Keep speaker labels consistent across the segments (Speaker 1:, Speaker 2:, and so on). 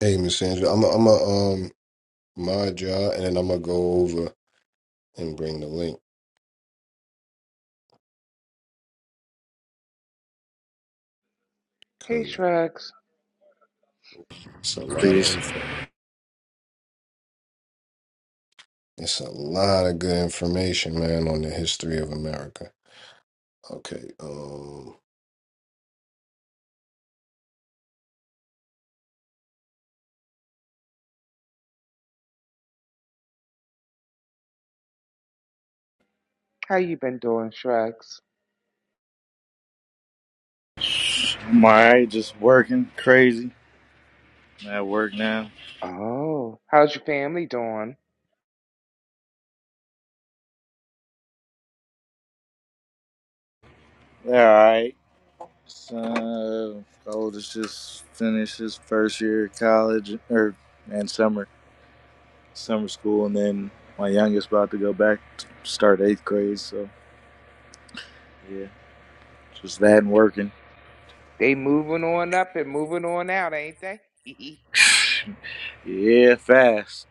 Speaker 1: Hey, Miss Sandra, I'm i I'm a um my job, and then I'm gonna go over and bring the link
Speaker 2: Hey
Speaker 1: because
Speaker 2: Shrugs,
Speaker 1: it's a lot of
Speaker 3: Please.
Speaker 1: info. It's a lot of good information, man, on the history of America. Okay. Um. All
Speaker 2: how you been doing, Shrugs?
Speaker 3: I'm alright, just working crazy. I'm at work now.
Speaker 2: Oh, how's your family doing?
Speaker 3: Alright. So oldest just finished his first year of college or and summer summer school and then my youngest about to go back to start eighth grade, so yeah. Just that and working.
Speaker 2: They moving on up and moving on out, ain't they?
Speaker 3: Yeah, fast.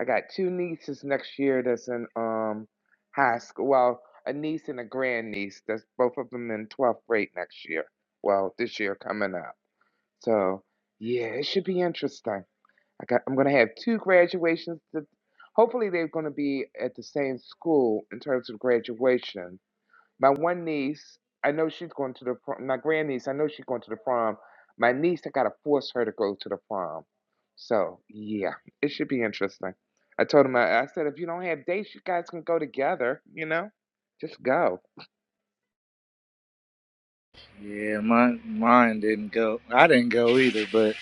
Speaker 2: I got two nieces next year that's in um high school. Well, a niece and a grandniece. That's both of them in 12th grade next year. Well, this year coming up. So yeah, it should be interesting. I got I'm gonna have two graduations. That, hopefully they're gonna be at the same school in terms of graduation My one niece, I know she's going to the prom. My grandniece, I know she's going to the prom. My niece, I gotta force her to go to the prom. So yeah, it should be interesting. I told him, I, I said, if you don't have dates, you guys can go together. You know, just go.
Speaker 3: Yeah, my mine didn't go. I didn't go either, but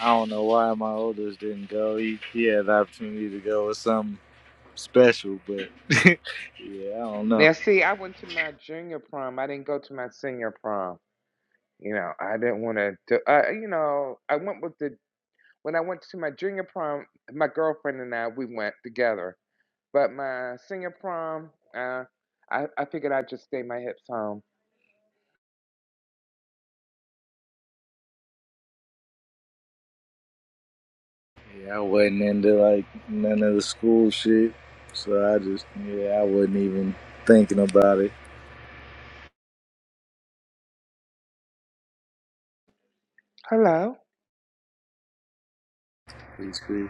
Speaker 3: I don't know why my oldest didn't go. He, he had the opportunity to go with some special, but yeah, I don't know.
Speaker 2: Now, see, I went to my junior prom. I didn't go to my senior prom. You know, I didn't want to. Do, uh, you know, I went with the when I went to my junior prom. My girlfriend and I, we went together But my senior prom, uh, I, I figured I'd just stay my hips home.
Speaker 3: Yeah, I wasn't into like none of the school shit, so I just yeah, I wasn't even thinking about it.
Speaker 2: Hello.
Speaker 3: basically.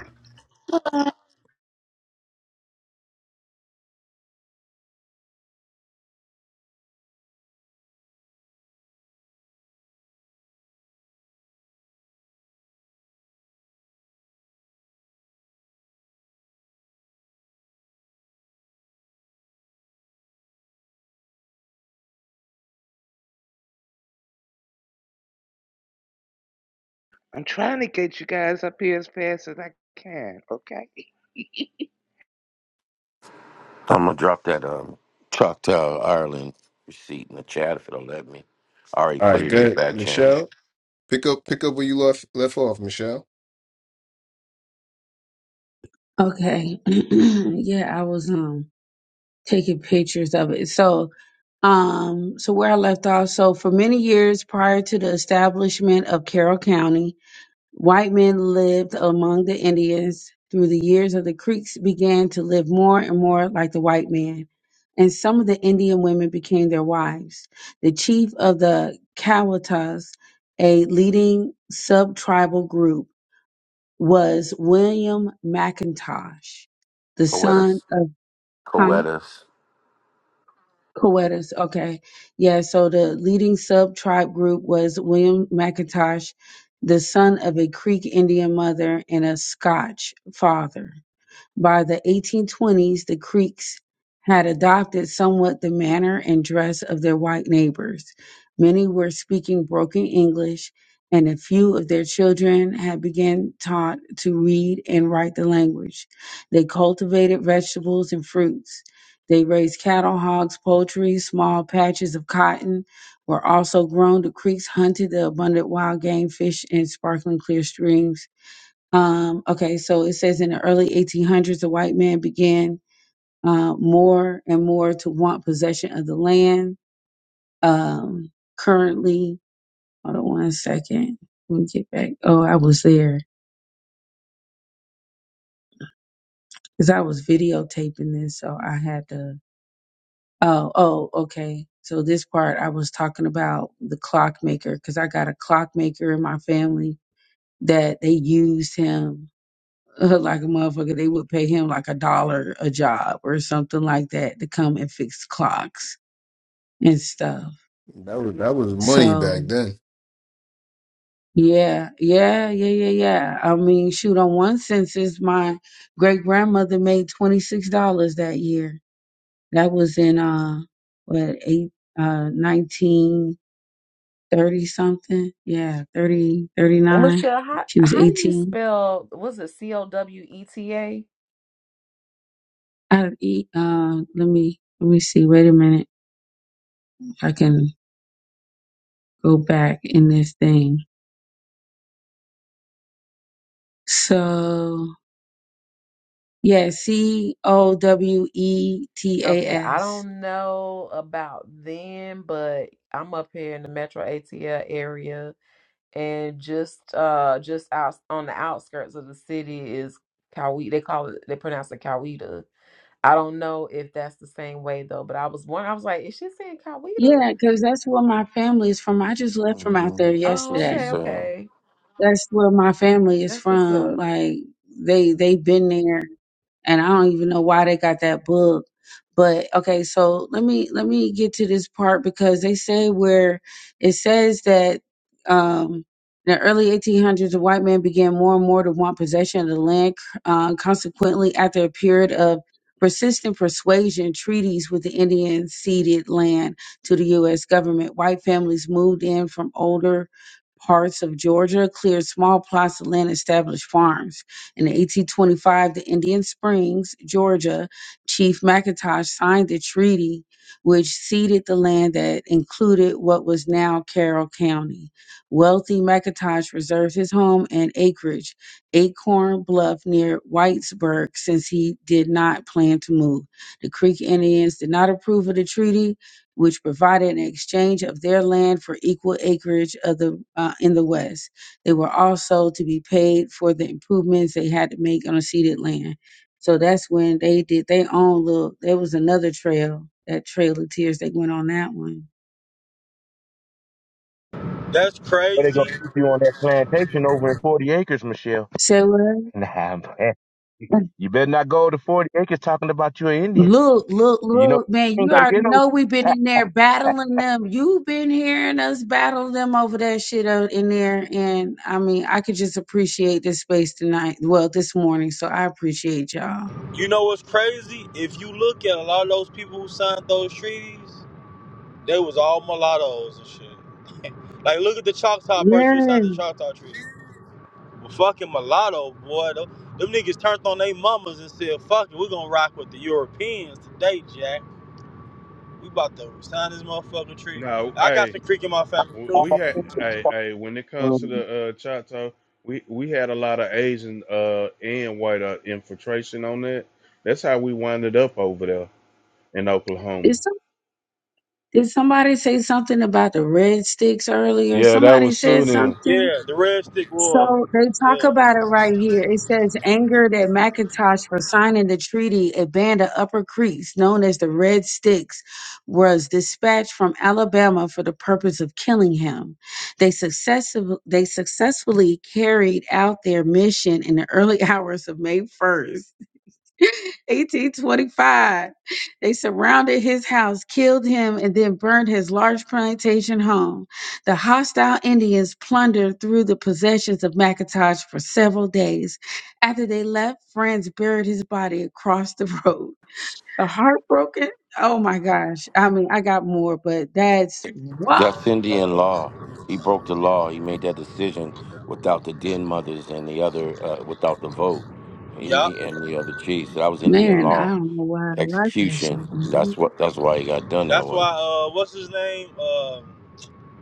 Speaker 2: I'm trying to get you guys up here as fast as I can, okay?
Speaker 4: I'm gonna drop that um Choctaw Ireland receipt in the chat if it'll let me. I already put
Speaker 1: right.
Speaker 4: it in the
Speaker 1: Good,
Speaker 4: back channel.
Speaker 1: Michelle. Pick up, pick up where you left left off, Michelle.
Speaker 5: Okay. yeah, I was um taking pictures of it. So um so where I left off, so for many years prior to the establishment of Carroll County, white men lived among the Indians. Through the years of the Creeks began to live more and more like the white man, and some of the Indian women became their wives. The chief of the Cowatas, a leading sub-tribal group, was William McIntosh, the son
Speaker 4: Coetus.
Speaker 5: of huh?
Speaker 4: Coetus.
Speaker 5: Coetus. Okay. Yeah, so the leading sub tribe group was William McIntosh, the son of a Creek Indian mother and a Scotch father. By the 1820s, the Creeks had adopted somewhat the manner and dress of their white neighbors. Many were speaking broken English, and a few of their children had begun taught to read and write the language. They cultivated vegetables and fruits. They raised cattle, hogs, poultry, small patches of cotton were also grown. The Creeks hunted the abundant wild game, fish in sparkling clear streams um, okay, so it says in the early 1800s, the white man began uh, more and more to want possession of the land. Um, currently, hold on one second. Let me get back. Oh, I was there because I was videotaping this, so I had to. Oh, oh, okay. So this part I was talking about the clockmaker because I got a clockmaker in my family that they used him uh, like a motherfucker, they would pay him like a dollar a job or something like that to come and fix clocks and stuff.
Speaker 1: That was that was money back
Speaker 5: So
Speaker 1: then.
Speaker 5: yeah, yeah, yeah, yeah, yeah. I mean, shoot, on one census, my great grandmother made twenty six dollars that year. That was in uh what eight uh nineteen thirty something. Yeah, thirty thirty nine.
Speaker 6: Michelle, how
Speaker 5: She was
Speaker 6: how do you
Speaker 5: eighteen.
Speaker 6: spell was it C O W E T A?
Speaker 5: I e, uh let me let me see. Wait a minute. If I can. go back in this thing. So yeah, C O W E T A
Speaker 6: Okay, I
Speaker 5: S.
Speaker 6: don't know about them, but I'm up here in the Metro ATL area and just uh just out on the outskirts of the city is Coweta. They call it they pronounce it Coweta. I don't know if that's the same way though, but I was wondering I was like, is she saying Coweta?
Speaker 5: Yeah, because that's where my family is from. I just left from out
Speaker 4: hmm
Speaker 5: there
Speaker 4: That's
Speaker 6: Oh,
Speaker 4: what she
Speaker 5: yesterday.
Speaker 6: okay,
Speaker 4: said.
Speaker 6: okay.
Speaker 5: That's where my family is
Speaker 6: That's what's up.
Speaker 5: from. Like they they've been there and I don't even know why they got that book. But okay, so let me let me get to this part because they say where it says that um, in the early 1800s, the white man began more and more to want possession of the land. Uh, consequently, after a period of persistent persuasion, treaties with the Indians ceded land to the U.S. government. White families moved in from older parts of Georgia cleared small plots of land and established farms. In 1825, the Indian Springs, Georgia, Chief McIntosh signed a treaty which ceded the land that included what was now Carroll County. Wealthy McIntosh reserved his home and acreage, Acorn Bluff near Whitesburg, since he did not plan to move. The Creek Indians did not approve of the treaty, which provided an exchange of their land for equal acreage of the uh, in the West. They were also to be paid for the improvements they had to make on the ceded land. So that's when they did their own little. There was another trail, that Trail of Tears. They went on that one.
Speaker 7: That's
Speaker 8: But they gonna
Speaker 7: crazy.
Speaker 8: keep you on that plantation over in forty acres, Michelle.
Speaker 5: Say what?
Speaker 8: Nah, man. You better not go to forty acres talking about you're an Indian.
Speaker 5: Look, look,
Speaker 8: You know
Speaker 5: look, man,
Speaker 8: you
Speaker 5: you
Speaker 8: ain't gonna
Speaker 5: already
Speaker 8: get
Speaker 5: know we've been in there battling them. You've been hearing us battle them over that shit out in there. And I mean, I could just appreciate this space tonight. Well, this morning. So I appreciate y'all.
Speaker 7: You know what's crazy? If you look at a lot of those people who signed those treaties, they was all mulattoes and shit. Like, look at the Choctaw person who
Speaker 5: Yeah.
Speaker 7: signed the Choctaw Treaty. Well, fucking mulatto, boy. Them, them niggas turned on they mamas and said, fuck it, we're gonna rock with the Europeans today, Jack. We about to sign this motherfucking treaty.
Speaker 9: No,
Speaker 7: I got
Speaker 9: hey,
Speaker 7: some creek in my family,
Speaker 9: w-
Speaker 7: too.
Speaker 9: we had
Speaker 8: them.
Speaker 9: hey, hey, when it comes to the uh Chato, we we had a lot of Asian uh and white uh, infiltration on that. That's how we winded up over there in Oklahoma.
Speaker 5: Did, some, did somebody say something about the red sticks earlier?
Speaker 9: Yeah, that
Speaker 5: Somebody
Speaker 9: was Sue
Speaker 5: said
Speaker 9: them.
Speaker 5: something.
Speaker 7: Yeah, the Red Stick Wars.
Speaker 5: So they talk
Speaker 7: Yeah.
Speaker 5: about it right here. It says angered at McIntosh for signing the treaty, a band of Upper Creeks known as the Red Sticks was dispatched from Alabama for the purpose of killing him. They successive, they successfully carried out their mission in the early hours of May 1st. 1825. They surrounded his house, killed him, and then burned his large plantation home. The hostile Indians plundered through the possessions of McIntosh for several days. After they left, friends buried his body across the road. The heartbroken. Oh my gosh. I mean, I got more, but that's wow.
Speaker 4: That's Indian law. He broke the law. He made that decision without the den mothers and the other, uh, without the vote he,
Speaker 7: Yup.
Speaker 4: he- and the other chiefs. That was Indian
Speaker 5: Man, I
Speaker 4: law
Speaker 5: don't know why I like that
Speaker 4: execution.
Speaker 5: shit.
Speaker 4: That's what. That's why he got done that
Speaker 7: That's
Speaker 4: way.
Speaker 7: why, uh, what's his name? Uh,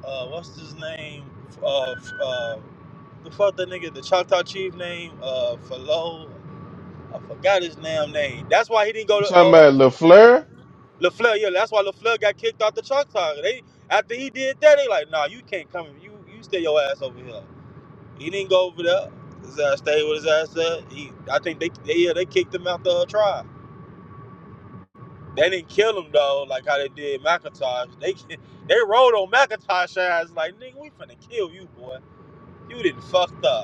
Speaker 7: uh, what's his name? Uh, uh, the fuck that nigga, the Choctaw Chief name, uh, Falo. I forgot his damn name. That's why he didn't go
Speaker 9: You
Speaker 7: to
Speaker 9: talking about
Speaker 7: uh,
Speaker 9: LaFleur?
Speaker 7: LaFleur. Yeah, that's why LaFleur got kicked out the Choctaw. They after he did that, they like, nah, you can't come. You you stay your ass over here. He didn't go over there. His ass stayed with his ass there. He, I think they, they yeah, they kicked him out the uh, trial. They didn't kill him though, like how they did McIntosh. They they rolled on McIntosh ass like, nigga, we finna kill you, boy. You didn't fucked up.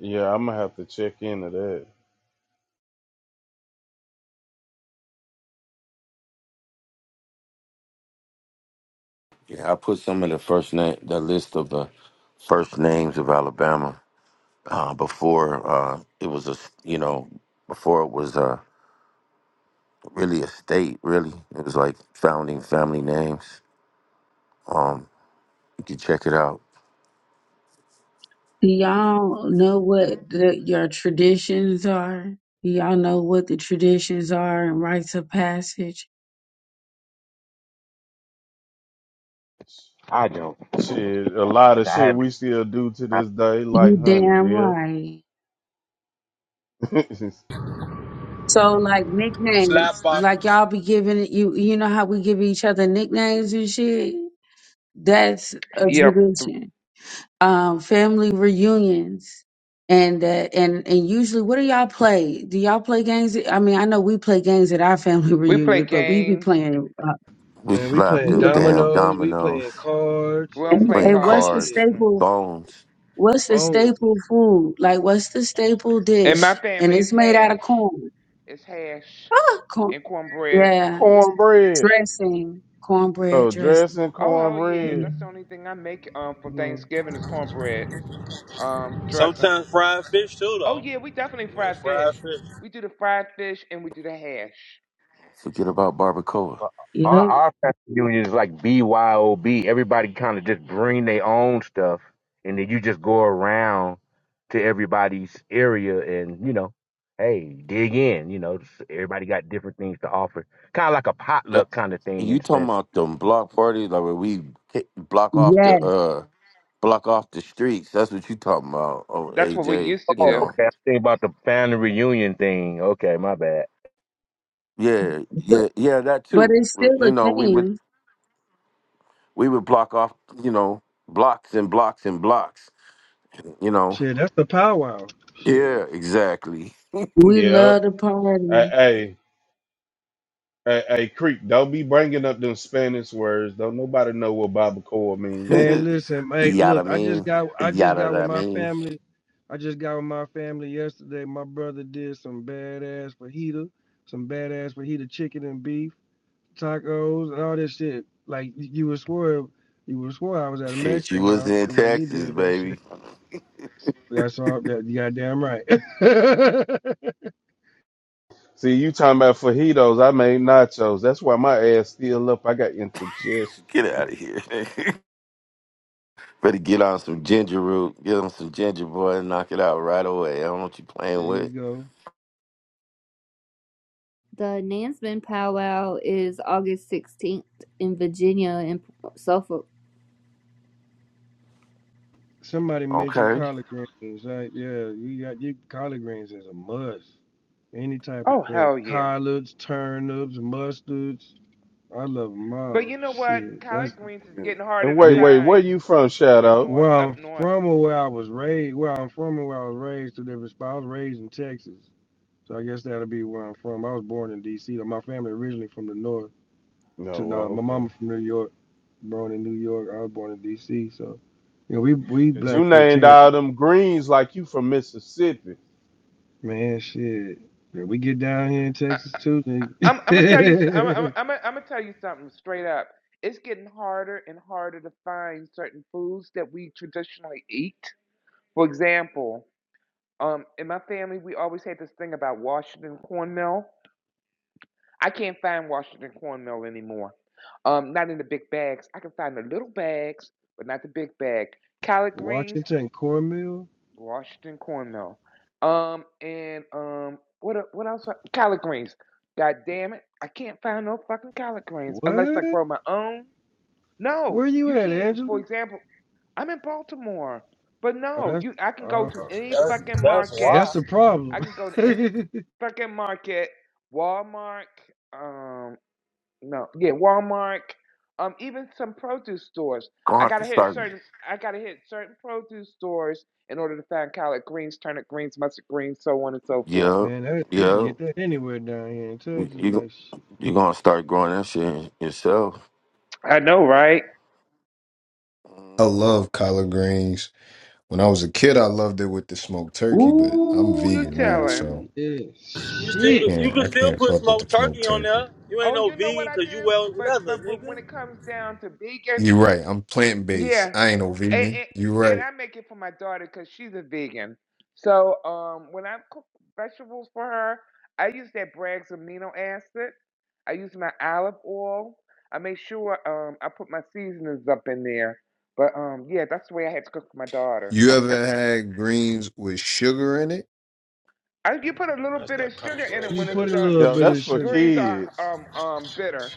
Speaker 9: Yeah, I'm gonna have to check into that.
Speaker 4: Yeah, I put some of the first name, the list of the first names of Alabama. uh, before uh, it was a s- you know before it was uh, really a state. Really, it was like founding family names. Um, you can check it out.
Speaker 5: Do y'all know what the, your traditions are? Do y'all know what the traditions are and rites of passage?
Speaker 8: I don't.
Speaker 9: Shit, a lot of
Speaker 8: I I
Speaker 9: shit
Speaker 8: haven't.
Speaker 9: we still do to
Speaker 8: I-
Speaker 9: this day,
Speaker 5: You
Speaker 9: like hunting
Speaker 5: damn right.
Speaker 9: deer,
Speaker 5: So like nicknames,
Speaker 7: Slap up.
Speaker 5: like y'all be giving you you know how we give each other nicknames and shit? That's a
Speaker 2: Yep.
Speaker 5: tradition. Um family reunions and uh, and and usually what do y'all play? Do y'all play games? I mean, I know we play games at our family
Speaker 2: We play
Speaker 5: reunion, but we be
Speaker 2: games.
Speaker 5: playing uh,
Speaker 4: We
Speaker 10: Man, we
Speaker 4: slapped
Speaker 10: playing
Speaker 4: them
Speaker 5: yeah.
Speaker 4: damn
Speaker 10: dominoes, we
Speaker 4: dominoes,
Speaker 10: playing
Speaker 2: We
Speaker 10: cards,
Speaker 2: don't
Speaker 5: and,
Speaker 2: play
Speaker 4: playing
Speaker 5: and what's
Speaker 2: cards.
Speaker 5: the
Speaker 10: shit,
Speaker 4: cards,
Speaker 2: Mm-mm.
Speaker 5: staple
Speaker 4: bones.
Speaker 5: What's the
Speaker 10: bones.
Speaker 5: staple food? Like, what's the staple
Speaker 2: In my
Speaker 5: dish? And
Speaker 2: family,
Speaker 5: it's
Speaker 2: it's
Speaker 5: made out
Speaker 2: hash.
Speaker 5: of corn.
Speaker 2: It's hash
Speaker 5: Ah, corn.
Speaker 2: and cornbread.
Speaker 5: Yeah,
Speaker 9: cornbread.
Speaker 5: dressing, cornbread
Speaker 9: Oh,
Speaker 5: dressing.
Speaker 9: dressing
Speaker 2: Oh, hell yeah.
Speaker 5: Yeah.
Speaker 9: cornbread.
Speaker 2: That's the only thing I make um, for
Speaker 9: hmm
Speaker 2: Thanksgiving is cornbread um, dressing.
Speaker 7: Sometimes fried fish too,
Speaker 2: Oh,
Speaker 7: though.
Speaker 2: yeah, we definitely
Speaker 7: Yeah,
Speaker 2: fry fish.
Speaker 7: fried fish.
Speaker 2: We do the fried fish and we do the hash.
Speaker 4: Forget about barbacoa.
Speaker 8: Our
Speaker 5: Yep.
Speaker 8: our family union is like BYOB. Everybody kind of just bring their own stuff, and then you just go around to everybody's area, and you know, hey, dig in. You know, everybody got different things to offer. Kind of like a
Speaker 4: Yeah,
Speaker 8: potluck kind of thing in
Speaker 4: You
Speaker 8: a
Speaker 4: talking
Speaker 8: sense.
Speaker 4: about them block parties like where we ki- block off the
Speaker 5: Yes.
Speaker 4: uh block off the streets? That's what you talking about, oh
Speaker 2: That's what we
Speaker 4: AJ.
Speaker 2: used to
Speaker 4: You
Speaker 8: Oh,
Speaker 2: do.
Speaker 4: know,
Speaker 8: okay. I think about the family reunion thing. Okay, my bad.
Speaker 4: yeah,
Speaker 5: But
Speaker 4: yeah, yeah, that
Speaker 5: but
Speaker 4: too.
Speaker 5: it's still
Speaker 4: But, You
Speaker 5: a
Speaker 4: know, we would
Speaker 5: thing.
Speaker 4: we would block off, you know, blocks and blocks and blocks, you know.
Speaker 10: Shit, that's the powwow.
Speaker 4: Yeah,
Speaker 10: Shit.
Speaker 4: exactly.
Speaker 5: We
Speaker 9: Yep.
Speaker 5: love to party.
Speaker 9: Hey, Hey, hey, Creek, don't be bringing up them Spanish words. Don't nobody know what barbacoa means.
Speaker 10: Man, listen, mate,
Speaker 4: Yada
Speaker 10: look, I just
Speaker 4: mean,
Speaker 10: got I just got with
Speaker 4: yada I
Speaker 10: my
Speaker 4: mean.
Speaker 10: family. I just got with my family yesterday. My brother did some badass fajita, some badass fajita chicken and beef, tacos, and all this shit. Like you would swear you would swear I was at a
Speaker 4: Shit, you
Speaker 10: Mexican
Speaker 4: was not
Speaker 10: house
Speaker 4: in
Speaker 10: the way he
Speaker 4: Texas,
Speaker 10: did that shit.
Speaker 4: baby.
Speaker 10: That's all that you goddamn right. there
Speaker 9: See, you talking about fajitos. I made nachos. That's why my ass still up. I got indigestion.
Speaker 4: Get out of here. Better get on some ginger root, get on some ginger boy, and knock it out right away. I don't know what you playing
Speaker 10: you
Speaker 4: with.
Speaker 10: go.
Speaker 11: The Nansman powwow is August 16th in Virginia and Suffolk.
Speaker 10: Somebody mentioned
Speaker 4: Okay,
Speaker 10: collard greens. Like, yeah, you got you, collard greens is a must. Any type of
Speaker 2: Oh
Speaker 10: green,
Speaker 2: hell yeah!
Speaker 10: collards, turnips, mustards. I love them
Speaker 2: But
Speaker 10: all.
Speaker 2: you know what?
Speaker 10: Shit,
Speaker 2: Collard
Speaker 10: that's
Speaker 2: greens is getting harder
Speaker 9: And
Speaker 2: to
Speaker 9: wait,
Speaker 10: big.
Speaker 9: wait, where
Speaker 2: find
Speaker 9: you from,
Speaker 2: in
Speaker 9: Shadow?
Speaker 2: north
Speaker 10: Where
Speaker 2: up
Speaker 10: I'm
Speaker 2: north.
Speaker 10: from or where I was raised, where I'm from and where I was raised, to different spots. I was raised in Texas, so I guess that'll be where I'm from. I was born in D.C. though. My family originally from the north.
Speaker 9: No,
Speaker 10: To now,
Speaker 9: well,
Speaker 10: my mama
Speaker 9: okay.
Speaker 10: from New York, born in New York. I was born in D.C. So, you know, we we
Speaker 9: Because you
Speaker 10: Blackfoot
Speaker 9: named
Speaker 10: Cherokee.
Speaker 9: all them greens like you from Mississippi.
Speaker 10: Man, shit. When we get down here in
Speaker 2: I,
Speaker 10: Texas too, then
Speaker 2: I'm I'm gonna tell you s- I'm I'm I'm I'm gonna tell you something straight up. It's getting harder and harder to find certain foods that we traditionally eat. For example, um, in my family, we always had this thing about Washington cornmeal. I can't find Washington cornmeal anymore. Um, not in the big bags. I can find the little bags, but not the big bag. Collard greens.
Speaker 10: Washington Cornmeal.
Speaker 2: Washington cornmeal. Um, and um, what e- what else? I- Collard greens. God damn it! I can't find no fucking collard greens unless I
Speaker 10: What?
Speaker 2: grow my own. No,
Speaker 10: Where you
Speaker 2: you
Speaker 10: at,
Speaker 2: can't.
Speaker 10: Angela?
Speaker 2: For example, I'm in Baltimore, but
Speaker 10: Oh,
Speaker 2: no,
Speaker 10: that's
Speaker 2: you. I can go
Speaker 10: oh,
Speaker 2: to any
Speaker 7: That's,
Speaker 2: fucking
Speaker 7: that's
Speaker 2: market.
Speaker 7: why.
Speaker 10: that's the problem.
Speaker 2: I can go to any fucking market. Walmart. um. No, yeah, Walmart, um, even some produce stores.
Speaker 4: gonna
Speaker 2: I
Speaker 4: have to
Speaker 2: gotta hit
Speaker 4: start.
Speaker 2: certain. I gotta hit certain produce stores in order to find collard greens, turnip greens, mustard greens, so on and so forth.
Speaker 4: Yup,
Speaker 10: Man, that, we can
Speaker 4: yup.
Speaker 10: get that anywhere down here in Texas.
Speaker 4: You
Speaker 10: Like shit.
Speaker 4: you gonna start growing that shit yourself.
Speaker 2: I know, right?
Speaker 1: I
Speaker 4: hmm
Speaker 1: love collard greens. When I was a kid, I loved it with the smoked turkey, but I'm
Speaker 2: Ooh, you
Speaker 1: vegan now,
Speaker 10: Ooh,
Speaker 2: telling?
Speaker 1: so
Speaker 10: yeah,
Speaker 7: You
Speaker 1: I
Speaker 7: still
Speaker 10: shit.
Speaker 7: could- you
Speaker 1: can't
Speaker 7: could
Speaker 1: I
Speaker 7: still
Speaker 1: can't
Speaker 7: put
Speaker 1: fuck with the
Speaker 7: smoked
Speaker 1: smoked
Speaker 7: turkey on
Speaker 1: turkey.
Speaker 7: there. You ain't
Speaker 2: Oh,
Speaker 7: no
Speaker 2: you know what
Speaker 7: vegan
Speaker 2: I
Speaker 7: because you
Speaker 2: do?
Speaker 7: wear
Speaker 2: But
Speaker 7: leather,
Speaker 2: but but when
Speaker 7: nigga.
Speaker 2: it comes down to vegan,
Speaker 1: You're right. I'm plant based.
Speaker 2: yeah,
Speaker 1: I ain't no
Speaker 2: and,
Speaker 1: vegan.
Speaker 2: and,
Speaker 1: You're
Speaker 2: and
Speaker 1: right.
Speaker 2: I make it for my daughter because she's a vegan. So um, when I cook vegetables for her, I use that Bragg's amino acid. I use my olive oil. I make sure um, I put my seasonings up in there. But um, yeah, that's the way I had to cook for my daughter.
Speaker 1: You ever had greens with sugar in it?
Speaker 2: I, you put a little
Speaker 7: That's
Speaker 2: bit of
Speaker 7: that
Speaker 2: sugar
Speaker 7: country
Speaker 2: in it
Speaker 7: road
Speaker 10: You
Speaker 2: when it's
Speaker 10: put a
Speaker 7: shit.
Speaker 2: uh,
Speaker 10: little
Speaker 2: gr-
Speaker 9: Yo,
Speaker 10: bit
Speaker 9: that's
Speaker 10: of
Speaker 9: for
Speaker 10: sugar.
Speaker 2: greens are
Speaker 9: kids.
Speaker 2: um um bitter.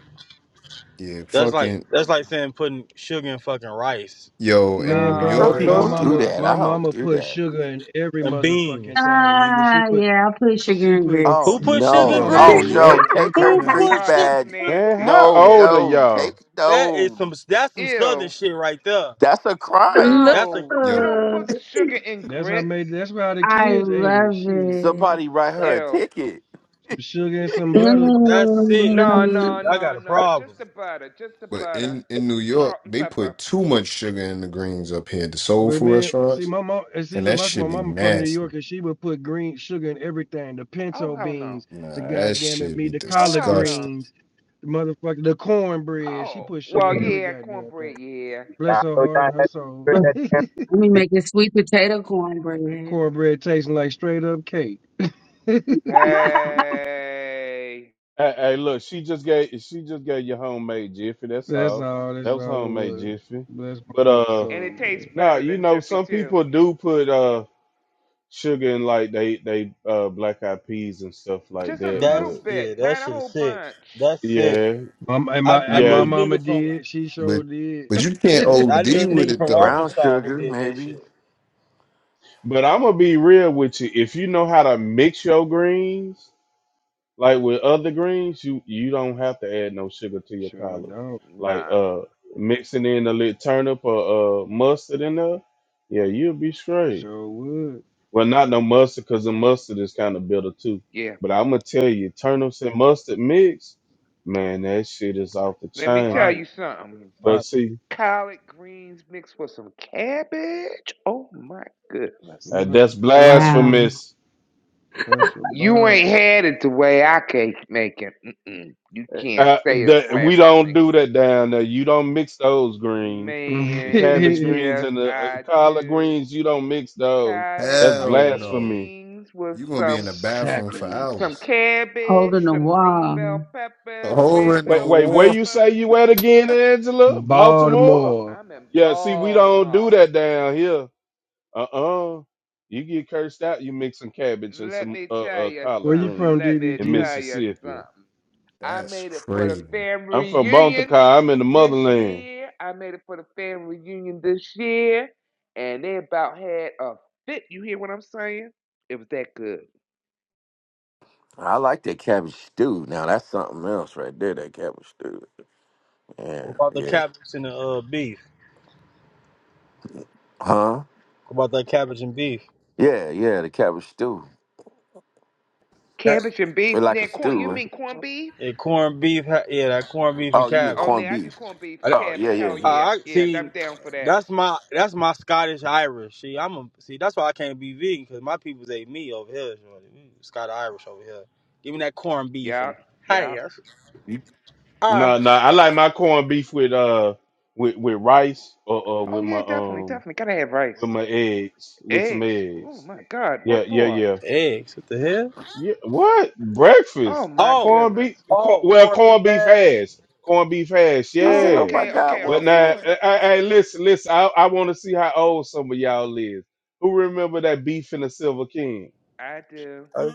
Speaker 1: Yeah,
Speaker 7: That's like
Speaker 1: fucking
Speaker 7: that's like saying putting sugar in fucking rice
Speaker 1: yo. In
Speaker 10: Man,
Speaker 1: New
Speaker 7: and
Speaker 4: Some
Speaker 10: bro,
Speaker 1: York
Speaker 2: Nah,
Speaker 10: my
Speaker 4: people
Speaker 7: grits
Speaker 1: though,
Speaker 4: do
Speaker 10: mama,
Speaker 2: nah.
Speaker 4: that.
Speaker 10: my
Speaker 4: I don't
Speaker 10: mama
Speaker 4: do
Speaker 10: put
Speaker 4: that.
Speaker 10: sugar in every
Speaker 7: and
Speaker 10: motherfucking
Speaker 7: beans.
Speaker 10: thing, nigga. She
Speaker 5: Ah,
Speaker 10: put,
Speaker 5: yeah. I put sugar
Speaker 10: she
Speaker 5: and
Speaker 10: put
Speaker 5: grits.
Speaker 4: Oh
Speaker 7: Who put
Speaker 1: yo,
Speaker 10: My
Speaker 7: sugar in
Speaker 4: no!
Speaker 1: bro.
Speaker 10: mama
Speaker 1: In New
Speaker 2: And
Speaker 10: put
Speaker 4: Oh
Speaker 7: grits?
Speaker 10: sugar
Speaker 2: grits.
Speaker 1: York,
Speaker 4: no!
Speaker 10: in
Speaker 4: Take her
Speaker 2: Oh
Speaker 7: Who
Speaker 2: my
Speaker 10: everything.
Speaker 7: put
Speaker 4: creek
Speaker 2: God,
Speaker 7: sugar?
Speaker 2: that's
Speaker 4: badge.
Speaker 7: what the-
Speaker 9: Man,
Speaker 2: nasty.
Speaker 9: how
Speaker 4: No,
Speaker 9: old are
Speaker 2: Ew,
Speaker 4: no, take
Speaker 9: y'all?
Speaker 7: That is
Speaker 4: no.
Speaker 7: some that's some southern
Speaker 2: ew.
Speaker 7: shit right there.
Speaker 4: That's a crime.
Speaker 5: Look,
Speaker 7: That's a
Speaker 2: No, you
Speaker 1: yo.
Speaker 2: don't put sugar in
Speaker 10: That's how
Speaker 2: grits.
Speaker 10: made. That's how the
Speaker 5: I
Speaker 10: kids ate it.
Speaker 5: love
Speaker 10: Shit,
Speaker 5: it.
Speaker 4: Somebody write her
Speaker 7: that
Speaker 4: a
Speaker 2: Ew.
Speaker 4: ticket.
Speaker 10: some sugar and some butter.
Speaker 7: that's sick.
Speaker 2: No,
Speaker 5: Mm,
Speaker 2: no,
Speaker 7: I
Speaker 2: no,
Speaker 7: got a
Speaker 2: no. Just
Speaker 7: problem.
Speaker 2: the butter. Just the
Speaker 1: But in
Speaker 2: butter.
Speaker 1: in New York,
Speaker 2: Salt and
Speaker 1: they
Speaker 2: pepper.
Speaker 1: put too much sugar in the greens up here. at The soul
Speaker 10: But
Speaker 1: food
Speaker 10: man, see
Speaker 1: restaurants,
Speaker 10: my mom. And see,
Speaker 1: and
Speaker 10: look,
Speaker 1: that
Speaker 10: that's my
Speaker 1: should be
Speaker 10: mama from New
Speaker 1: nasty.
Speaker 10: York, and she would put green sugar in everything. The
Speaker 2: Oh
Speaker 10: pinto
Speaker 2: hell no.
Speaker 10: beans,
Speaker 1: Nah,
Speaker 10: the
Speaker 1: that
Speaker 10: goddamn it,
Speaker 1: should
Speaker 10: me,
Speaker 1: be
Speaker 10: the
Speaker 2: Oh
Speaker 10: collard
Speaker 2: hell no.
Speaker 1: disgusting.
Speaker 10: greens, the motherfucker, the cornbread. She
Speaker 2: Oh
Speaker 10: put sugar
Speaker 2: well,
Speaker 10: in
Speaker 8: Forgive me.
Speaker 10: every
Speaker 2: yeah,
Speaker 10: goddamn
Speaker 2: cornbread.
Speaker 10: thing.
Speaker 2: Yeah.
Speaker 10: Bless
Speaker 8: I
Speaker 10: her
Speaker 8: know
Speaker 10: heart
Speaker 8: y'all
Speaker 10: and her
Speaker 8: had
Speaker 10: soul.
Speaker 8: heard that
Speaker 10: the
Speaker 8: damn
Speaker 5: Let me
Speaker 8: thing.
Speaker 5: make a sweet potato cornbread.
Speaker 10: cornbread tasting like straight up cake.
Speaker 2: Hey.
Speaker 9: Hey, hey, look, she just gave she just gave you homemade Jiffy. That's
Speaker 10: That's
Speaker 9: all.
Speaker 10: all.
Speaker 9: That
Speaker 10: That's
Speaker 9: was
Speaker 10: all it
Speaker 9: homemade
Speaker 10: was.
Speaker 9: Jiffy.
Speaker 10: Bless my
Speaker 9: But
Speaker 10: mama's
Speaker 9: uh,
Speaker 2: And it
Speaker 10: soul. man.
Speaker 2: tastes
Speaker 9: Nah,
Speaker 2: better
Speaker 9: you
Speaker 2: than
Speaker 9: know,
Speaker 2: Jiffy
Speaker 9: some
Speaker 2: too.
Speaker 9: people do put uh sugar in like they they uh black eyed peas and stuff like
Speaker 2: Just a
Speaker 9: that,
Speaker 2: little
Speaker 7: That's
Speaker 9: but
Speaker 2: bit,
Speaker 7: yeah, that
Speaker 2: not a
Speaker 7: shit is
Speaker 2: whole
Speaker 7: sick.
Speaker 2: bunch.
Speaker 7: That's sick.
Speaker 9: yeah,
Speaker 10: Um, and
Speaker 7: I
Speaker 10: my
Speaker 7: I
Speaker 10: and
Speaker 9: yeah.
Speaker 7: knew
Speaker 10: my
Speaker 7: a
Speaker 10: mama
Speaker 7: nigga from
Speaker 10: did. She
Speaker 1: But
Speaker 10: sure did.
Speaker 1: but you can't
Speaker 7: I knew
Speaker 1: OD
Speaker 7: a
Speaker 1: with
Speaker 7: nigga
Speaker 1: it
Speaker 7: from
Speaker 1: though.
Speaker 4: Brown
Speaker 7: Arkansas who
Speaker 4: sugar,
Speaker 7: did that
Speaker 4: maybe.
Speaker 7: shit.
Speaker 9: But I'm gonna be real with you. If you know how to mix your greens, like with other greens, you you don't have to add no sugar to your
Speaker 10: sure
Speaker 9: collard.
Speaker 10: don't.
Speaker 9: Like
Speaker 2: Nah.
Speaker 9: uh mixing in a little turnip or uh mustard in there, yeah, you'll be straight.
Speaker 10: Sure would.
Speaker 9: Well, not no mustard because the mustard is kind of bitter too.
Speaker 2: Yeah.
Speaker 9: But I'm gonna tell you, turnips and mustard mix, man, that shit is off the
Speaker 2: Let me tell
Speaker 9: chain.
Speaker 10: Fire.
Speaker 2: you something.
Speaker 9: But
Speaker 10: Fire.
Speaker 9: see,
Speaker 2: Collard greens mixed with some cabbage. Oh my goodness.
Speaker 10: Ooh,
Speaker 9: uh,
Speaker 10: hush
Speaker 9: that's
Speaker 10: bow.
Speaker 5: Wow.
Speaker 9: blasphemous.
Speaker 10: Hush
Speaker 2: You
Speaker 10: bow.
Speaker 2: ain't had it the way I can make it. Mm-mm. You
Speaker 9: Uh,
Speaker 2: can't
Speaker 9: uh,
Speaker 2: say it's
Speaker 9: that, we don't
Speaker 2: blasphemy.
Speaker 9: do that down there. You don't mix those greens, the
Speaker 2: Man,
Speaker 9: cabbage greens
Speaker 2: yes,
Speaker 9: and the uh,
Speaker 2: I
Speaker 9: collard
Speaker 2: do.
Speaker 9: greens. You don't mix those.
Speaker 2: Collard
Speaker 9: That's
Speaker 1: Hell no.
Speaker 9: blasphemy.
Speaker 2: greens with
Speaker 1: You gonna be in
Speaker 2: some
Speaker 1: the bathroom for
Speaker 2: some
Speaker 10: Sacrilege.
Speaker 1: hours.
Speaker 2: cabbage,
Speaker 5: Holding the
Speaker 2: some green bell
Speaker 5: wall.
Speaker 1: A
Speaker 2: peppers,
Speaker 1: hole
Speaker 2: red
Speaker 1: in the
Speaker 9: Wait,
Speaker 2: bell
Speaker 9: wait,
Speaker 1: wall.
Speaker 9: where you say
Speaker 2: peppers.
Speaker 9: you at again, Angela? Baltimore?
Speaker 10: Baltimore.
Speaker 2: I'm in
Speaker 9: Yeah, see, we don't do
Speaker 2: Baltimore.
Speaker 9: that down here. Uh-uh. You get cursed out, you mix some cabbage and
Speaker 2: Let
Speaker 9: some
Speaker 2: me
Speaker 9: uh,
Speaker 2: tell
Speaker 9: uh
Speaker 2: you
Speaker 10: Where
Speaker 9: collard
Speaker 10: you
Speaker 2: something.
Speaker 9: greens
Speaker 10: from,
Speaker 2: Let me
Speaker 9: in
Speaker 10: DBG?
Speaker 2: tell you
Speaker 9: Mississippi.
Speaker 2: something. I
Speaker 1: That's
Speaker 2: made it for the
Speaker 1: crazy.
Speaker 2: family
Speaker 9: I'm from
Speaker 2: reunion
Speaker 9: Bontacar. I'm in the
Speaker 2: this
Speaker 9: motherland.
Speaker 2: year. I made it for the family reunion this year, and they about had a fit. You hear what I'm saying? It was that good.
Speaker 4: I like that cabbage stew. Now that's something else right there. That cabbage stew. Yeah,
Speaker 7: About the
Speaker 4: yeah.
Speaker 7: cabbage and the uh beef.
Speaker 4: Huh?
Speaker 7: About that cabbage and beef.
Speaker 4: Yeah, yeah. The cabbage stew.
Speaker 2: Cabbage and beef.
Speaker 4: It's like a
Speaker 2: Now,
Speaker 4: stew.
Speaker 2: corn. You
Speaker 4: Right?
Speaker 2: mean corned beef?
Speaker 7: Yeah, corned beef. ha- Yeah, that corned beef and
Speaker 4: Oh, you mean
Speaker 2: Oh,
Speaker 7: cabbage.
Speaker 4: corned
Speaker 2: now I do
Speaker 4: beef?
Speaker 2: corned beef and
Speaker 4: Oh, yeah,
Speaker 2: cabbage.
Speaker 4: yeah,
Speaker 2: Hell
Speaker 7: Uh,
Speaker 4: yeah.
Speaker 2: yeah,
Speaker 7: I
Speaker 2: yeah. I'm
Speaker 7: see.
Speaker 2: down for that.
Speaker 7: That's my that's my Scottish Irish. See, I'm a see. That's why I can't be vegan because my people's ate me over here. Scottish Irish over here. Give me that corned beef
Speaker 2: Yeah,
Speaker 7: and
Speaker 2: yeah.
Speaker 7: hey, that's-
Speaker 4: You-
Speaker 7: ah
Speaker 9: Nah, nah. I like my corned beef with uh with with rice or uh
Speaker 2: Oh
Speaker 9: with my
Speaker 2: yeah, definitely,
Speaker 9: um
Speaker 2: definitely. Gotta have
Speaker 9: with
Speaker 2: rice.
Speaker 9: my eggs with some
Speaker 2: Eggs. Oh
Speaker 9: eggs.
Speaker 2: my God, what
Speaker 9: Yeah, yeah,
Speaker 2: for?
Speaker 9: yeah.
Speaker 7: eggs. What the hell?
Speaker 9: Yeah, what
Speaker 2: Oh
Speaker 9: breakfast?
Speaker 2: my
Speaker 7: Oh,
Speaker 9: Corn
Speaker 2: goodness.
Speaker 9: beef? Corn,
Speaker 7: oh,
Speaker 9: well,
Speaker 7: corned beef
Speaker 9: corned beef
Speaker 7: hash.
Speaker 9: hash, corned beef hash.
Speaker 4: She said,
Speaker 2: Oh,
Speaker 4: "Oh
Speaker 9: Yeah,
Speaker 4: my
Speaker 2: okay,
Speaker 4: God,
Speaker 2: okay,
Speaker 9: but
Speaker 4: what
Speaker 2: okay, okay.
Speaker 9: now,
Speaker 4: for?"
Speaker 9: I, I, I- listen, listen. I, I want to see how old some of y'all is. Who remember that beef in the silver can?
Speaker 2: I do.
Speaker 7: I,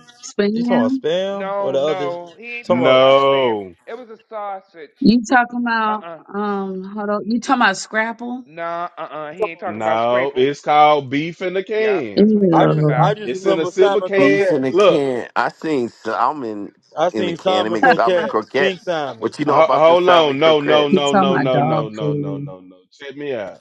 Speaker 7: you talking about
Speaker 5: Spam?
Speaker 7: spam or
Speaker 2: No,
Speaker 7: the other?
Speaker 2: no, he ain't
Speaker 7: Talking
Speaker 2: talking about
Speaker 7: about,
Speaker 2: spam.
Speaker 9: No,
Speaker 2: It was a sausage.
Speaker 5: You talking about
Speaker 2: Uh-uh.
Speaker 5: um hold on you talking about scrapple?
Speaker 2: Nah, uh-uh. He ain't talking about
Speaker 9: no,
Speaker 2: scraple.
Speaker 9: it's called beef in the
Speaker 2: Yeah,
Speaker 9: can.
Speaker 2: that's what he
Speaker 7: I
Speaker 2: talking
Speaker 7: just
Speaker 2: about.
Speaker 7: I
Speaker 5: Ew.
Speaker 7: just
Speaker 9: It's in a
Speaker 7: remember
Speaker 9: silver
Speaker 7: Simon
Speaker 9: can.
Speaker 4: beef in a
Speaker 7: Coquette.
Speaker 9: Look,
Speaker 4: can. I seen salmon
Speaker 7: I
Speaker 4: in a
Speaker 7: seen
Speaker 4: can. They
Speaker 7: Simon
Speaker 4: make salmon
Speaker 7: Coquette, Pink
Speaker 4: croquettes.
Speaker 7: Simon.
Speaker 4: What you know
Speaker 9: Ho-
Speaker 4: about them
Speaker 9: Hold
Speaker 4: salmon
Speaker 9: on. No, no,
Speaker 5: You
Speaker 4: croquettes?
Speaker 9: no,
Speaker 5: talking
Speaker 9: no,
Speaker 5: about
Speaker 9: no,
Speaker 5: dog
Speaker 9: no, no, no, no,
Speaker 5: food.
Speaker 9: no. Check me out.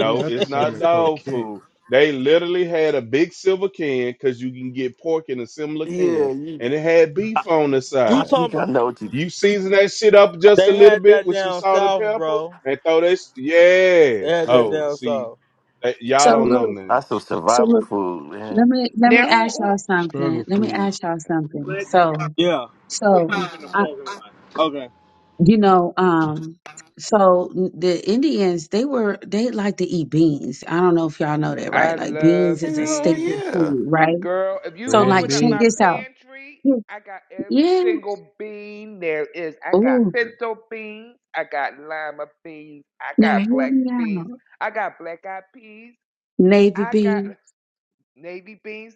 Speaker 10: Oh, not the
Speaker 9: it's not
Speaker 10: salmon
Speaker 9: dog
Speaker 10: croquette.
Speaker 9: food. They literally had a big silver can because you can get pork in a similar
Speaker 4: Yeah,
Speaker 9: can,
Speaker 4: you.
Speaker 9: and it had
Speaker 4: I,
Speaker 9: beef on the
Speaker 7: You
Speaker 4: I
Speaker 9: side.
Speaker 4: think
Speaker 7: talking
Speaker 4: I
Speaker 7: about?
Speaker 4: know what you.
Speaker 9: You season that shit up just a
Speaker 7: They
Speaker 9: little
Speaker 7: had
Speaker 9: bit
Speaker 7: that
Speaker 9: with some
Speaker 7: down
Speaker 9: salt and
Speaker 7: south,
Speaker 9: pepper,
Speaker 7: bro.
Speaker 9: and throw that. sh- Yeah.
Speaker 7: They had that
Speaker 4: Man,
Speaker 9: Oh,
Speaker 7: down
Speaker 9: see,
Speaker 7: south.
Speaker 9: that,
Speaker 5: So
Speaker 9: y'all don't know
Speaker 5: look,
Speaker 9: nothing.
Speaker 4: that's some
Speaker 5: so
Speaker 4: survival
Speaker 5: look,
Speaker 4: food, man.
Speaker 5: let me let me
Speaker 2: Now, who,
Speaker 5: ask y'all
Speaker 2: who?
Speaker 10: Struggle
Speaker 5: something. Let me
Speaker 10: food.
Speaker 5: ask y'all something. So
Speaker 7: Yeah.
Speaker 5: so I
Speaker 7: Okay.
Speaker 5: you know, um so the Indians they were they like to eat beans. I don't know if y'all know that, right?
Speaker 2: I
Speaker 5: Like
Speaker 2: love
Speaker 5: beans is a
Speaker 4: Hell
Speaker 5: staple
Speaker 2: beans,
Speaker 4: yeah.
Speaker 5: food, right?
Speaker 2: girl. If you
Speaker 5: So
Speaker 10: Red
Speaker 5: like
Speaker 2: open up
Speaker 5: check
Speaker 10: bean.
Speaker 2: my
Speaker 5: this out.
Speaker 2: pantry,
Speaker 5: Yes,
Speaker 2: I got every
Speaker 5: Yeah.
Speaker 2: single bean there is. I got
Speaker 5: Ooh.
Speaker 2: pinto beans. I got lima beans. I
Speaker 5: Now
Speaker 2: got
Speaker 5: hear
Speaker 2: black
Speaker 5: me
Speaker 2: beans.
Speaker 5: out,
Speaker 2: I got black eyed peas.
Speaker 5: Navy
Speaker 2: I got
Speaker 5: B.
Speaker 2: navy beans.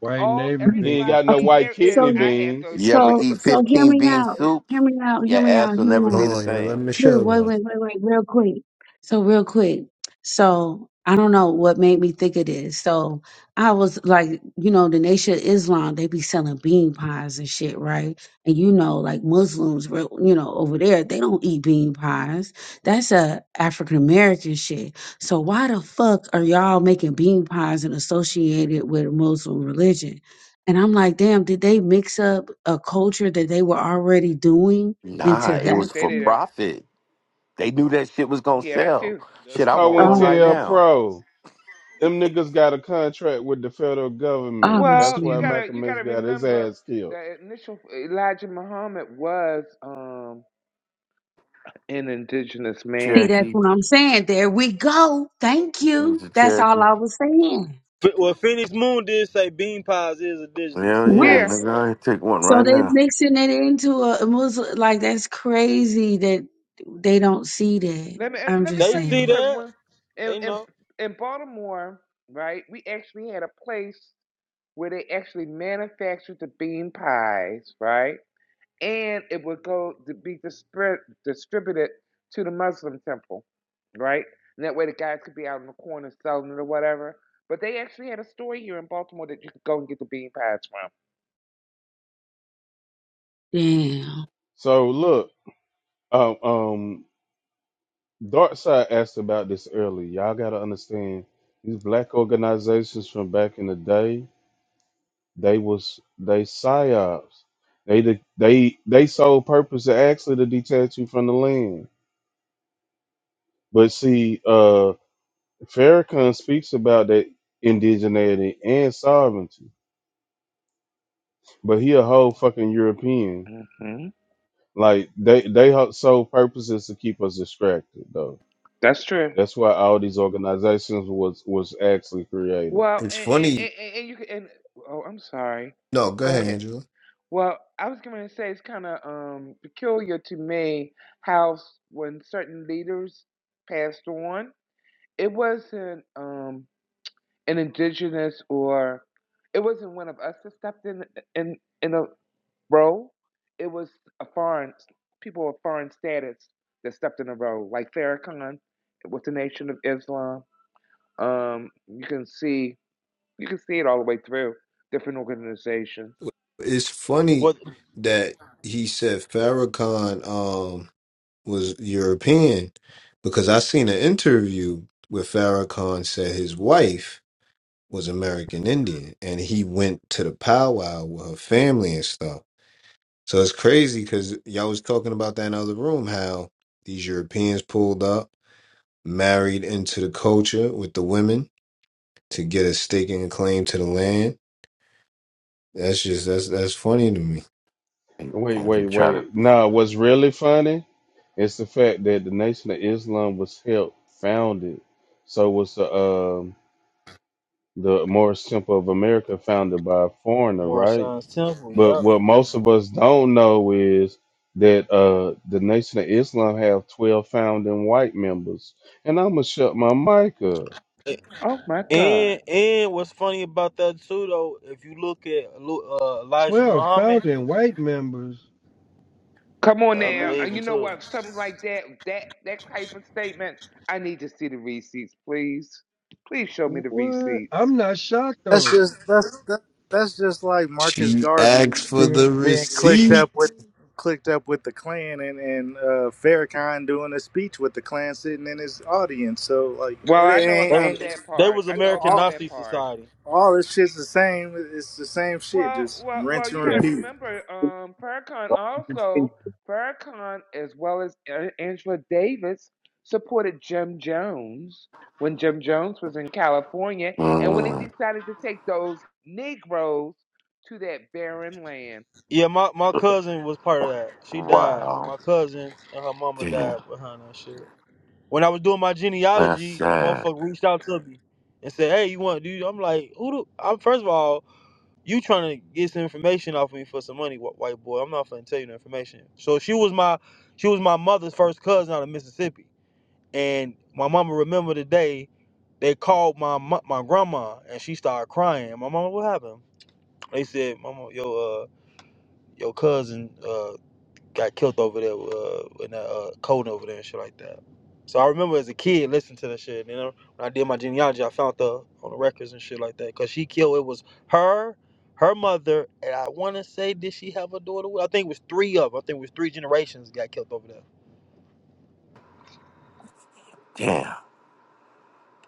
Speaker 10: White
Speaker 2: all
Speaker 10: navy
Speaker 2: every
Speaker 5: Right.
Speaker 9: You
Speaker 10: bean.
Speaker 9: ain't
Speaker 2: dry
Speaker 9: got no
Speaker 5: Okay.
Speaker 2: bean
Speaker 9: white
Speaker 2: there is,
Speaker 9: kidney
Speaker 2: I
Speaker 5: So,
Speaker 2: had
Speaker 9: beans.
Speaker 2: those
Speaker 4: You ever
Speaker 5: so,
Speaker 2: beans.
Speaker 4: eat
Speaker 5: so hear
Speaker 4: fifteen
Speaker 5: me
Speaker 4: bean
Speaker 5: out.
Speaker 4: soup?
Speaker 5: Hear me out. Hear
Speaker 4: Your
Speaker 5: me out.
Speaker 4: ass will
Speaker 5: Hear me
Speaker 4: never
Speaker 5: out.
Speaker 4: be the
Speaker 1: Hold on, yeah, let
Speaker 4: same.
Speaker 5: Wait,
Speaker 1: Michelle
Speaker 5: wait,
Speaker 1: go.
Speaker 5: wait, wait, wait, real quick. So, real quick. So, I don't know what made me think of this. So, I was like, you know, the Nation of Islam, they be selling bean pies and shit, right? And you know, like Muslims, real- you know, over there, they don't eat bean pies. That's a African American shit. So, why the fuck are y'all making bean pies and associated with Muslim religion? And I'm like, damn, did they mix up a culture that they were already doing
Speaker 4: Nah,
Speaker 5: into
Speaker 2: Yeah,
Speaker 4: it
Speaker 5: that?
Speaker 4: was
Speaker 2: they
Speaker 4: for
Speaker 2: did it.
Speaker 4: profit. They knew that shit was gonna
Speaker 2: Yeah, that
Speaker 4: sell.
Speaker 2: too.
Speaker 9: That's
Speaker 4: Shit, I want one right
Speaker 5: Um,
Speaker 9: COINTELPRO.
Speaker 4: now.
Speaker 9: Pro. Them niggas got a contract with the federal government. That's
Speaker 2: Well,
Speaker 5: obviously.
Speaker 2: you
Speaker 9: why
Speaker 2: gotta you
Speaker 9: Malcolm X
Speaker 2: gotta
Speaker 9: got his
Speaker 2: remember
Speaker 9: ass killed.
Speaker 2: that initial Elijah Muhammad was um an indigenous
Speaker 5: See,
Speaker 2: man.
Speaker 5: that's
Speaker 4: Cherokee.
Speaker 5: what I'm saying. There we go. Thank
Speaker 4: It
Speaker 5: you.
Speaker 4: was a
Speaker 5: That's all
Speaker 4: Cherokee.
Speaker 5: I was saying.
Speaker 7: F- well, Phoenix Moon did say bean pies is indigenous
Speaker 4: Hell
Speaker 7: here
Speaker 4: yeah,
Speaker 5: What?
Speaker 7: though,
Speaker 2: Yeah,
Speaker 7: so
Speaker 4: nigga, I take one
Speaker 5: So
Speaker 4: right
Speaker 5: they
Speaker 4: now.
Speaker 5: mixing it into a Muslim like that's crazy that they don't see that.
Speaker 2: let me and
Speaker 5: I'm
Speaker 2: let me
Speaker 5: just
Speaker 7: they
Speaker 2: tell you
Speaker 7: see
Speaker 5: saying.
Speaker 2: because
Speaker 7: that.
Speaker 2: when in,
Speaker 7: They
Speaker 2: in
Speaker 7: know
Speaker 2: in Baltimore, right, we actually had a place where they actually manufactured the bean pies, right? and it would go to be dispri- distributed to the Muslim temple, right? And that way the guys could be out in the corner selling it or whatever. But they actually had a store here in Baltimore that you could go and get the bean pies
Speaker 5: Damn.
Speaker 9: So look, um, um Dark Side asked about this earlier. Y'all gotta understand these black organizations from back in the day, they was they psyops. They the, they they sole purpose to actually to detach you from the land. But see, uh Farrakhan speaks about that indigeneity and sovereignty, but he a whole fucking European.
Speaker 2: from. hmm
Speaker 9: Like they they ho- sole purpose is to keep us distracted though.
Speaker 2: That's true.
Speaker 9: That's why all these organizations was was actually created.
Speaker 2: Well,
Speaker 1: It's
Speaker 2: and, and,
Speaker 1: funny.
Speaker 2: and, and and you could, and, oh, I'm sorry.
Speaker 1: No, go
Speaker 2: Go
Speaker 1: ahead,
Speaker 2: ahead.
Speaker 1: Angela.
Speaker 2: Well, I was going to say it's kind of um, peculiar to me how s- when certain leaders passed on, it wasn't. Um, an indigenous or it wasn't one of us that stepped in in in a role. It was a foreign people of foreign status that stepped in a role, like Farrakhan with the Nation of Islam. Um, you can see you can see it all the way through different organizations.
Speaker 1: It's funny
Speaker 7: what
Speaker 1: that he said Farrakhan um was European because I seen an interview where Farrakhan said his wife was American Indian and he went to the powwow with her family and stuff. So it's crazy because y'all was talking about that in the other room how these Europeans pulled up, married into the culture with the women to get a staking claim to the land. That's just that's that's funny to me.
Speaker 9: Wait,
Speaker 4: And they
Speaker 9: wait,
Speaker 4: try to
Speaker 9: wait. Nah, what's really funny is the fact that the Nation of Islam was helped founded. So was the um the Morris Temple of America founded by a foreigner,
Speaker 7: more
Speaker 9: right?
Speaker 7: Temple.
Speaker 9: But what most of us don't know is that uh the Nation of Islam have twelve founding white members. And I'ma shut my mic up.
Speaker 7: Yep.
Speaker 2: Oh my God!
Speaker 7: And and what's funny about that too though, if you look at Lu- uh, Elijah
Speaker 10: Twelve
Speaker 7: Muhammad.
Speaker 10: founding white members.
Speaker 2: Come on
Speaker 7: I
Speaker 2: now,
Speaker 10: What?
Speaker 7: believe
Speaker 2: and
Speaker 7: in
Speaker 2: you know
Speaker 7: too.
Speaker 2: what? Something like that that that type of statement. I need to see the receipts, please. Please show me the
Speaker 10: What?
Speaker 2: receipts.
Speaker 10: I'm not shocked
Speaker 3: That's
Speaker 10: though.
Speaker 3: just that's that, that's just like Marcus
Speaker 1: She
Speaker 3: Garvey
Speaker 1: asked for
Speaker 3: being
Speaker 1: the
Speaker 3: being clicked up
Speaker 1: receipt.
Speaker 3: with clicked up with the Klan and and uh, Farrakhan doing a speech with the Klan sitting in his audience. So like
Speaker 2: Well,
Speaker 3: it
Speaker 2: I know
Speaker 7: They was
Speaker 2: about
Speaker 3: ain't, ain't
Speaker 2: that
Speaker 7: they
Speaker 2: part.
Speaker 7: was
Speaker 2: I know
Speaker 7: American
Speaker 2: about
Speaker 3: all,
Speaker 2: that
Speaker 7: Nazi
Speaker 2: part.
Speaker 7: Society.
Speaker 3: all this shit's the same. It's the same shit,
Speaker 2: Well,
Speaker 3: just
Speaker 2: well, well.
Speaker 3: rinse
Speaker 2: You
Speaker 3: and
Speaker 2: got to
Speaker 8: Yes.
Speaker 3: repeat.
Speaker 2: remember, um, Farrakhan
Speaker 8: Why do you continue
Speaker 2: also Farrakhan as well as A- Angela Davis supported Jim Jones when Jim Jones was in California, and when he
Speaker 4: Mm,
Speaker 2: decided to take those Negroes to that barren land.
Speaker 7: Yeah, my, my cousin was part of that. She died.
Speaker 4: wow.
Speaker 7: My cousin and her mama
Speaker 4: Damn.
Speaker 7: died behind that shit. When I was doing my
Speaker 4: That's
Speaker 7: genealogy, a
Speaker 4: sad.
Speaker 7: motherfucker reached out to me and said, "Hey, you want to do?" I'm like, "Who do?" I'm first of all, you trying to get some information off me for some money, wh- white boy. I'm not finna tell you the information. So she was my she was my mother's first cousin out of Mississippi. And my mama remember the day they called my mo- my grandma and she started crying. My mama, what happened? They said, Mama, your uh your cousin uh got killed over there uh, in that uh, code over there and shit like that. So I remember as a kid listening to that shit. You know, when I did my genealogy, I found the on the records and shit like that. Cause she killed. It was her, her mother, and I want to say, did she have a daughter? with- I think it was three of. 'em. I think it was three generations got killed over there.
Speaker 4: Damn.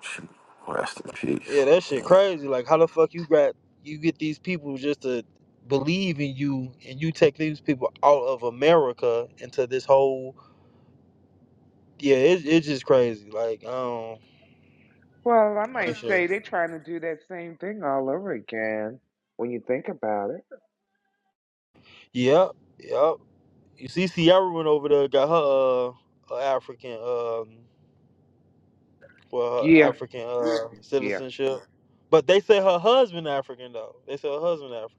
Speaker 4: Shoot. Rest in peace.
Speaker 7: Yeah, that shit crazy. Like, how the fuck you got you get these people just to believe in you, and you take these people out of America into this whole yeah, it, it's just crazy. Like, um,
Speaker 2: Well, I
Speaker 7: that
Speaker 2: might
Speaker 7: shit.
Speaker 2: say they're trying to do that same thing all over again when you think about it.
Speaker 7: Yep, yep. You see, Sierra went over there, got her uh, her African um, well, her
Speaker 2: Yeah,
Speaker 7: African uh
Speaker 2: yeah.
Speaker 7: citizenship, but they say her husband African though. They say her husband African.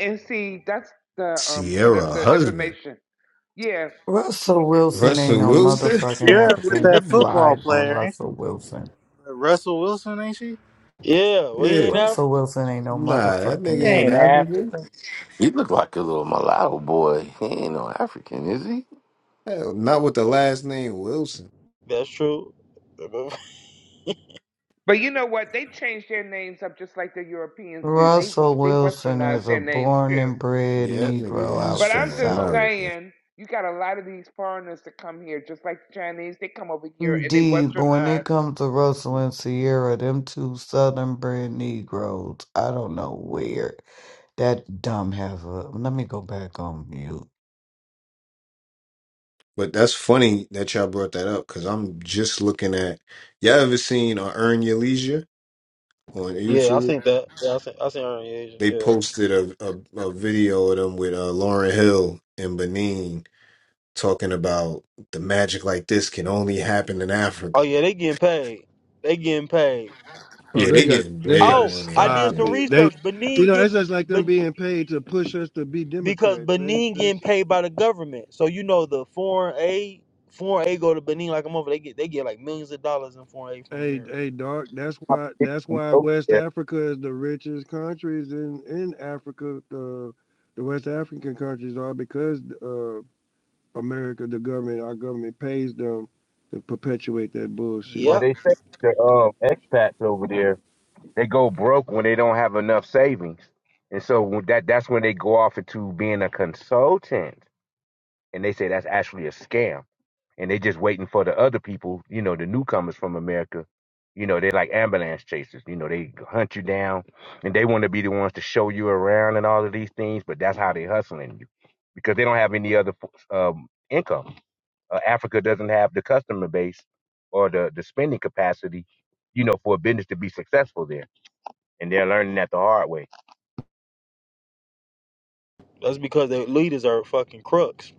Speaker 2: And see, that's the um, bit of
Speaker 1: Sierra
Speaker 2: the
Speaker 1: husband.
Speaker 2: information Yeah,
Speaker 12: Russell Wilson ain't
Speaker 1: Russell
Speaker 12: no
Speaker 1: Wilson?
Speaker 12: motherfucking
Speaker 3: Yeah, with
Speaker 12: African.
Speaker 3: that
Speaker 12: Who
Speaker 3: football
Speaker 12: lied on
Speaker 3: player, ain't she?
Speaker 12: Russell Wilson?
Speaker 3: Russell Wilson, ain't she?
Speaker 7: Yeah, well, he
Speaker 1: Yeah.
Speaker 7: ain't African.
Speaker 12: Russell Wilson ain't no
Speaker 1: Nah, that
Speaker 3: He
Speaker 1: nigga
Speaker 12: motherfucking
Speaker 1: ain't
Speaker 3: ain't
Speaker 12: African.
Speaker 1: African.
Speaker 3: African.
Speaker 4: He looked like a little mulatto boy. He ain't no African, is he?
Speaker 1: Hell, not with the last name Wilson.
Speaker 7: That's true.
Speaker 2: but you know what? They changed their names up just like the Europeans do. They
Speaker 12: Russell
Speaker 2: they
Speaker 12: Wilson
Speaker 2: westernized
Speaker 12: is a
Speaker 2: their names
Speaker 12: born
Speaker 2: too.
Speaker 12: and bred
Speaker 1: Yeah, that nigga
Speaker 12: Negro
Speaker 1: is
Speaker 12: out
Speaker 2: But
Speaker 12: the
Speaker 1: from
Speaker 2: I'm just
Speaker 12: South.
Speaker 1: America.
Speaker 2: saying, you got a lot of these foreigners that come here, just like the Chinese. They come over here and they
Speaker 12: Indeed, but when
Speaker 2: westernize.
Speaker 12: it comes to Russell and Sierra, them two Southern bred Negroes, I don't know where that dumb has a. Let me go back on mute.
Speaker 1: But that's funny that y'all brought that up because I'm just looking at y'all ever seen uh, Earn Your Leisure on
Speaker 7: Yeah, I
Speaker 1: YouTube?
Speaker 7: think that. Yeah, I think I think Aaron Asia.
Speaker 1: They
Speaker 7: Yeah.
Speaker 1: posted a, a, a video of them with uh, Lauren Hill in Benin talking about the magic like this can only happen in
Speaker 7: Oh
Speaker 1: Africa.
Speaker 7: yeah, they getting paid. They getting paid.
Speaker 10: Oh,
Speaker 1: Yeah,
Speaker 10: they
Speaker 1: they
Speaker 10: got
Speaker 1: getting
Speaker 10: they got
Speaker 1: big
Speaker 10: to
Speaker 7: Oh,
Speaker 1: money
Speaker 7: I
Speaker 1: out
Speaker 7: did
Speaker 10: stop
Speaker 7: some
Speaker 1: there.
Speaker 10: it. They,
Speaker 7: research.
Speaker 10: you
Speaker 7: Benin
Speaker 10: know, it's
Speaker 7: getting,
Speaker 10: just like them
Speaker 7: but
Speaker 10: being paid to push us to be
Speaker 7: because
Speaker 10: Democrats. They,
Speaker 7: Benin
Speaker 10: this,
Speaker 7: getting paid by the government, so you know the foreign aid, foreign aid go to Benin like a month. They get they get like millions of dollars in foreign aid from
Speaker 10: hey,
Speaker 7: America.
Speaker 10: hey, Doc. That's why that's
Speaker 8: contradicting
Speaker 10: why
Speaker 8: over
Speaker 10: West
Speaker 8: there?
Speaker 10: Africa is the richest countries in in Africa. The the West African countries are because uh America, the government, our government pays them to perpetuate that bullshit.
Speaker 8: Well,
Speaker 7: Yep,
Speaker 8: they say the um, expats over there they go broke when they don't have enough savings, and so when that that's when they go off into being a consultant, and they say that's actually a scam. and they just waiting for the other people, you know, the newcomers from America. You know, they're like ambulance chasers. You know, they hunt you down and they want to be the ones to show you around and all of these things, but that's how they hustling you because they don't have any other um, income. Uh, Africa doesn't have the customer base or the, the spending capacity, you know, for a business to be successful there. And they're learning that the hard way.
Speaker 7: that's because their leaders are fucking crooks.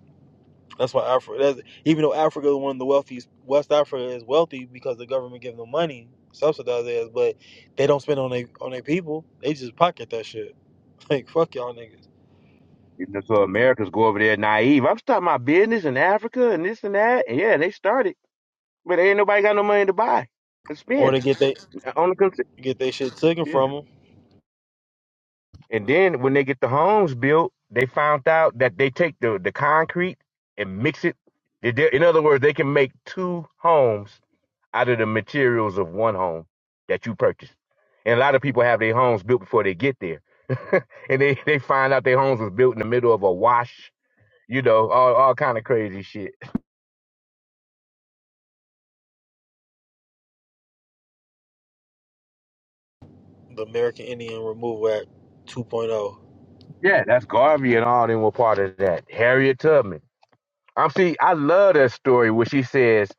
Speaker 7: That's why Africa, that's, even though Africa is one of the wealthiest, West Africa is wealthy because the government gives them money, subsidizes, but they don't spend on their on their people. They just pocket that shit. Like fuck y'all niggas,
Speaker 8: You know, so Americans go over there naive. I'm starting my business in Africa and this and that. And yeah, they started. But ain't nobody got no money to buy and
Speaker 7: or
Speaker 8: spend
Speaker 7: they get they
Speaker 8: on the cons-
Speaker 7: get their shit taken
Speaker 8: Yeah.
Speaker 7: from them.
Speaker 8: And then when they get the homes built, they found out that they take the, the concrete and mix it. They do- In other words, they can make two homes out of the materials of one home that you purchased. And a lot of people have their homes built before they get there. and they, they find out their homes was built in the middle of a wash, you know, all, all kind of crazy shit.
Speaker 7: The American Indian Removal Act 2.0. point oh.
Speaker 8: Yeah, that's Garvey and all them were part of that. Harriet Tubman. Um, see, I love that story where she says,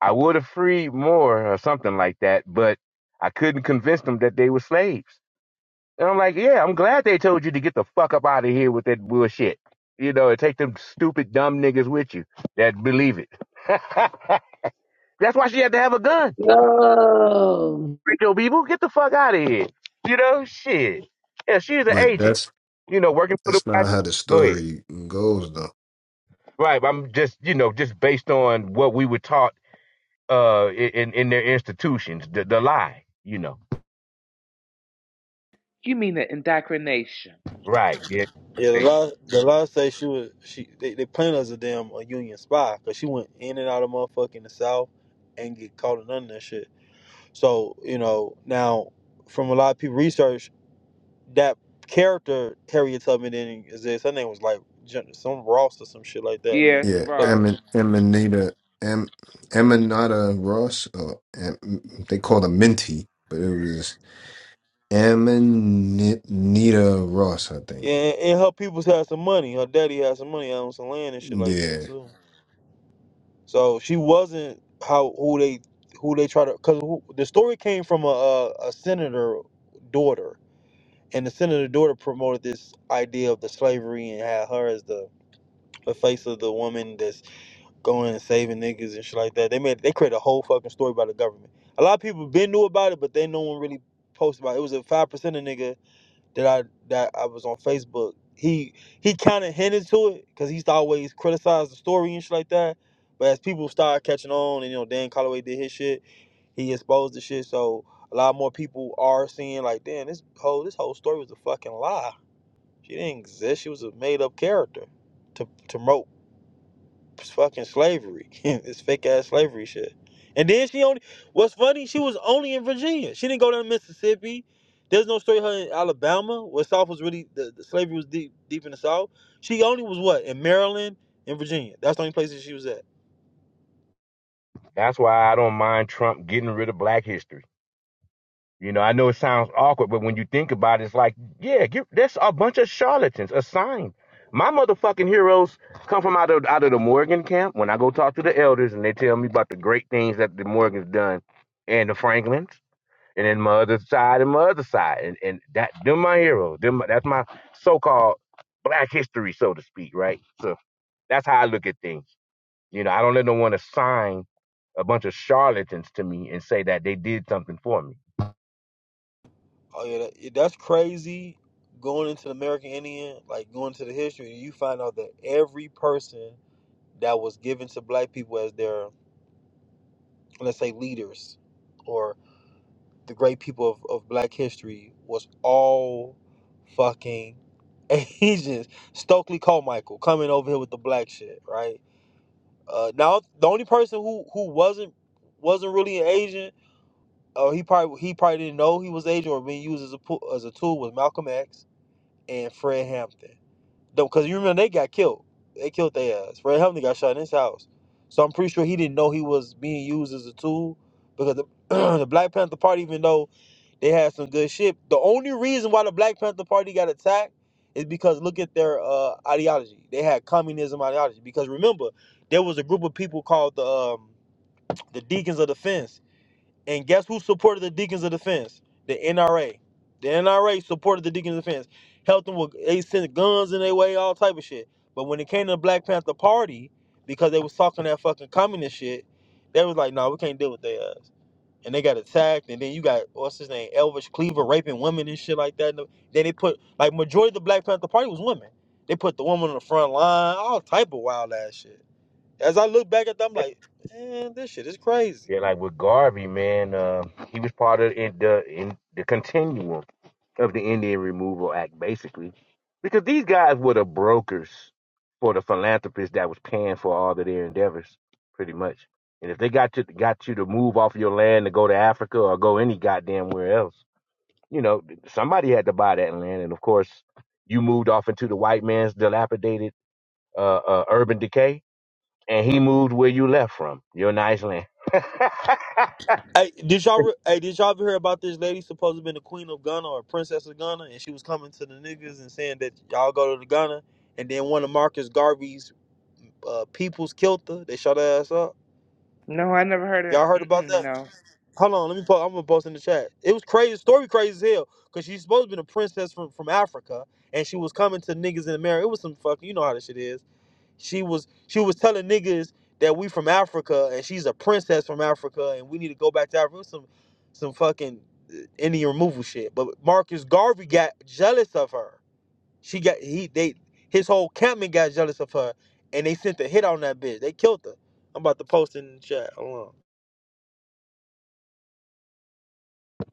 Speaker 8: I would have freed more or something like that, but I couldn't convince them that they were slaves. And I'm like, yeah, I'm glad they told you to get the fuck up out of here with that bullshit. You know, and take them stupid, dumb niggas with you that believe it. That's why she had to have a gun.
Speaker 5: Yo.
Speaker 8: Rico people, get the fuck out of here. You know, shit. Yeah, she's an
Speaker 1: But
Speaker 8: agent,
Speaker 1: that's
Speaker 8: you know, working for
Speaker 1: that's
Speaker 8: the.
Speaker 1: not how the
Speaker 8: Go ahead.
Speaker 1: story goes, though.
Speaker 8: Right. I'm just, you know, just based on what we were taught uh in in their institutions the, the lie you know
Speaker 2: You mean the indoctrination?
Speaker 8: right yeah
Speaker 7: Yeah, the
Speaker 8: They-
Speaker 7: law the law say she was she they, they playing as a damn a union spy because she went in and out of motherfucking the South and get caught in none of that shit. So you know now from a lot of people research. that character Harriet Tubman didn't exist. Her name was like Jen- some Ross or some shit like that.
Speaker 2: Yes,
Speaker 1: Yeah,
Speaker 7: But
Speaker 2: Ross.
Speaker 1: Emin Eminata Em Eminata Ross, or Em, they called her Minty, but it was Eminita Ross, I think.
Speaker 7: and, and her peoples had some money. Her daddy had some money, owned some land and shit like that
Speaker 1: Yeah,
Speaker 7: too. So she wasn't how who they who they try to because the story came from a, a a senator daughter. And the senator daughter promoted this idea of the slavery and had her as the, the face of the woman that going and saving niggas and shit like that. They made they created a whole fucking story about the government. A lot of people been knew about it, but they no one really posted about it. It was a five percent of nigga that I that I was on Facebook. He he kind of hinted to it because he used to always criticize the story and shit like that. But as people started catching on, and you know Dan Colloway did his shit, he exposed the shit. So a lot more people are seeing like, damn, this whole this whole story was a fucking lie. She didn't exist. She was a made up character to to promote fucking slavery. it's fake ass slavery shit. And then she only. What's funny? She was only in Virginia. She didn't go down to Mississippi. There's no story of her in Alabama, where South was really the, the slavery was deep deep in the South. She only was what in Maryland and Virginia. That's the only places she was at.
Speaker 8: that's why i don't mind trump getting rid of black history you know i know it sounds awkward but when you think about it it's like yeah get, that's a bunch of charlatans assigned my motherfucking heroes come from out of out of the morgan camp when i go talk to the elders and they tell me about the great things that the morgan's done and the franklins and then my other side and my other side and, and that them my heroes them that's my so-called black history so to speak right so That's how I look at things. You know, I don't let no one assign a bunch of charlatans to me and say that they did something for me.
Speaker 7: Oh yeah, that, yeah, that's crazy. Going into the American Indian, like going to the history, you find out that every person that was given to black people as their let's say leaders, or. the great people of, of black history was all fucking Asians. Stokely Carmichael coming over here with the black shit, right? Uh, now the only person who who wasn't wasn't really an Asian, or he probably he probably didn't know he was Asian or being used as a pu- as a tool was Malcolm X and Fred Hampton. Though, because you remember they got killed, they killed their ass. Fred Hampton got shot in his house, so I'm pretty sure he didn't know he was being used as a tool because the, the Black Panther Party, even though they had some good shit. The only reason why the Black Panther Party got attacked is because look at their uh, ideology. They had communism ideology. Because remember, there was a group of people called the um, the Deacons of Defense, and guess who supported the Deacons of Defense? The NRA. The NRA supported the Deacons of Defense, helped them with they sent guns in their way, all type of shit. But when it came to the Black Panther Party, because they was talking that fucking communist shit, they was like, "No, nah, we can't deal with their ass." and they got attacked, and then you got what's his name, Elvis Cleaver raping women and shit like that. And then they put like majority of the Black Panther Party was women. They put the woman on the front line, all type of wild ass shit. As I look back at them, I'm like, man, this shit is crazy.
Speaker 8: Yeah, like with Garvey, man, uh, he was part of in the in the continuum of the Indian Removal Act, basically, because these guys were the brokers for the philanthropists that was paying for all of their endeavors, pretty much. And if they got you got you to move off your land to go to Africa or go any goddamn where else, you know, somebody had to buy that land, and of course, you moved off into the white man's dilapidated uh, uh, urban decay, and he moved where you left from, your nice land.
Speaker 7: Hey, did y'all re- hey did y'all ever hear about this lady supposed to have been the queen of Ghana or princess of Ghana, and she was coming to the niggas and saying that y'all go to the Ghana, and then one of Marcus Garvey's uh, peoples killed her. They shot her ass up.
Speaker 2: No, I never heard of.
Speaker 7: Y'all heard
Speaker 2: it.
Speaker 7: about
Speaker 2: Mm-mm,
Speaker 7: that?
Speaker 2: no.
Speaker 7: Hold on, let me post. I'm gonna post in the chat. It was crazy, story crazy as hell. Cause she's supposed to be a princess from, from Africa, and she was coming to niggas in America. It was some fucking, you know how this shit is. She was she was telling niggas that we from Africa, and she's a princess from Africa, and we need to go back to Africa. It was some some fucking uh, Indian removal shit. But Marcus Garvey got jealous of her. She got he they his whole campman got jealous of her, and they sent a hit on that bitch. They killed her. I'm about to post in the chat. Hold on.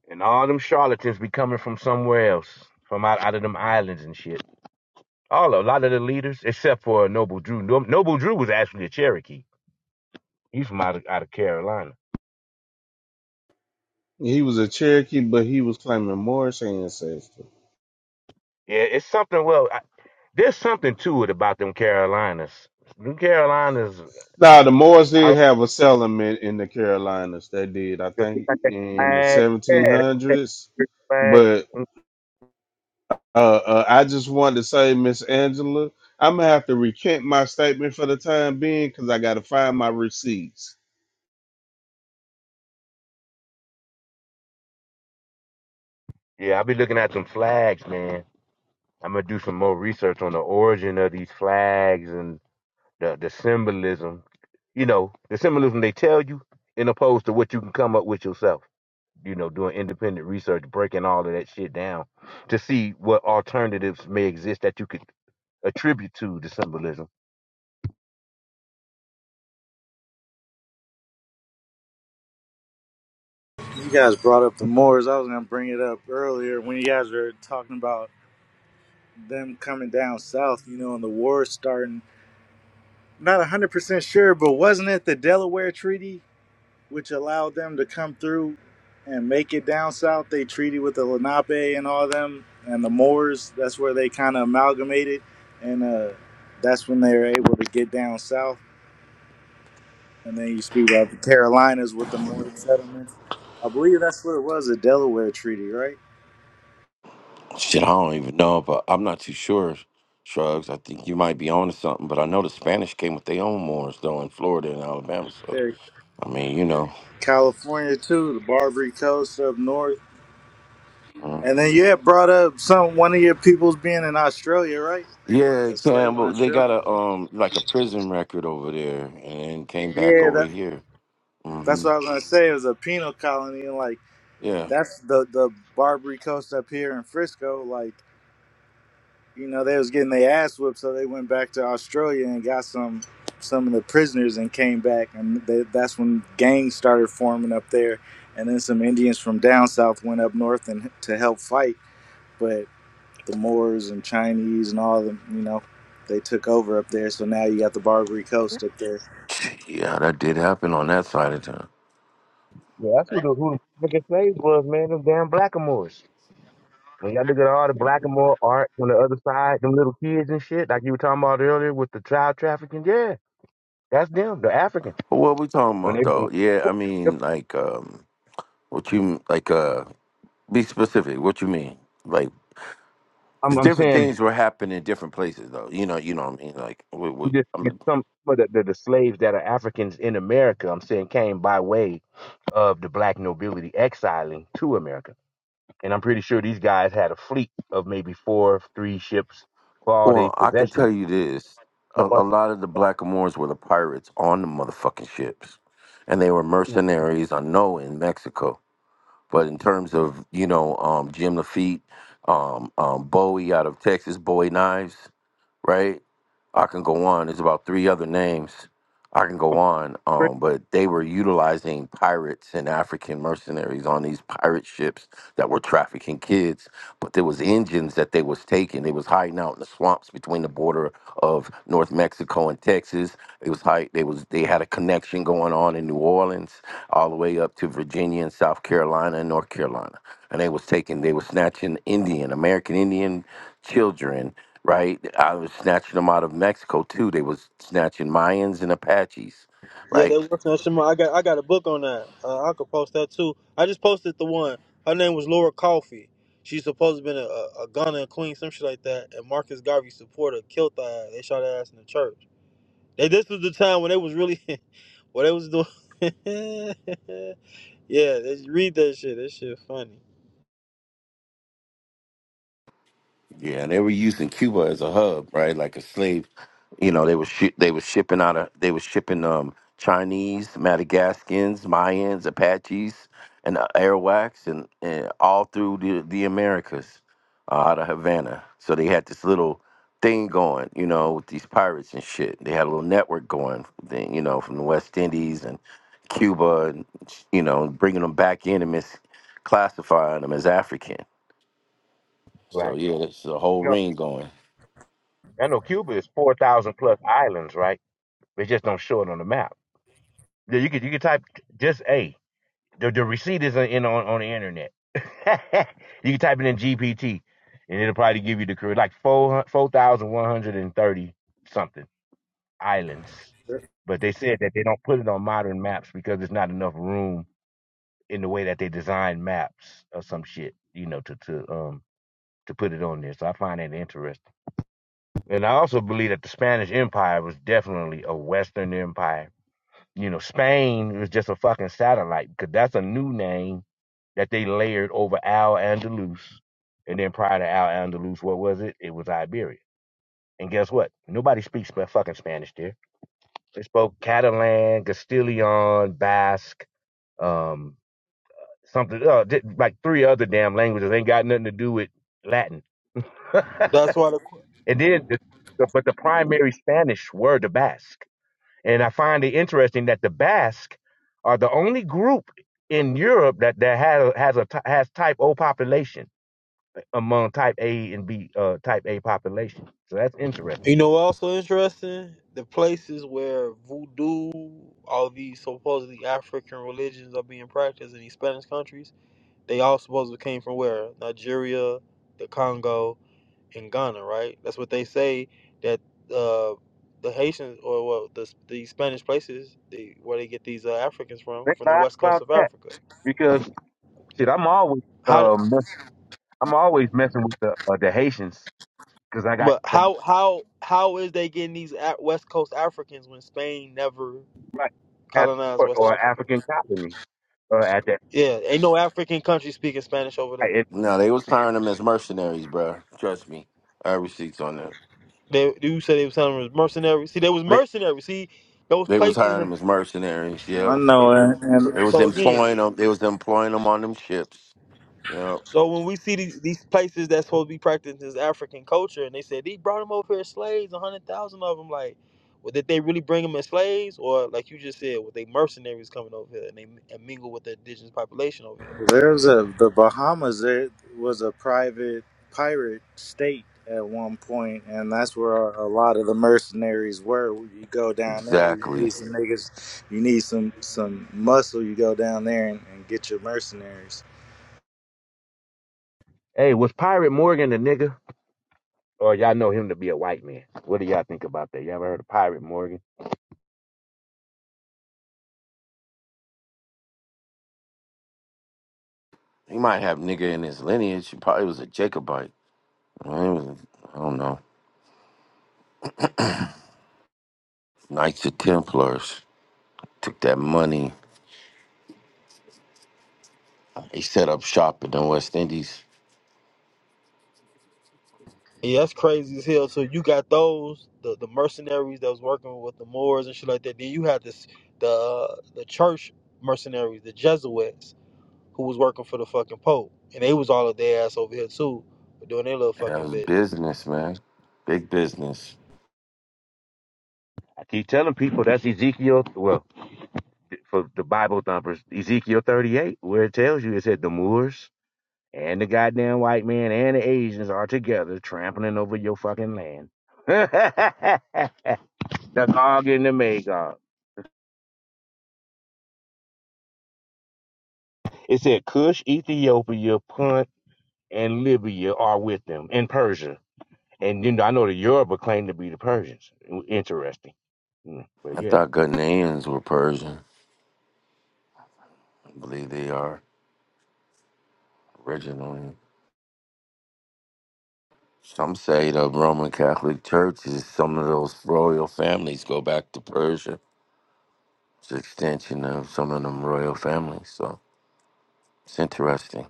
Speaker 8: and all them charlatans be coming from somewhere else, from out, out of them islands and shit. All a lot of the leaders, except for Noble Drew. No- Noble Drew was actually a Cherokee. He's from out of, out of Carolina.
Speaker 9: He was a Cherokee, but he was claiming Moorish ancestry.
Speaker 8: Yeah, it's something. Well, I, there's something to it about them Carolinas. Them Carolinas.
Speaker 9: Now, the Moors did have a settlement in the Carolinas. They did, I
Speaker 8: The
Speaker 9: think,
Speaker 8: peacock Got that
Speaker 9: in the
Speaker 8: flag. Yeah, that,
Speaker 9: 1700s.
Speaker 8: that flag.
Speaker 9: But uh, uh, I just wanted to say, Miss Angela, I'm gonna have to recant my statement for the time being because I gotta find my receipts.
Speaker 8: Yeah, I'll be looking at some flags, man. I'm gonna do some more research on the origin of these flags and the the symbolism. You know, the symbolism they tell you, in opposed to what you can come up with yourself. You know, doing independent research, breaking all of that shit down to see what alternatives may exist that you could attribute to the symbolism.
Speaker 3: You guys brought up the Moors. I was gonna bring it up earlier when you guys were talking about them coming down south, you know, and the war starting. Not hundred percent sure, but wasn't it the Delaware Treaty which allowed them to come through and make it down south? They treated with the Lenape and all them and the Moors. That's where they kind of amalgamated, and uh, that's when they were able to get down south And then you speak about the Carolinas with the Morris settlements. I believe that's what it was, a Delaware treaty, right?
Speaker 4: Shit, I don't even know, but I'm not too sure. Shrugs, I think you might be onto something, but I know the Spanish came with their own Moors though in Florida and Alabama. So
Speaker 3: There,
Speaker 4: I mean, you know.
Speaker 3: California too, the Barbary Coast up north. And then you
Speaker 4: hmm
Speaker 3: had brought up some one of your peoples being in Australia, right?
Speaker 4: Yeah,
Speaker 3: A slave in
Speaker 4: Campbell. They got
Speaker 3: Australia.
Speaker 4: a um like a prison record over there, and then came back
Speaker 3: Yeah,
Speaker 4: over
Speaker 3: that
Speaker 4: here. hmm
Speaker 3: that's what I was gonna say. It was a penal colony, and like
Speaker 4: Yeah.
Speaker 3: that's the the Barbary Coast up here in Frisco. Like you know, they was getting their ass whipped, so they went back to Australia and got some some of the prisoners and came back, and they, that's when gangs started forming up there, and then some Indians from down south went up north and to help fight, but the Moors and Chinese and all of them, you know, they took over up there, so now you got the Barbary Coast up there.
Speaker 4: Yeah, that did happen on that side of town.
Speaker 8: Yeah, that's who the who the biggest slaves was, man. Them damn blackamoors. When y'all look at all the Blackamore art on the other side, them little kids and shit, like you were talking about earlier with the child trafficking. Yeah, that's them, the Africans.
Speaker 4: But what we talking
Speaker 8: When
Speaker 4: about
Speaker 8: they,
Speaker 4: though? Yeah, I
Speaker 8: yep,
Speaker 4: mean, like, um, what you like? Uh, be specific. What you mean? Like,
Speaker 8: I'm,
Speaker 4: 'cause
Speaker 8: I'm
Speaker 4: different
Speaker 8: saying
Speaker 4: things were happening in different places, though. You know, you know what I mean? Like, we, we,
Speaker 8: just
Speaker 4: I mean,
Speaker 8: some of the, the, the slaves that are Africans in America, I'm saying came by way of the black nobility exiling to America. And I'm pretty sure these guys had a fleet of maybe four, three ships for all their
Speaker 4: well, I can
Speaker 8: possessions.
Speaker 4: tell you this: a, a lot of the Blackamoors were the pirates on the motherfucking ships, and they were mercenaries. I know in Mexico, but in terms of you know, um, Jim Lafitte, um, um, Bowie out of Texas, Bowie Knives, right? I can go on. There's about three other names. I can go on. Um, but they were utilizing pirates and African mercenaries on these pirate ships that were trafficking kids. But there was Indians that they was taking. They was hiding out in the swamps between the border of North Mexico and Texas. It was hide. They was they had a connection going on in New Orleans, all the way up to Virginia and South Carolina and North Carolina. And they was taking. They was snatching Indian, American Indian children right? I was snatching them out of Mexico too. They was snatching Mayans and Apaches,
Speaker 7: Yeah,
Speaker 4: right?
Speaker 7: that was on Shema. I got I got a book on that. Uh, I could post that too. I just posted the one. Her name was Laura Coffey. She's supposed to been a, a, a Ghana queen, some shit like that. And Marcus Garvey supporter killed her. They shot her ass in the church. They, this was the time when they was really, what they was doing. yeah, they, read that shit. That shit funny.
Speaker 4: Yeah, they were using Cuba as a hub, right? Like a slave. You know, they were shi they were shipping out of they were shipping um Chinese, Madagascans, Mayans, Apaches, and uh, Arawaks, and, and all through the the Americas uh, out of Havana. So they had this little thing going, you know, with these pirates and shit. They had a little network going, then you know, from the West Indies and Cuba, and you know, bringing them back in and misclassifying them as African. So
Speaker 8: Right.
Speaker 4: yeah, there's a whole
Speaker 8: You
Speaker 4: ring going.
Speaker 8: know, I know Cuba is 4,000 plus islands, right? They just don't show it on the map. Yeah, you could you could type just A. The, the receipt is in on, on the internet. you can type it in GPT, and it'll probably give you the correct like four four thousand one hundred and thirty something islands. But they said that they don't put it on modern maps because there's not enough room in the way that they design maps or some shit, you know, to to um to put it on there. So I find that interesting. And I also believe that the Spanish Empire was definitely a Western empire You know, Spain was just a fucking satellite because that's a new name that they layered over Al Andalus. And then prior to Al Andalus, what was it? It was Iberia. And guess what? Nobody speaks sp- fucking Spanish there. They spoke Catalan, Castilian, Basque, um, something, uh, like three other damn languages. Ain't got nothing to do with Latin. and
Speaker 7: That's why the
Speaker 8: then, the, the, but the primary Spanish were the Basque. And I find it interesting that the Basque are the only group in Europe that, that has has a has type O population among type A and B uh, type A population. So that's interesting.
Speaker 7: you know what also interesting the places where voodoo, all these supposedly African religions are being practiced in these Spanish countries They all supposedly came from where? Nigeria, the Congo, and Ghana, right? That's what they say that uh, the Haitians or well, the the Spanish places they, where they get these uh, Africans from
Speaker 8: They
Speaker 7: from the
Speaker 8: lied
Speaker 7: west coast
Speaker 8: about
Speaker 7: of
Speaker 8: that
Speaker 7: Africa.
Speaker 8: because shit, I'm always
Speaker 7: How?
Speaker 8: um I'm always messing with the uh, the Haitians because I got
Speaker 7: But how how how is they getting these Af- west coast Africans when Spain never
Speaker 8: my
Speaker 7: colonized
Speaker 8: passport
Speaker 7: West
Speaker 8: or
Speaker 7: Africa?
Speaker 8: African colony uh, at that.
Speaker 7: Yeah, ain't no African country speaking Spanish over
Speaker 8: I-
Speaker 7: there.
Speaker 8: it-
Speaker 4: No, they was hiring them as mercenaries, bro. Trust me. I have receipts on that.
Speaker 7: They you said they was telling them it was mercenaries. See, they was
Speaker 4: They
Speaker 7: mercenaries. See, those
Speaker 4: they was
Speaker 7: places in
Speaker 4: hiring
Speaker 7: the
Speaker 4: them as mercenaries.
Speaker 3: I
Speaker 4: Yep.
Speaker 3: know, and,
Speaker 7: so
Speaker 3: and
Speaker 4: They was
Speaker 7: so again.
Speaker 4: employing them. They was employing them on them ships. Yep.
Speaker 7: So when we see these, these places that's supposed to be practicing this African culture, and they said they brought them over here as slaves, a hundred thousand of them, like, well, did they really bring them as slaves, or like you just said, were they mercenaries coming over here and they and mingle with the indigenous population over here?
Speaker 3: There's a the Bahamas. It was a private pirate state at one point, and that's where a lot of the mercenaries were. You go down there, you need
Speaker 4: Exactly.
Speaker 3: some niggas, you need some some muscle. You go down there and, and get your mercenaries.
Speaker 8: hey, was Pirate Morgan a nigga? Or y'all know him to be a white man. What do y'all think about that? You ever heard of Pirate Morgan?
Speaker 4: He might have nigga in his lineage. He probably was a Jacobite. I mean, he was- I don't know. Knights of Templars took that money. He set up shop in the West Indies.
Speaker 7: Yeah, that's crazy as hell. So you got those the the mercenaries that was working with the Moors and shit like that. Then you had this the uh, the church mercenaries, the Jesuits, who was working for the fucking Pope, and they was all of their ass over here too, doing their little
Speaker 4: That
Speaker 7: fucking
Speaker 4: was
Speaker 7: bit.
Speaker 4: business, man. Big business.
Speaker 8: I keep telling people that's Ezekiel. Well, for the Bible thumpers, Ezekiel 38, where it tells you it said the Moors and the goddamn white man and the Asians are together trampling over your fucking land. the Gog and the Magog. It said Cush, Ethiopia, Punt, and Libya are with them, and Persia. And you know, I know the Yoruba claim to be the Persians. Interesting. Mm, But
Speaker 4: I
Speaker 8: yeah.
Speaker 4: thought Ghanaians were Persian. I believe they are originally. Some say the Roman Catholic Church is some of those royal families go back to Persia. It's an extension of some of them royal families. So it's interesting.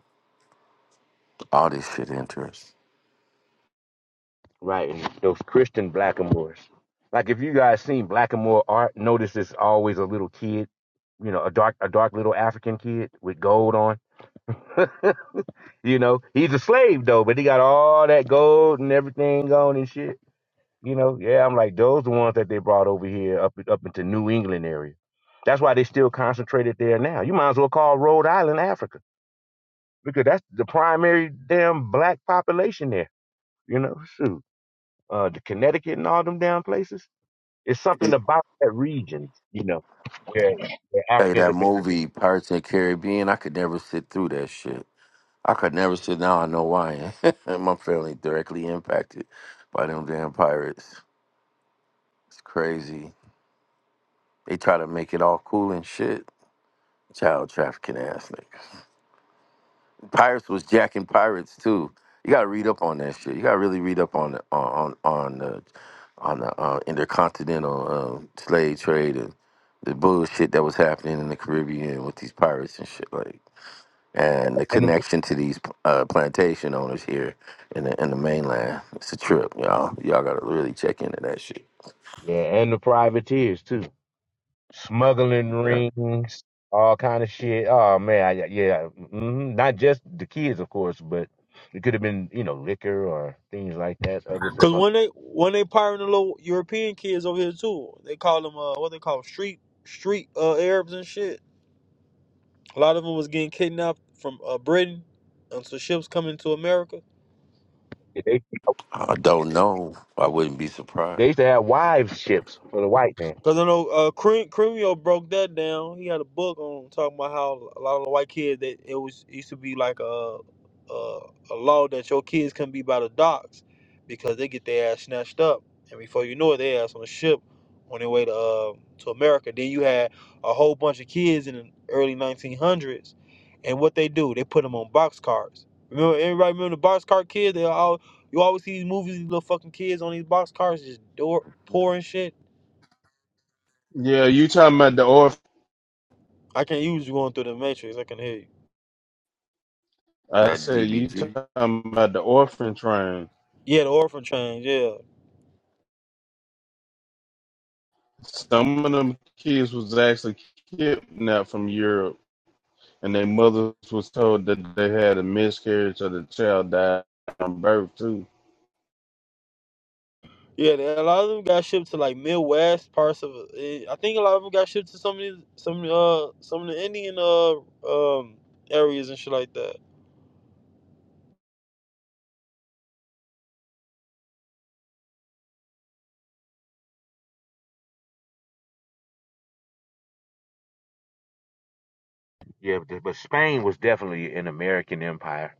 Speaker 4: All this shit interesting.
Speaker 8: Right, and those Christian blackamoors. Like if you guys seen blackamoor art, notice it's always a little kid, you know, a dark a dark little African kid with gold on. you know, he's a slave though, but he got all that gold and everything on and shit. You know, yeah, I'm like those the ones that they brought over here up up into New England area. That's why they still concentrated there now. You might as well call Rhode Island Africa because that's the primary damn black population there. You know, shoot, uh, the Connecticut and all them damn places It's something about that region, you know, where, where
Speaker 4: Hey,
Speaker 8: Africans
Speaker 4: that
Speaker 8: have been,
Speaker 4: movie Pirates and Caribbean, I could never sit through that shit. I could never sit now. I know why. My family directly impacted by them damn pirates. It's crazy. They try to make it all cool and shit. Child trafficking ass niggas. Pirates was jacking pirates too. You gotta read up on that shit. You gotta really read up on the, on on on the on the uh, intercontinental uh, slave trade and the bullshit that was happening in the Caribbean with these pirates and shit like, and the
Speaker 8: and the,
Speaker 4: connection to these uh, plantation owners here in the in the mainland. It's a trip, y'all. Y'all gotta really check into that shit.
Speaker 8: yeah, and the privateers too, smuggling
Speaker 4: Yeah.
Speaker 8: rings, all kind of shit. Oh man, I, yeah, hmm not just the kids, of course, but it could have been, you know, liquor or things like that, other
Speaker 7: Cause
Speaker 8: supplies.
Speaker 7: when they when they pirating the little European kids over here too, they call them uh what they call 'em, street street uh Arabs and shit. A lot of them was getting kidnapped from uh Britain, and so ships coming to America.
Speaker 8: They
Speaker 4: I don't know. I wouldn't be surprised.
Speaker 8: they used to have wives ships for the white man.
Speaker 7: Cause I know uh, Cre- Cremio broke that down. He had a book on talking about how a lot of the white kids that it was it used to be like a a, a law that your kids couldn't be by the docks because they get their ass snatched up, and before you know it, they ass on a ship on their way to uh, to America. Then you had a whole bunch of kids in the early 1900s, and what they do, they put them on box cars. Remember, everybody remember the box car kids? They all you always see these movies, these little fucking kids on these box cars just door poor and shit
Speaker 9: Yeah, you talking about the orphan?
Speaker 7: I can use you going through the matrix. I can hear you.
Speaker 9: I
Speaker 4: That
Speaker 9: said you
Speaker 4: DBG,
Speaker 9: talking about the orphan train.
Speaker 7: Yeah, the orphan trains. Yeah,
Speaker 9: Some of them kids was actually kidnapped from Europe. and their mothers was told that they had a miscarriage or the child died from birth too.
Speaker 7: yeah. the- A lot of them got shipped to like Midwest parts of. eh, I think a lot of them got shipped to some of these, some uh some of the Indian uh um areas and shit like that.
Speaker 8: Yeah, but, but Spain was definitely an American empire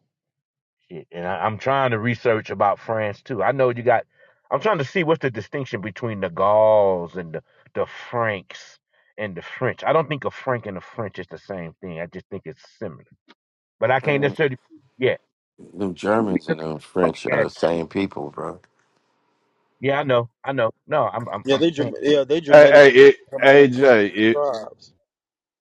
Speaker 8: Shit, And I, I'm trying to research about France too. I know you got. I'm trying to see what's the distinction between the Gauls and the, the Franks and the French. I don't think a Frank and a French is the same thing. I just think it's similar. But I can't
Speaker 4: man,
Speaker 8: necessarily. Yeah,
Speaker 4: them Germans and them French
Speaker 8: yeah,
Speaker 4: are the same people, bro.
Speaker 8: yeah. I know, I know. No, I'm, I'm,
Speaker 7: Yeah,
Speaker 8: I'm
Speaker 7: they
Speaker 8: saying.
Speaker 7: Germ- yeah they
Speaker 9: Hey,
Speaker 7: Germanic
Speaker 9: hey, it, hey
Speaker 7: Germanic
Speaker 9: Jay, if
Speaker 7: tribes.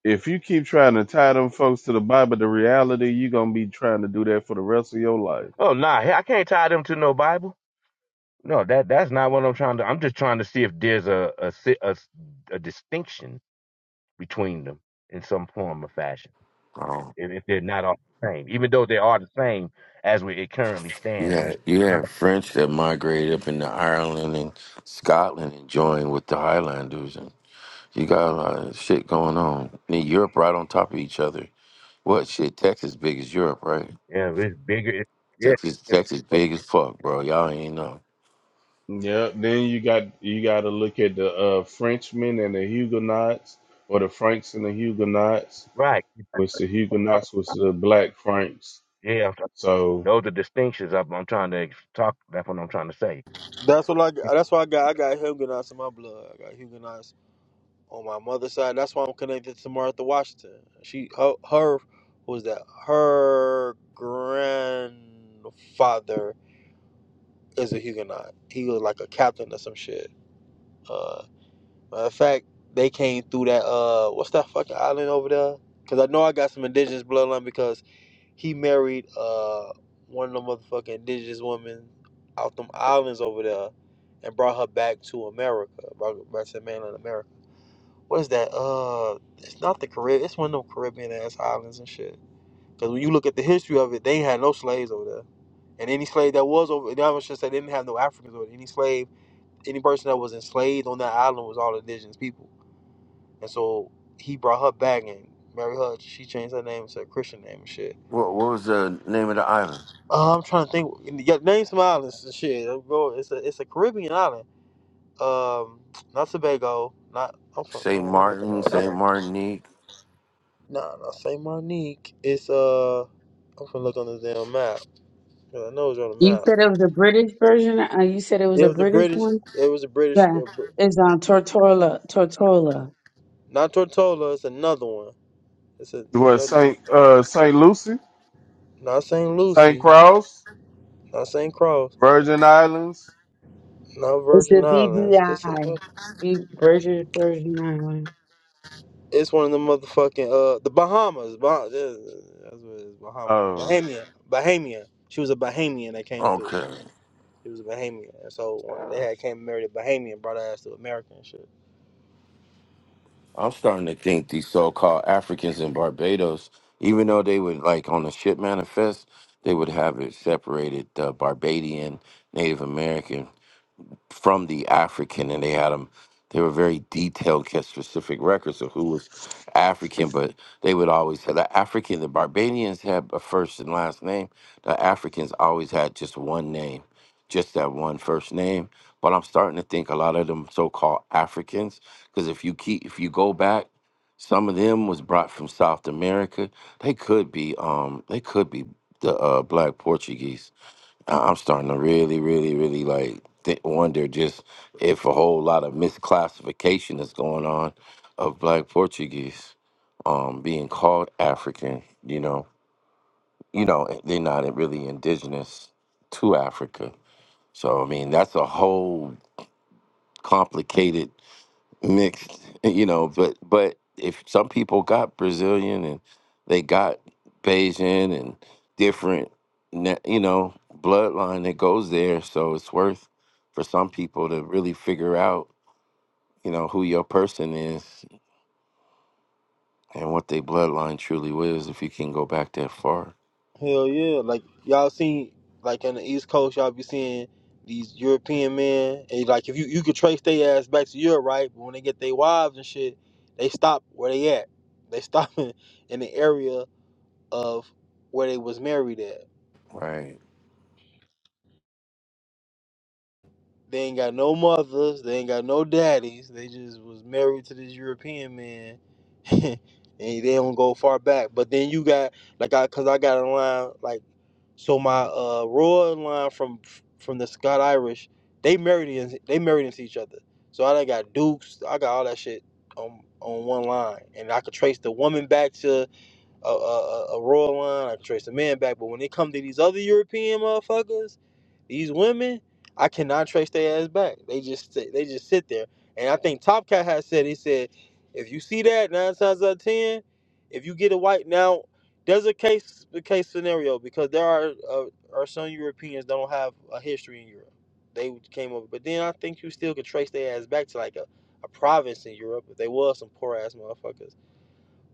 Speaker 9: if you keep trying to tie them folks to the Bible, the reality you are gonna be trying to do that for the rest of your life.
Speaker 8: Oh nah, I can't tie them to no Bible. No, that that's not what I'm trying to. I'm just trying to see if there's a a si- a, s- a distinction between them in some form or fashion. if, if they're not all the same, even though they are the same as we, it currently
Speaker 4: You
Speaker 8: stands. I'm just
Speaker 4: had you
Speaker 8: trying to,
Speaker 4: had French that migrated up into Ireland and Scotland and joined with the Highlanders, and you got a lot of shit going on. And Europe right on top of each other. What shit? Texas big as Europe, right?
Speaker 8: yeah, it's bigger. It, yeah,
Speaker 4: Texas,
Speaker 8: it's-
Speaker 4: Texas
Speaker 8: but-
Speaker 4: big as fuck, bro. Y'all ain't know.
Speaker 9: Yeah. Then you got you got to look at the uh, Frenchmen and the Huguenots, or the Franks and the Huguenots,
Speaker 8: right.
Speaker 9: which the Huguenots was the Black Franks.
Speaker 8: Yeah, I'm trying-
Speaker 9: So
Speaker 8: those are distinctions. I'm, I'm trying to ex- talk. That's what I'm trying to say.
Speaker 7: That's what I That's why I got I got Huguenots in my blood. I got Huguenots on my mother's side. That's why I'm connected to Martha Washington. She her her who was that her grandfather Is a Huguenot. He was like a captain or some shit. Uh, matter of fact, they came through that uh, what's that fucking island over there? Cause I know I got some indigenous bloodline because he married uh one of the motherfucking indigenous women out them islands over there, and brought her back to America, brought her back to mainland America. What is that? Uh, it's not the Caribbean. It's one of them Caribbean ass islands and shit. Cause when you look at the history of it, they ain't had no slaves over there. And any slave that was over, there, I was just that they didn't have no Africans or any slave any person that was enslaved on that island was all indigenous people. And so he brought her back and married her. She changed her name to a Christian name and shit.
Speaker 4: What What was the name of the island?
Speaker 7: Uh, I'm trying to think. Yeah, name some islands and shit. Uh, bro, It's a it's a Caribbean island. Um, not Tobago. Not I'm from.
Speaker 4: Saint
Speaker 7: well, Let me look
Speaker 4: Martin,
Speaker 7: at my.
Speaker 4: Saint
Speaker 7: map.
Speaker 4: Martinique.
Speaker 7: Nah, not Saint Martinique. It's uh. I'm gonna look on the damn map. 'cause I know it's on the
Speaker 5: You
Speaker 7: map.
Speaker 5: said it was a British version? Uh, you said it was
Speaker 7: It
Speaker 5: a
Speaker 7: was the
Speaker 5: British
Speaker 7: British.
Speaker 5: one?
Speaker 7: It was the British.
Speaker 5: Yeah.
Speaker 7: uh, Br-
Speaker 5: It's on Tortola. Tortola.
Speaker 7: not Tortola. It's another one. It's a
Speaker 9: what
Speaker 7: yeah,
Speaker 9: Saint uh, Saint Lucy,
Speaker 7: not Saint
Speaker 9: Saint
Speaker 7: Lucy.
Speaker 9: Cross,
Speaker 7: not St. Cross,
Speaker 9: Virgin Islands.
Speaker 7: not
Speaker 5: It's
Speaker 7: Virgin
Speaker 5: the
Speaker 7: Islands. It's a,
Speaker 5: BBI. British Version Island.
Speaker 7: it's one of the motherfucking uh the Bahamas. Bah- that's that's what it is, Bahamas.
Speaker 9: uh,
Speaker 7: Bahamian. Bahamian. She was a Bahamian that came through.
Speaker 4: Okay,
Speaker 7: She was a Bahamian. And so when they had came and married a Bahamian, brought her ass to America and shit.
Speaker 4: I'm starting to think these so-called Africans in Barbados, even though they would like on the ship manifest, they would have it separated the Barbadian, Native American from the African, and they had them. They were very detailed, kept specific records of who was African, but they would always have the African. The Barbadians had a first and last name. The Africans always had just one name, just that one first name. But I'm starting to think a lot of them so-called Africans, because if you keep if you go back, some of them was brought from South America. They could be um they could be the uh, black Portuguese I- I'm starting to really, really, really like th- wonder just if a whole lot of misclassification is going on of Black Portuguese um, being called African. You know, you know, they're not really indigenous to Africa. So I mean, that's a whole complicated mixed, eh, you know, but but if some people got Brazilian and they got Bayesian and different, na- you know, bloodline that goes there, so it's worth for some people to really figure out, you know, who your person is and what their bloodline truly was if you can go back that far.
Speaker 7: Hell yeah. Like y'all seen like on the East Coast, y'all be seeing these European men and like if you you could trace their ass back to Europe, right? But when they get their wives and shit, they stop where they at. They stop in, in the area of where they was married at.
Speaker 4: Right.
Speaker 7: They ain't got no mothers, they ain't got no daddies. They just was married to this European man, and they don't go far back. But then you got like I, cause I got a line like so my uh royal line from from the Scott Irish, they married in, they married into each other. So I done got dukes, I got all that shit on on one line, and I could trace the woman back to a, a, a royal line. I can trace the man back. But when it come to these other European motherfuckers, these women, I cannot trace their ass back. They just sit- they just sit there. And I think Top Cat has said he said, if you see that nine times out of ten, if you get a white now, there's a case the case scenario because there are uh, are some Europeans that don't have a history in Europe. They came over, but then I think you still could trace their ass back to like a, a province in Europe. If they was some poor ass motherfuckers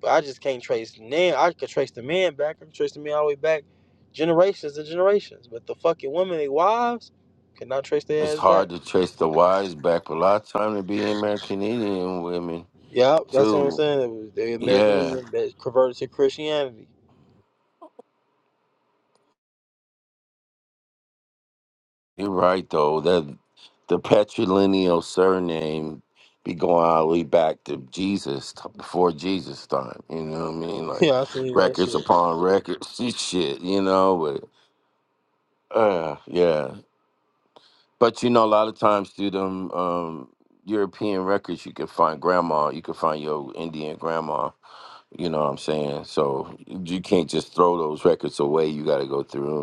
Speaker 7: but I just can't trace the name. I could trace the man back. I can trace the man all the way back generations and generations. But the fucking women, they wives, cannot trace their
Speaker 4: It's
Speaker 7: ass back.
Speaker 4: hard to trace the whys back, but a lot of time to be American Indian women
Speaker 7: Yeah, that's what I'm
Speaker 4: too.
Speaker 7: saying. It was the
Speaker 4: Yeah,
Speaker 7: Americanism that converted to Christianity.
Speaker 4: You're right though. That the patrilineal surname be going all the way back to Jesus t- before Jesus time. You know what I mean? Like
Speaker 7: Yeah, I seen that
Speaker 4: records
Speaker 7: shit.
Speaker 4: upon records and shit. You know, but uh, yeah. But you know, a lot of times through them um, European records, you can find grandma. You can find your Indian grandma. You know what I'm saying? So you can't just throw those records away. You got to go through them.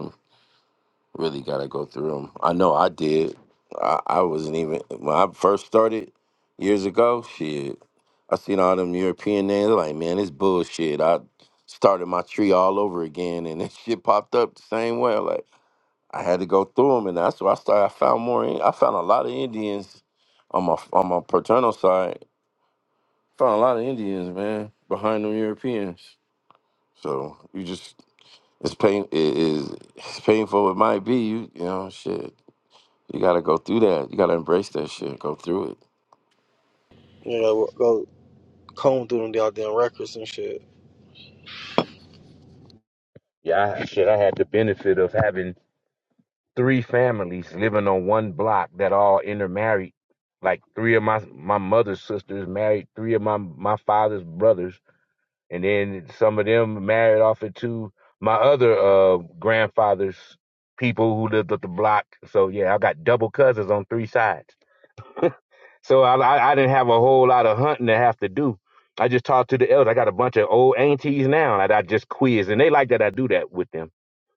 Speaker 4: Really got to go through them. I know I did. I, I wasn't even when I first started years ago. Shit, I seen all them European names. I'm Like, man, it's bullshit. I started my tree all over again, and this shit popped up the same way. I'm Like, I had to go through them, and that's why I started. I found more. in- I found a lot of Indians on my on my paternal side. Found a lot of Indians, man, behind them Europeans. So you just it's pain it is it's painful it might be you you know shit You gotta go through that. You gotta embrace that shit. Go through it.
Speaker 7: You know, go comb through them goddamn records and shit.
Speaker 8: Yeah, I, shit, I had the benefit of having three families living on one block that all intermarried. Like three of my my mother's sisters married three of my my father's brothers and then some of them married off into my other uh grandfather's people who lived up the block. So yeah, I got double cousins on three sides. So I, I I didn't have a whole lot of hunting to have to do. I just talked to the elders. I got a bunch of old aunties now that I just quiz, and they like that I do that with them.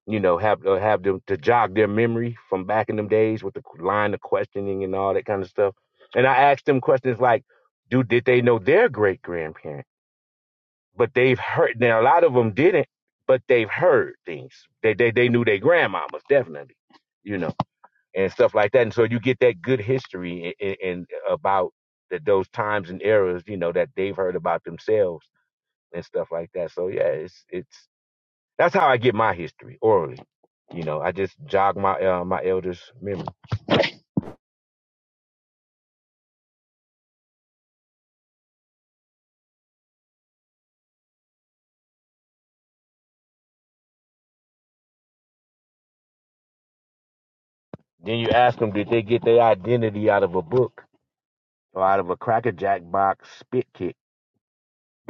Speaker 8: You know, have uh, have them to jog their memory from back in them days with the line of questioning and all that kind of stuff. And I asked them questions like, "Do did they know their great grandparents?" but they've heard. Now a lot of them didn't, but they've heard things. They they they knew their grandmamas definitely, you know, and stuff like that. And so you get that good history and, and about the, those times and eras, you know, that they've heard about themselves and stuff like that. So yeah, it's it's that's how I get my history orally. You know, I just jog my uh, my elders' memory. Then you ask them, did they get their identity out of a book? or out of a Cracker Jack box spit kick,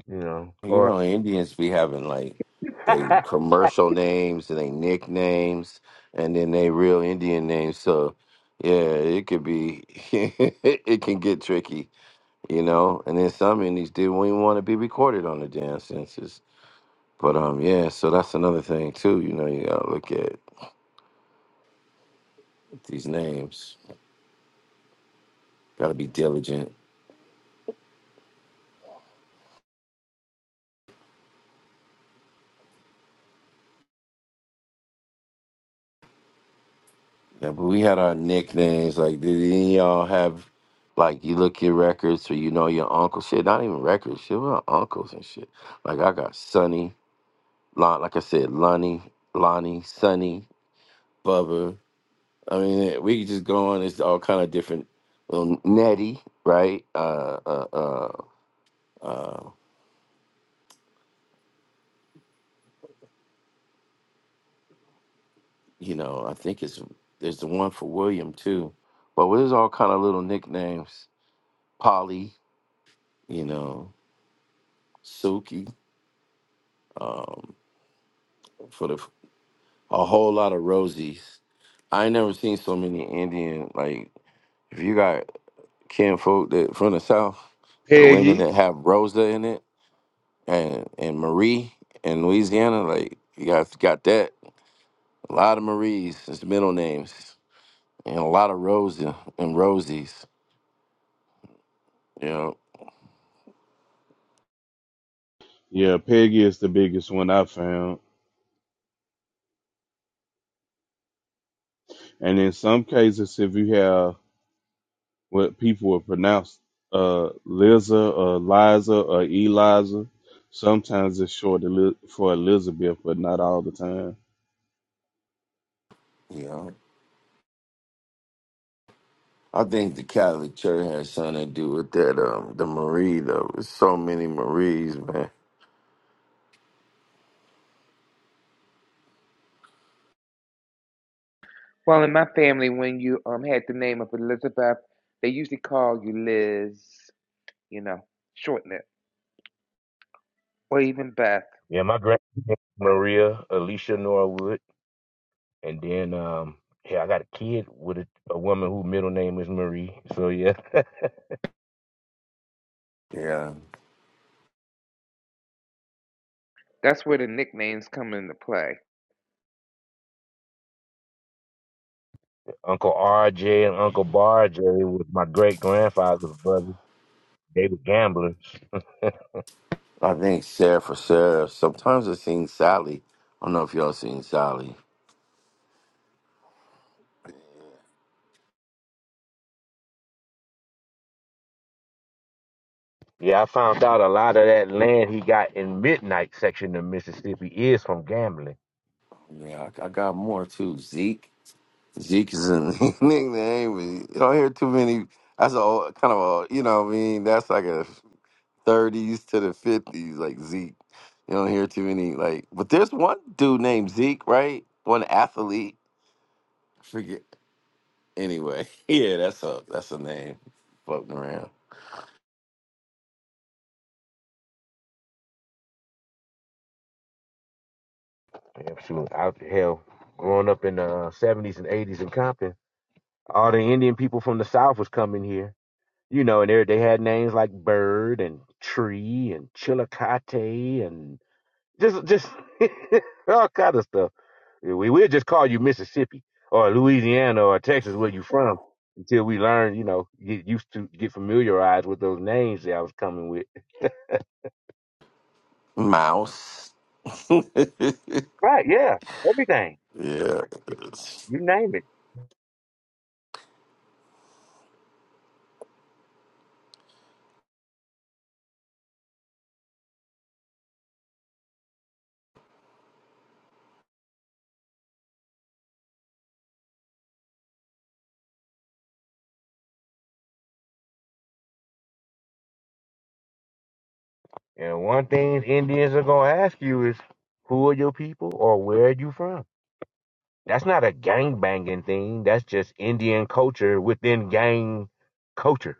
Speaker 8: you know.
Speaker 4: You
Speaker 8: Or
Speaker 4: know, Indians be having like they commercial names and they nicknames, and then they real Indian names. So yeah, it could be it can get tricky, you know. And then some Indians didn't even want to be recorded on the damn census. But um, yeah. So that's another thing too. You know, you gotta look at these names. Gotta be diligent. Yeah, but we had our nicknames. Like, did any of y'all have, like, you look your records or you know your uncle shit? Not even records, shit. We're uncles and shit. Like, I got Sonny, Lon, like I said, Lonnie, Lonnie, Sonny, Bubba. I mean, eh, we could just go on. It's all kind of different. Um, Nettie, right? Uh, uh, uh, uh, you know, I think it's there's the one for William too. But there's all kind of little nicknames. Polly, you know, Suki. Um, for the a whole lot of rosies. I ain't never seen so many Indian like if you got kin folk that from the south, the women
Speaker 9: Peggy.
Speaker 4: that have Rosa in it and and Marie in Louisiana, like you got got that. A lot of Maries as middle names and a lot of Rosa and Rosies. You know,
Speaker 9: Yeah, Peggy is the biggest one I found. And in some cases, if you have what people would pronounce uh, Liza or Liza or Eliza, sometimes it's short for Elizabeth, but not all the time.
Speaker 4: you know. I think the Catholic Church has something to do with that. Um, the Marie though, there's so many Maries, man.
Speaker 2: Well, in my family, when you um had the name of Elizabeth, they usually call you Liz. You know, shorten it, or even Beth.
Speaker 8: yeah, my grand Maria Alicia Norwood, and then um yeah, I got a kid with a, a woman whose middle name is Marie. So yeah,
Speaker 4: Yeah,
Speaker 2: That's where the nicknames come into play.
Speaker 8: Uncle R.J. and Uncle Bar J was my great grandfather's brother. They were gamblers.
Speaker 4: I think Sarah for Sarah. Sometimes I seen Sally. I don't know if y'all seen Sally.
Speaker 8: Yeah, I found out a lot of that land he got in Midnight section of Mississippi is from gambling.
Speaker 4: Yeah, I, I got more too. Zeke. Zeke is a nickname. You don't hear too many. That's a old- kind of a you know what I mean. That's like a thirties to the fifties, like Zeke. You don't hear too many like. But there's one dude named Zeke, right? One athlete. Forget. Anyway, yeah, that's a that's a name. Floating around.
Speaker 8: Yeah, shoot, out hell, growing up in the uh, seventies and eighties in Compton. all the Indian people from the South was coming here. You know, and they they had names like Bird and Tree and Chillicothe and just just all kind of stuff. Yeah, We we'll just call you Mississippi or Louisiana or Texas, where you from, until we learn, you know, get used to get familiarized with those names that I was coming with.
Speaker 4: Mouse.
Speaker 8: Right, yeah. Everything.
Speaker 4: yeah.
Speaker 8: You name it. And one thing Indians are gonna ask you is who are your people or where are you from? That's not a gang banging thing. That's just Indian culture within gang culture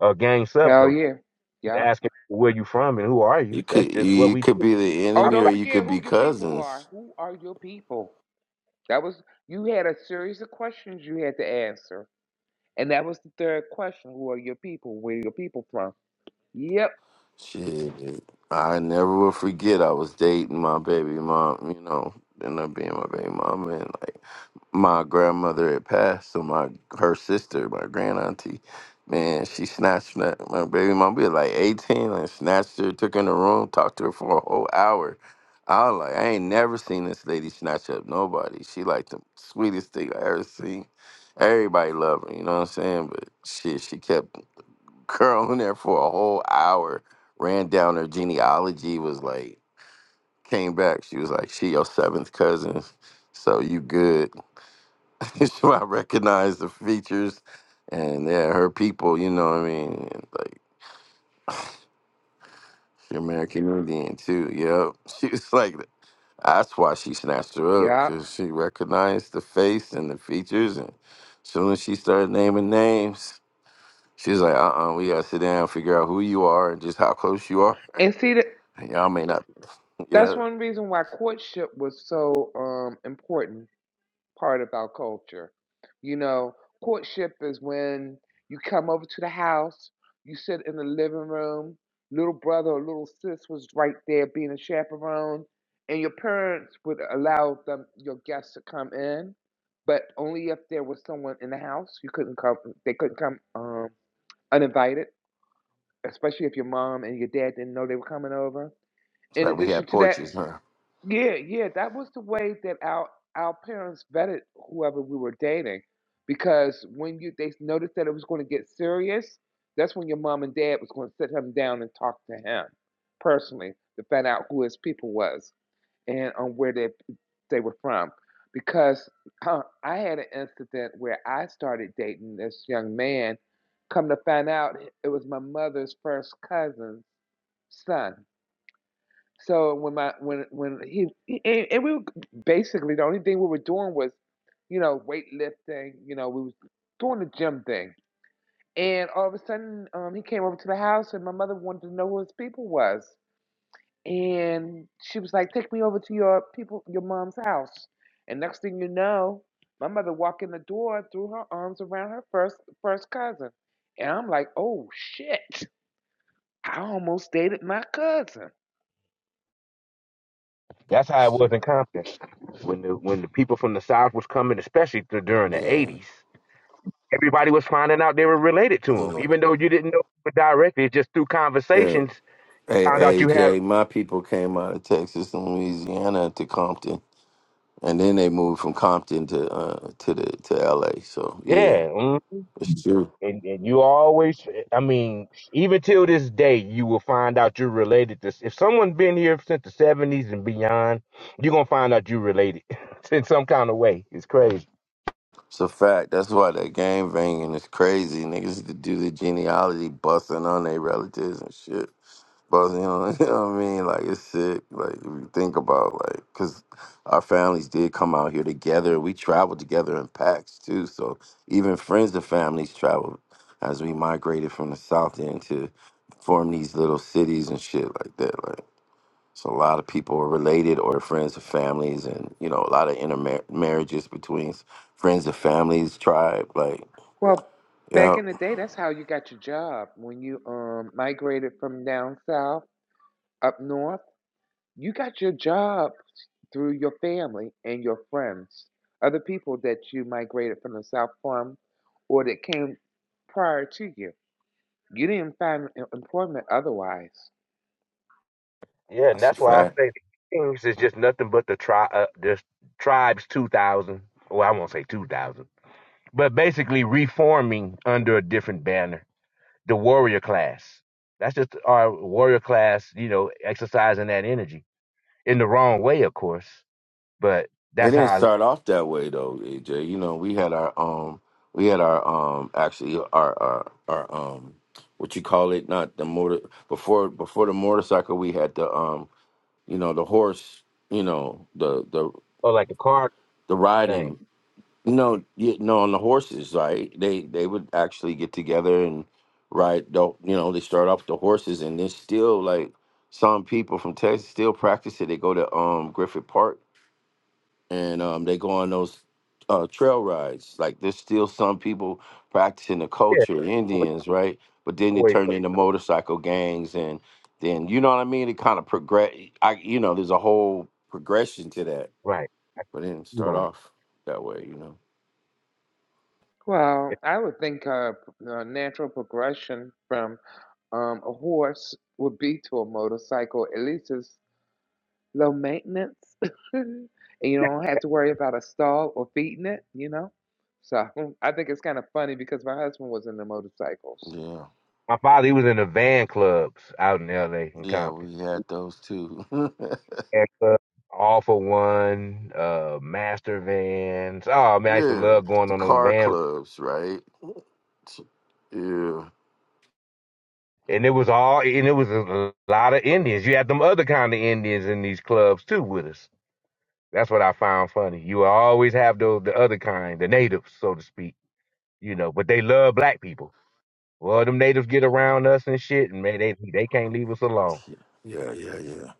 Speaker 8: or gang
Speaker 2: Hell
Speaker 8: subculture.
Speaker 2: yeah.
Speaker 8: Just
Speaker 2: Yep.
Speaker 8: asking where you from and who are
Speaker 4: You
Speaker 8: you. That's
Speaker 4: could
Speaker 8: just what
Speaker 4: you
Speaker 8: we
Speaker 4: could
Speaker 8: do.
Speaker 4: be the
Speaker 2: Oh,
Speaker 4: enemy
Speaker 2: don't
Speaker 4: or you
Speaker 2: forget
Speaker 4: could be
Speaker 2: who your people are.
Speaker 4: cousins.
Speaker 2: Who are your people? That was you had a series of questions you had to answer. And that was the third question. Who are your people? Where are your people from? Yep.
Speaker 4: Shit. I never will forget I was dating my baby mom, you know, ended up being my baby mom and like my grandmother had passed, so my her sister, my grand auntie, man, she snatched my, my baby mom. We was like eighteen, and snatched her, took her in the room, talked to her for a whole hour. I was like, I ain't never seen this lady snatch up nobody. She like the sweetest thing I ever seen. Everybody loved her, you know what I'm saying? But shit, she kept curling there for a whole hour. Ran down her genealogy, was like, came back. She was like, she your seventh cousin, so you good. so I recognize the features and yeah, her people, you know what I mean? Like she American Indian too. Yep. She was like that's why she snatched her up,
Speaker 2: Yep.
Speaker 4: cause she recognized the face and the features and soon as she started naming names, she was like, uh uh we gotta sit down, figure out who you are and just how close you are.
Speaker 2: And see that
Speaker 4: Y'all may not
Speaker 2: that's
Speaker 4: yeah.
Speaker 2: one reason why courtship was so um important part of our culture. You know, courtship is when you come over to the house, you sit in the living room, little brother or little sis was right there being a chaperone, and your parents would allow them your guests to come in, but only if there was someone in the house. You couldn't come they couldn't come um uninvited, especially if your mom and your dad didn't know they were coming over.
Speaker 4: It's
Speaker 2: In
Speaker 4: like we
Speaker 2: addition
Speaker 4: had
Speaker 2: to that,
Speaker 4: portraits, huh?
Speaker 2: yeah, yeah, that was the way that our our parents vetted whoever we were dating, because when you they noticed that it was going to get serious, that's when your mom and dad was going to sit him down and talk to him personally to find out who his people was and on where they they were from. Because uh, I had an incident where I started dating this young man. Come to find out, it was my mother's first cousin's son. So when my when when he, he and, and we were basically the only thing we were doing was, you know, weightlifting. You know, we was doing the gym thing. And all of a sudden, um, he came over to the house, and my mother wanted to know who his people was, and she was like, "Take me over to your people, your mom's house." And next thing you know, my mother walked in the door, threw her arms around her first first cousin, and I'm like, "Oh shit! I almost dated my cousin."
Speaker 8: That's how it
Speaker 4: She,
Speaker 8: was in Compton when the when the people from the South was coming, especially th- during the
Speaker 4: yeah.
Speaker 8: eighties. Everybody was finding out they were related to them, even though you didn't know people directly. It's Just through
Speaker 4: Yeah.
Speaker 8: conversations, found out
Speaker 4: Hey,
Speaker 8: you had
Speaker 4: AJ, my people came out of Texas and Louisiana to Compton, and then they moved from Compton to uh, to the to LA. So yeah,
Speaker 8: yeah.
Speaker 4: it's true.
Speaker 8: and, and you always i mean even till this day you will find out you're related to if someone's been here since the 70s and beyond you're gonna find out you're related in some kind of way it's crazy
Speaker 4: It's a fact. That's why that gang banging is crazy. Niggas to do the genealogy busting on their relatives and shit. But you know, you know what I mean? Like it's sick. Like if you think about like, cause our families did come out here together. We traveled together in packs too. So even friends of families traveled as we migrated from the south end to form these little cities and shit like that. Like so, a lot of people are related or friends of families, and you know, a lot of intermarriages between friends of families, tribe. Like,
Speaker 2: Well,
Speaker 4: yeah,
Speaker 2: back in the day, that's how you got your job. When you um migrated from down south up north, you got your job through your family and your friends, other people that you migrated from the south from or that came prior to you. You didn't find em- employment otherwise.
Speaker 8: yeah and
Speaker 4: that's a
Speaker 8: that's why i
Speaker 4: fact.
Speaker 8: say the kings is just nothing but the tri uh, this tribes 2000 well i won't say 2000 but basically reforming under a different banner the warrior class that's just our warrior class you know exercising that energy in the wrong way of course but
Speaker 4: It
Speaker 8: that's how
Speaker 4: didn't
Speaker 8: I
Speaker 4: start off that way though, AJ. You know, we had our um we had our um actually our our, our um what you call it, not the motor before before the motorcycle we had the um you know the horse, you know, the the
Speaker 8: Oh, like a car
Speaker 4: the
Speaker 8: thing.
Speaker 4: riding you know, you know, on the horses, right? They they would actually get together and ride. The, you know, they start off with the horses, and there's still like some people from Texas still practice it. They go to um Griffith Park and um, they go on those uh, trail rides. Like there's still some people practicing the
Speaker 8: Yeah.
Speaker 4: culture,
Speaker 8: Boy-
Speaker 4: Indians, right? But then they
Speaker 8: boy,
Speaker 4: turn into motorcycle gangs, and then you know what I mean. It kind of progress. I you know there's a whole progression to that,
Speaker 8: Right.
Speaker 4: but it didn't start
Speaker 8: Wow.
Speaker 4: off that way, you know.
Speaker 2: Well, I would think a, a natural progression from um, a horse would be to a motorcycle. At least it's low maintenance, and you don't have to worry about a stall or feeding it, you know. So I think it's kind of funny because my husband was in the motorcycles.
Speaker 8: My father, he was in the van clubs out in L.A. in
Speaker 4: Yeah, yeah,
Speaker 8: Compton.
Speaker 4: we had those too. yeah,
Speaker 8: And, uh, all for one, uh, master vans. Oh man, I used to love going
Speaker 4: the
Speaker 8: on those
Speaker 4: car
Speaker 8: van.
Speaker 4: clubs, right? Yeah,
Speaker 8: And it was all, and it was a lot of Indians. You had them other kind of Indians in these clubs too with us. That's what I found funny. You will always have those, the other kind, the natives, so to speak, you know, but they love black people. Well, them natives get around us and shit, and man, they they can't leave us alone.
Speaker 4: yeah, yeah, yeah,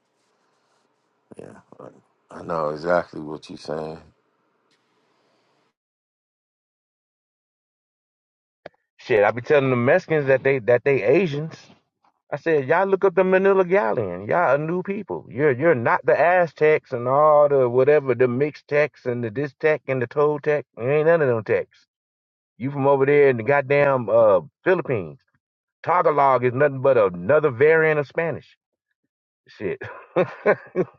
Speaker 4: yeah. I I know exactly what you're saying.
Speaker 8: Shit, I be telling the Mexicans that they that they Asians. I said, y'all look up the Manila Galleon. Y'all a new people. You're you're not the Aztecs and all the whatever the Mixtecs and the Distec and the Toltec. You ain't none of them Tecs. You from over there in the goddamn uh Philippines. Tagalog is nothing but another variant of Spanish. Shit.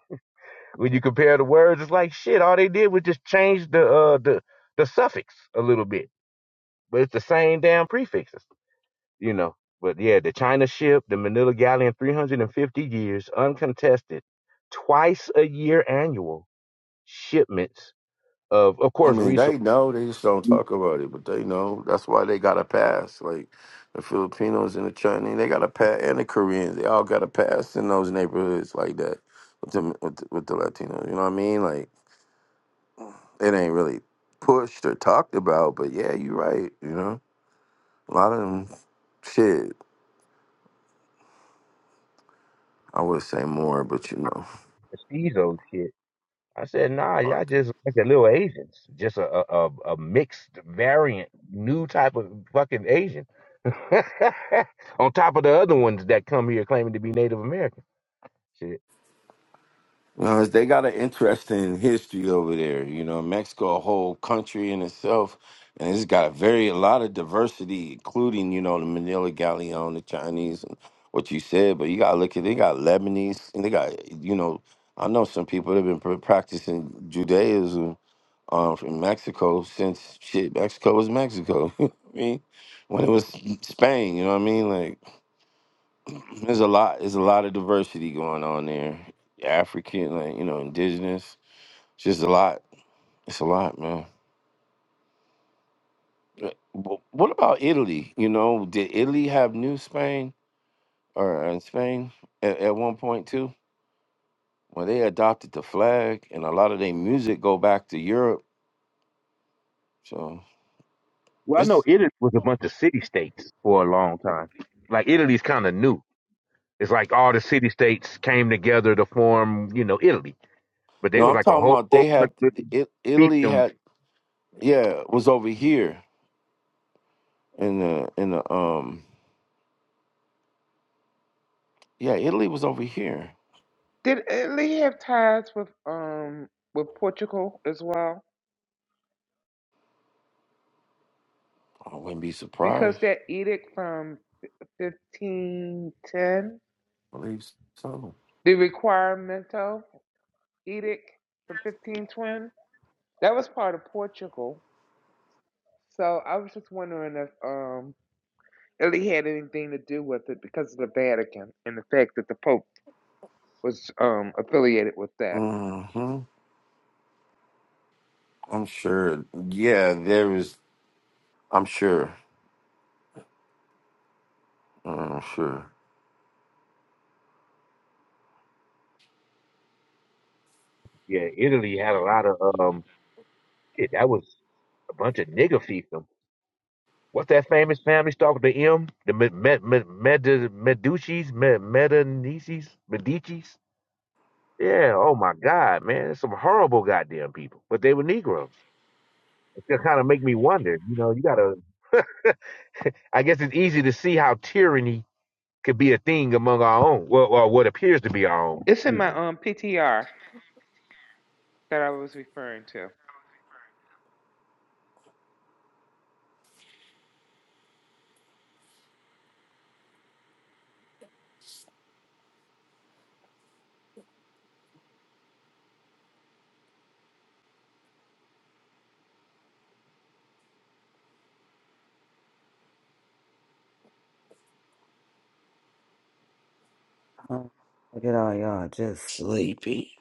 Speaker 8: when you compare the words, it's like shit. All they did was just change the uh the the suffix a little bit but it's the same damn prefixes, you know. But yeah, the China ship, the Manila galleon, 350 years uncontested, twice a year annual shipments of, of
Speaker 4: I
Speaker 8: course,
Speaker 4: mean,
Speaker 8: resources,
Speaker 4: they know. They just don't talk about it, but they know. That's why they got a pass. Like the Filipinos and the Chinese, they got a pass, and the Koreans, they all got a pass in those neighborhoods like that with the with the, with the Latinos. You know what I mean? Like it ain't really pushed or talked about, but yeah, you're right. You know, a lot of them, shit. I would say more, but you know.
Speaker 8: those shit. I said, nah, y'all just like a little Asians, just a, a a a mixed variant, new type of fucking Asian. On top of the other ones that come here claiming to be Native American.
Speaker 4: Well, they got an interesting history over there. You know, Mexico, a whole country in itself, and it's got very a lot of diversity, including you know the Manila Galleon, the Chinese, and what you said. But you gotta look at they got Lebanese, and they got you know I know some people that have been pr- practicing Judaism um, from Mexico since shit Mexico was Mexico. You know what I mean, when it was Spain, you know what I mean? Like, there's a lot, there's a lot of diversity going on there. African, like you know, indigenous. It's just a lot. It's a lot, man. Uh, wh- What about Italy? You know, did Italy have New Spain or uh, Spain at, at one point too? Well, they adopted the flag, and a lot of their music go back to Europe. So
Speaker 8: Well, I know
Speaker 4: it's
Speaker 8: Italy was a bunch of city states for a long time. Like Italy's kind of new. It's like all the city states came together to form, you know, Italy. But they
Speaker 4: no,
Speaker 8: was
Speaker 4: I'm
Speaker 8: like a
Speaker 4: talking
Speaker 8: whole,
Speaker 4: about
Speaker 8: whole
Speaker 4: they had
Speaker 8: bunch of different
Speaker 4: it, Italy
Speaker 8: fiefdom.
Speaker 4: had yeah was over here in the in the um yeah Italy was over here.
Speaker 2: Did Italy have ties with um with Portugal as well?
Speaker 4: I wouldn't be
Speaker 2: Because
Speaker 4: surprised.
Speaker 2: that edict from 1510,
Speaker 4: I believe so.
Speaker 2: the requiremento edict from 1520, that was part of Portugal. So I was just wondering if um Italy had anything to do with it because of the Vatican and the fact that the Pope was um affiliated with that.
Speaker 4: hmm I'm sure. Yeah, there is. I'm sure. I'm sure.
Speaker 8: Yeah, Italy had a lot of um. It, that was a bunch of nigger fiefdom. What's that famous family starting with the M? The Med Med Med Medicis, Med Medinicis, Medicis. Yeah. Oh my God, man, there's some horrible goddamn people. But they were Negroes. It kind of make me wonder. You know, you gotta. I guess it's easy to see how tyranny could be a thing among our own. Well, or what appears to be our own.
Speaker 2: It's in
Speaker 8: Excuse
Speaker 2: my
Speaker 8: me.
Speaker 2: um PTR that I was referring to.
Speaker 12: Oh, look at all y'all just sleepy.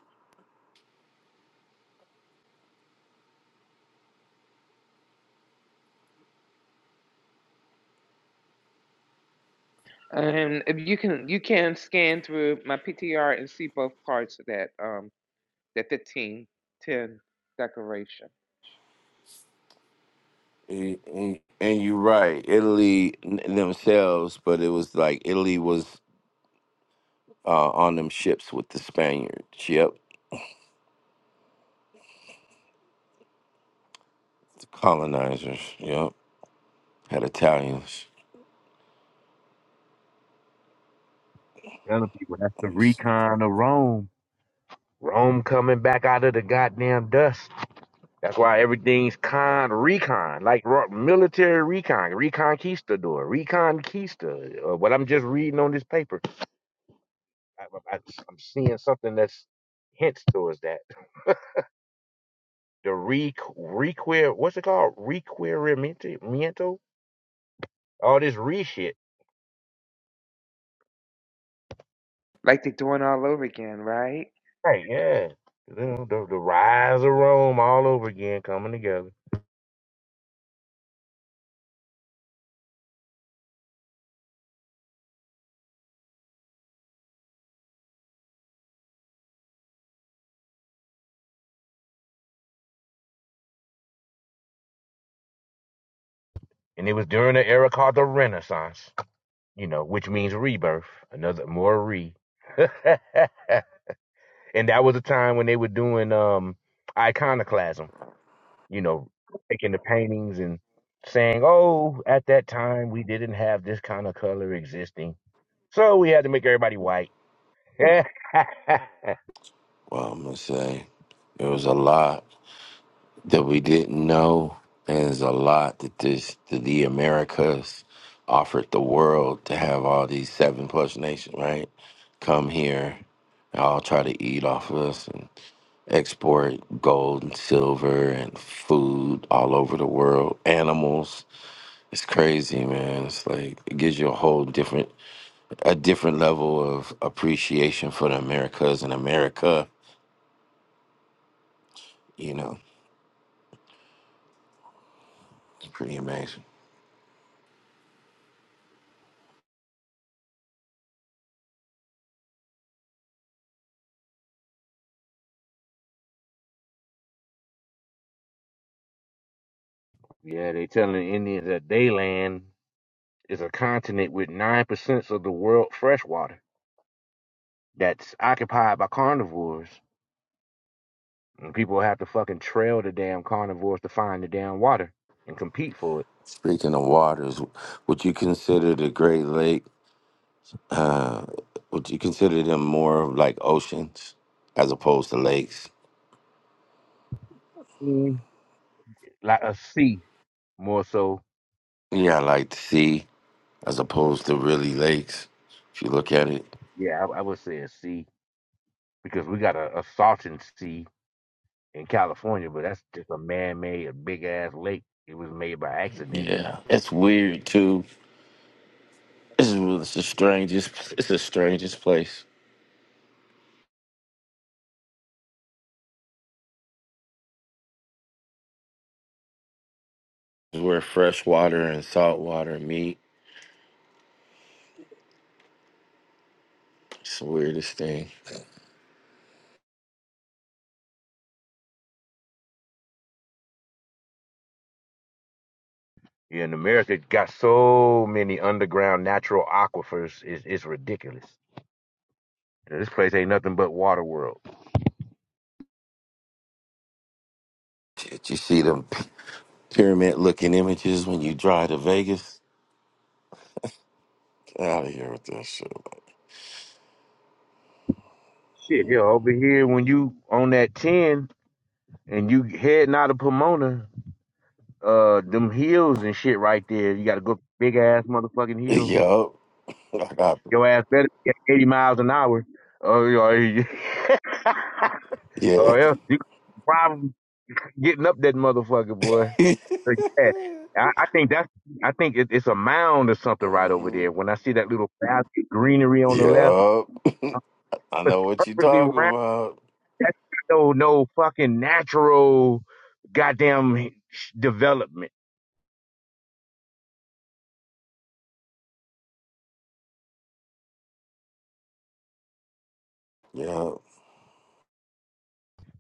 Speaker 2: And if you can you can scan through my PTR and see both parts of that um that 15 10 declaration.
Speaker 4: And, and- and you're right. Italy n- themselves, but it was like Italy was uh, on them ships with the Spaniards. Yep. The colonizers. Yep. Had Italians.
Speaker 8: Telling people that's the recon of Rome. Rome coming back out of the goddamn dust. That's why everything's con recon, like ro- military recon, reconquistador, reconquista. Or what I'm just reading on this paper, I, I, I'm seeing something that's hints towards that. The re requer, what's it called? Requerimiento All this re shit.
Speaker 2: Like they're doing all over again, right?
Speaker 8: Right, yeah. You know, the, the rise of Rome all over again coming together. And it was during the era called the Renaissance, you know, which means rebirth. Another more re. and that was a time when they were doing um iconoclasm, you know, taking the paintings and saying, Oh, at that time we didn't have this kind of color existing. So we had to make everybody white. yeah,
Speaker 4: Well, I'm going to say there was a lot that we didn't know. And there's a lot that this that the Americas offered the world to have all these seven plus nations, right? Come here, and all try to eat off of us. export gold and silver and food all over the world, animals. It's crazy, man. It's like it gives you a whole different a different level of appreciation for the Americas and America, you know. It's pretty amazing.
Speaker 8: they telling the Indians that they land. is a continent with nine percent of the world freshwater that's occupied by carnivores. And people have to fucking trail the damn carnivores to find the damn water and compete for it.
Speaker 4: Speaking of waters, would you consider the Great Lake uh would you consider them more of like oceans as opposed to lakes?
Speaker 8: Mm. Like a sea, more so.
Speaker 4: Yeah, I like the sea as opposed to really lakes, if you look at it.
Speaker 8: Yeah, I, I would say a sea because we got a, a salton sea in California, but that's just a man-made, a big-ass lake. It was made by accident.
Speaker 4: Yeah, it's weird too. This is it's the strangest. It's the strangest place where fresh water and salt water meet. It's the weirdest thing.
Speaker 8: Yeah, in America it got so many underground natural aquifers. It's, it's ridiculous. This place ain't nothing but water world.
Speaker 4: Shit, you see them pyramid looking images when you drive to Vegas. Get out of here with that shit.
Speaker 8: Shit, yeah, over here when you on that ten and you heading out of Pomona, uh, them hills and shit right there. You got to go big ass motherfucking hill.
Speaker 4: Yup. I got-
Speaker 8: Your ass better be at eighty miles an hour. Oh, yeah,
Speaker 4: Yeah.
Speaker 8: or else you probably getting up that motherfucker, boy. But yeah, I, I think that's I think it, it's a mound or something right over
Speaker 4: hmm
Speaker 8: there. When I see that little valley of greenery on the left,
Speaker 4: Yup.
Speaker 8: uh,
Speaker 4: I
Speaker 8: it's
Speaker 4: know what you
Speaker 8: perfectly
Speaker 4: talking
Speaker 8: round.
Speaker 4: about.
Speaker 8: That's no no fucking natural goddamn development.
Speaker 4: Yup.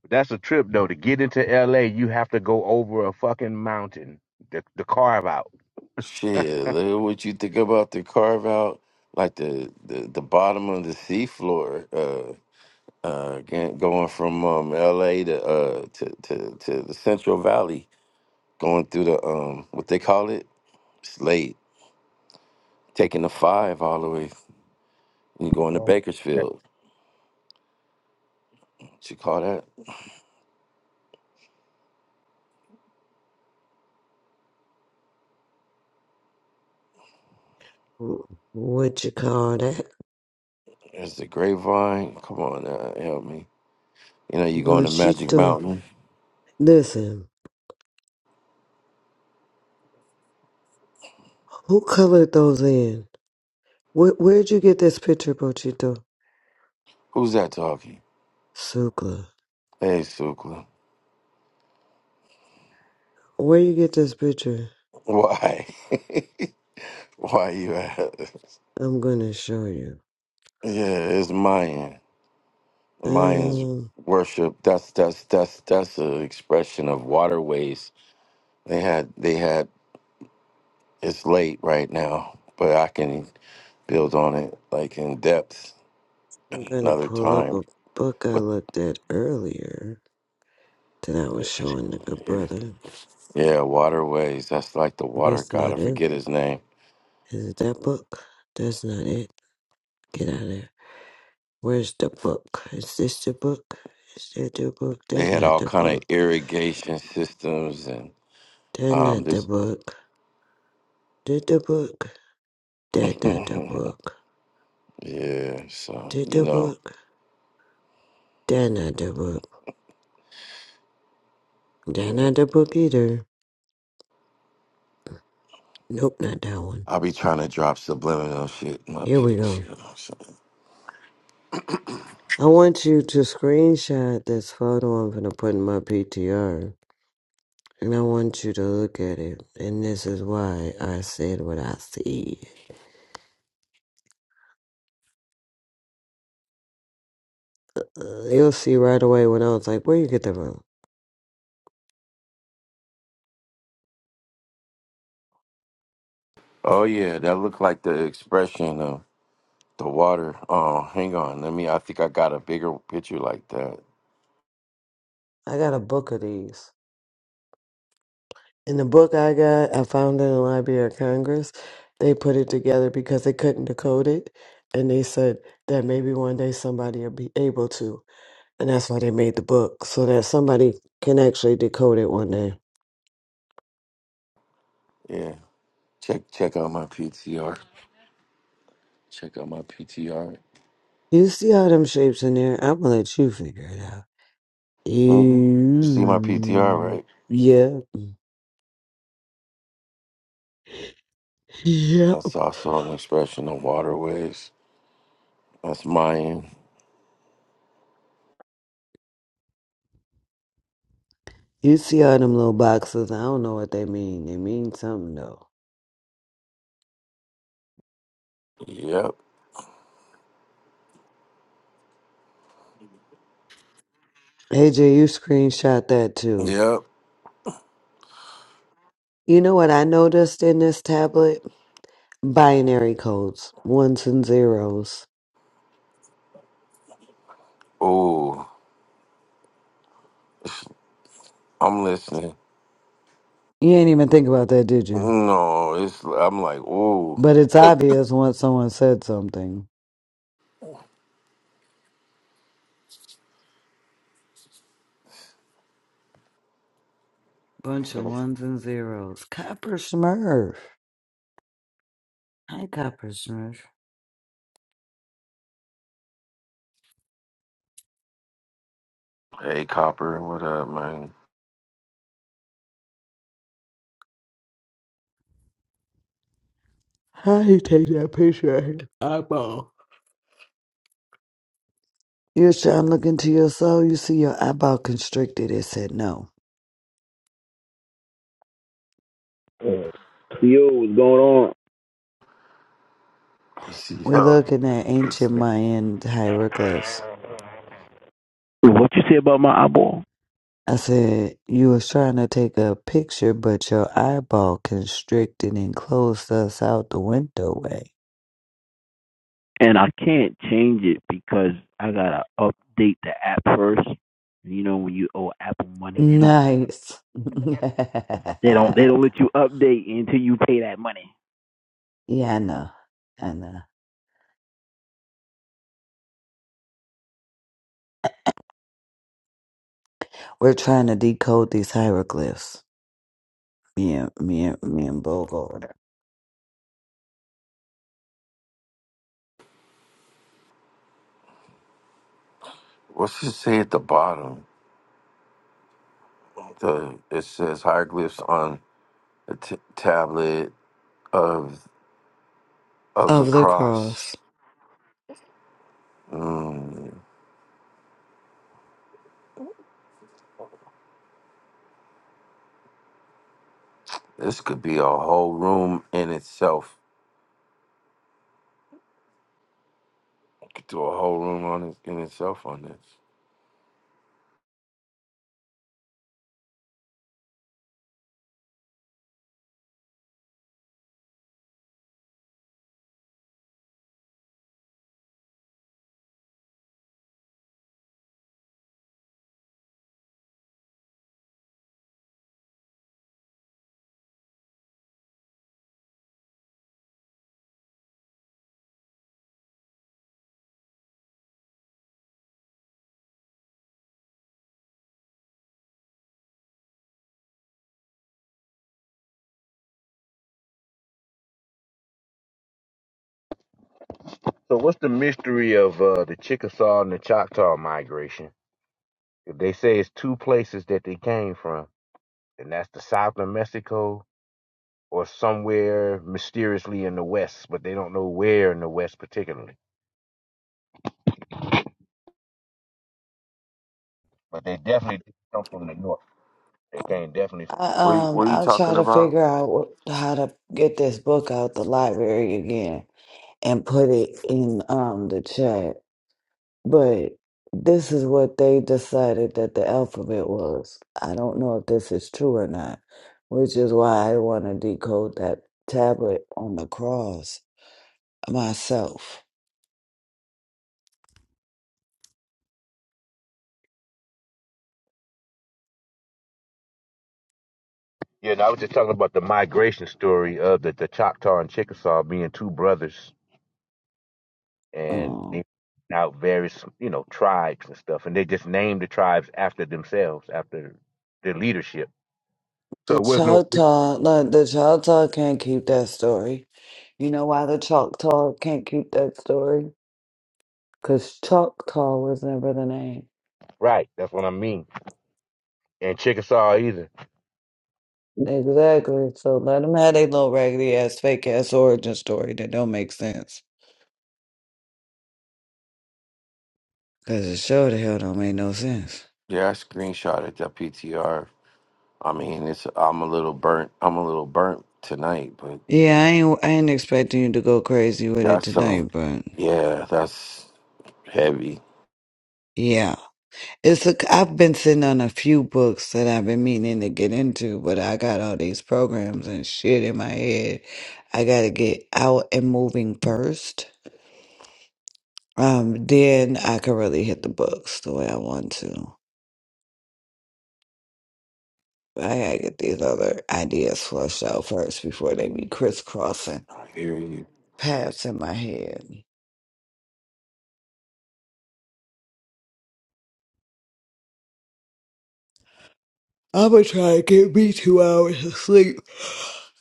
Speaker 8: That's a trip though. To get into L.A., you have to go over a fucking mountain. The, the carve out.
Speaker 4: Shit, look at what you think about the carve out, like the the, the bottom of the seafloor. uh, uh, gan- going from um, L.A. to uh to, to to the Central Valley, going through the um what they call it Slate, taking the five all the way and going to
Speaker 8: Oh.
Speaker 4: Bakersfield. What you call that?
Speaker 12: Wh- What you call that?
Speaker 4: It's the Grapevine. Come on, now, help me. You know you going to Magic
Speaker 12: Bullshit.
Speaker 4: Mountain.
Speaker 12: Listen, who colored those in? Where, where'd you get this picture, Pochito?
Speaker 4: Who's that talking?
Speaker 12: Suka.
Speaker 4: Hey, Sukla.
Speaker 12: Where you get this picture?
Speaker 4: Why? Why you at?
Speaker 12: I'm gonna show you.
Speaker 4: Yeah, it's Mayan. Mayans
Speaker 12: Um,
Speaker 4: worship. That's that's that's that's an expression of waterways They had they had it's late right now, but I can build on it like in depth
Speaker 12: I'm gonna
Speaker 4: another
Speaker 12: pull up
Speaker 4: time.
Speaker 12: a book I
Speaker 4: But
Speaker 12: looked at earlier that I was showing the good
Speaker 4: yeah,
Speaker 12: brother.
Speaker 4: yeah, waterways, that's like the water
Speaker 12: That's
Speaker 4: god,
Speaker 12: not
Speaker 4: I
Speaker 12: it.
Speaker 4: forget his name.
Speaker 12: Is it that book? That's not it. Get out of there. Where's the book? Is this the book? Is that the book?
Speaker 4: They
Speaker 12: That's
Speaker 4: had
Speaker 12: not
Speaker 4: all
Speaker 12: the
Speaker 4: kind of
Speaker 12: book.
Speaker 4: irrigation systems and
Speaker 12: That's
Speaker 4: um
Speaker 12: not the
Speaker 4: there's
Speaker 12: book. Did the book? That not the
Speaker 4: yeah,
Speaker 12: book.
Speaker 4: so
Speaker 12: Did
Speaker 4: you
Speaker 12: the
Speaker 4: know.
Speaker 12: book? That not the book. That not the book either. Nope, not that one.
Speaker 4: I'll be trying to drop subliminal shit in my
Speaker 12: Here we
Speaker 4: picture. you
Speaker 12: go.
Speaker 4: know what I'm saying?
Speaker 12: I want you to screenshot this photo I'm gonna put in my PTR. And I want you to look at it. And this is why I said what I said. Uh, you'll see right away when I was like, where you get that from?
Speaker 4: Oh yeah, that looked like the expression of the water. Oh, hang on, let me I think I got a bigger picture like that.
Speaker 12: I got a book of these. In the book I got, I found it in the Library of Congress. They put it together because they couldn't decode it. And they said that maybe one day somebody will be able to. And that's why they made the book, so that somebody can actually decode it one day.
Speaker 4: Yeah. Check check out my PTR. Check out my PTR.
Speaker 12: You see all them shapes in there? I'm gonna let you figure it out.
Speaker 4: hmm You see my PTR,
Speaker 12: You,
Speaker 4: right?
Speaker 12: yeah, yep.
Speaker 4: That's also an expression of waterways. That's Mayan.
Speaker 12: You see all them little boxes? I don't know what they mean. They mean something though.
Speaker 4: Yep.
Speaker 12: AJ, you screenshot that too.
Speaker 4: Yep.
Speaker 12: You know what I noticed in this tablet? Binary codes, ones and zeros.
Speaker 4: Oh, I'm listening.
Speaker 12: You ain't even think about that, did you?
Speaker 4: No, it's I'm like, oh.
Speaker 12: But it's obvious once someone said something. Bunch of ones and zeros. Copper Smurf. Hi, Copper Smurf.
Speaker 4: Hey, Copper, what up, man?
Speaker 12: How he take that picture of his eyeball? You're trying to look into your soul. You see your eyeball constricted. It said no.
Speaker 13: Yo, what's going on?
Speaker 4: I See,
Speaker 12: We're
Speaker 4: yo,
Speaker 12: looking at ancient
Speaker 4: it's,
Speaker 12: Mayan hieroglyphs.
Speaker 13: What you say about my eyeball?
Speaker 12: I said you was trying to take a picture, but your eyeball constricted and closed us out the window way.
Speaker 13: And I can't change it because I gotta update the app first. You know, when you owe Apple money, they don't,
Speaker 12: Nice. yeah,
Speaker 13: they don't, they don't let you update until you pay that money.
Speaker 12: I know. I know. We're trying to decode these hieroglyphs. Me and me and me and Bo go over there.
Speaker 4: what's it say at the bottom? The it says hieroglyphs on the t- tablet of of the
Speaker 12: of the
Speaker 4: cross.
Speaker 12: cross.
Speaker 4: Mm. This could be a whole room in itself. I could do a whole room on it in itself on this.
Speaker 8: So what's the mystery of uh, the Chickasaw and the Choctaw migration? They say it's two places that they came from. and that's the south of Mexico or somewhere mysteriously in the west, but they don't know where in the west particularly. But they definitely come from the north. They came definitely from.
Speaker 12: I,
Speaker 4: What are you, what
Speaker 12: um,
Speaker 4: are you
Speaker 12: I'll try
Speaker 4: talking
Speaker 12: to
Speaker 4: about?
Speaker 12: figure out wh- how to get this book out the library again and put it in um the chat. But this is what they decided that the alphabet was. I don't know if this is true or not, which is why I want to decode that tablet on the cross myself.
Speaker 8: Yeah, and I was just talking about the migration story of the, the Choctaw and Chickasaw being two brothers, and
Speaker 12: um.
Speaker 8: they out various you know tribes and stuff, and they just named the tribes after themselves, after their leadership. So
Speaker 12: The
Speaker 8: it was no
Speaker 12: Choctaw, look, the Choctaw can't keep that story. You know why the Choctaw can't keep that story? Because Choctaw was never the name.
Speaker 8: right. That's what I mean. And Chickasaw either.
Speaker 12: Exactly. So let them have their little raggedy ass, fake ass origin story that don't make sense. Because it sure the hell don't make no sense.
Speaker 4: Yeah, I screenshotted that PTR. I mean, it's I'm a little burnt. I'm a little burnt tonight, but
Speaker 12: Yeah, I ain't, I ain't expecting you to go crazy with it
Speaker 4: that's um,
Speaker 12: tonight, but
Speaker 4: yeah, that's heavy.
Speaker 12: yeah. It's a, I've been sitting on a few books that I've been meaning to get into, but I got all these programs and shit in my head. I got to get out and moving first. Um, then I can really hit the books the way I want to. I gotta get these other ideas flushed out first before they be crisscrossing
Speaker 4: I hear you.
Speaker 12: paths in my head. I'm gonna try to get me two hours of sleep.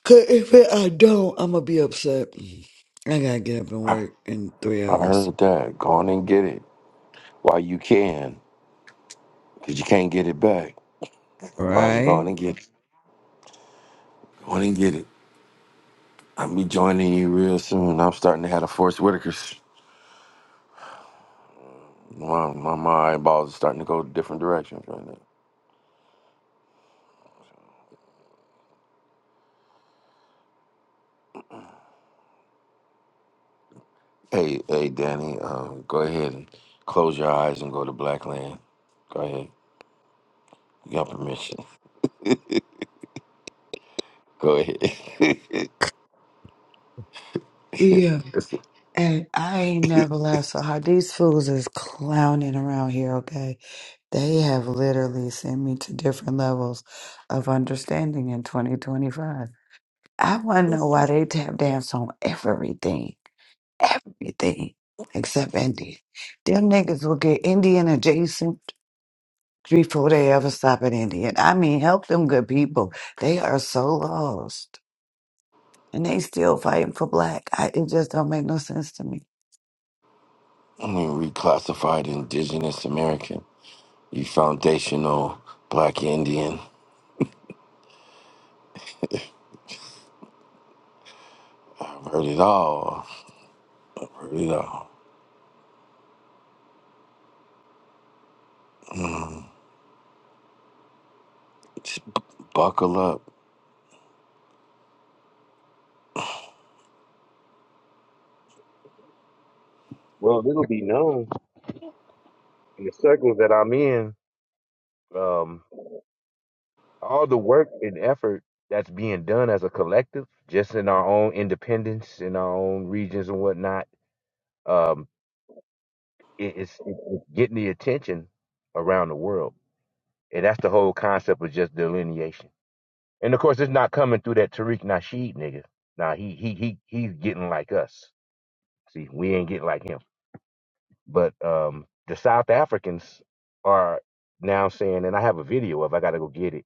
Speaker 12: Cause if it, I don't, I'm gonna be upset. I gotta get up and
Speaker 4: I,
Speaker 12: work in three
Speaker 4: I
Speaker 12: hours.
Speaker 4: heard that. Go on and get it while you can, cause you can't get it back. Might as well go on
Speaker 12: Right?
Speaker 4: and get it. Go on and get it. I'll be joining you real soon. I'm starting to have a Force Whitakers. My, my, my eyeballs are starting to go different directions right now. Hey, hey, Danny, uh, go ahead and close your eyes and go to Blackland. Go ahead. You got permission. Go ahead.
Speaker 12: Yeah,
Speaker 4: I
Speaker 12: and I ain't never laughed so hard. These fools is clowning around here, okay? They have literally sent me to different levels of understanding in 2025. I want to know why they tap dance on everything, everything except Indian. Them niggas will get Indian adjacent before they ever stop at Indian. I mean, help them good people. They are so lost. And they still fighting for black. I, it just don't make no sense to me.
Speaker 4: mean, reclassified indigenous American. You foundational black Indian. I've heard it all. I've heard it all. Just b- buckle up.
Speaker 8: Well, it'll be known in the circles that I'm in Um, all the work and effort that's being done as a collective, just in our own independence, in our own regions and whatnot, um, it, it's, it's getting the attention around the world. And that's the whole concept of just delineation. And of course, it's not coming through that Tariq Nasheed nigga. Now he he he he's getting like us. See, we ain't getting like him. But um, the South Africans are now saying, and I have a video of. I gotta go get it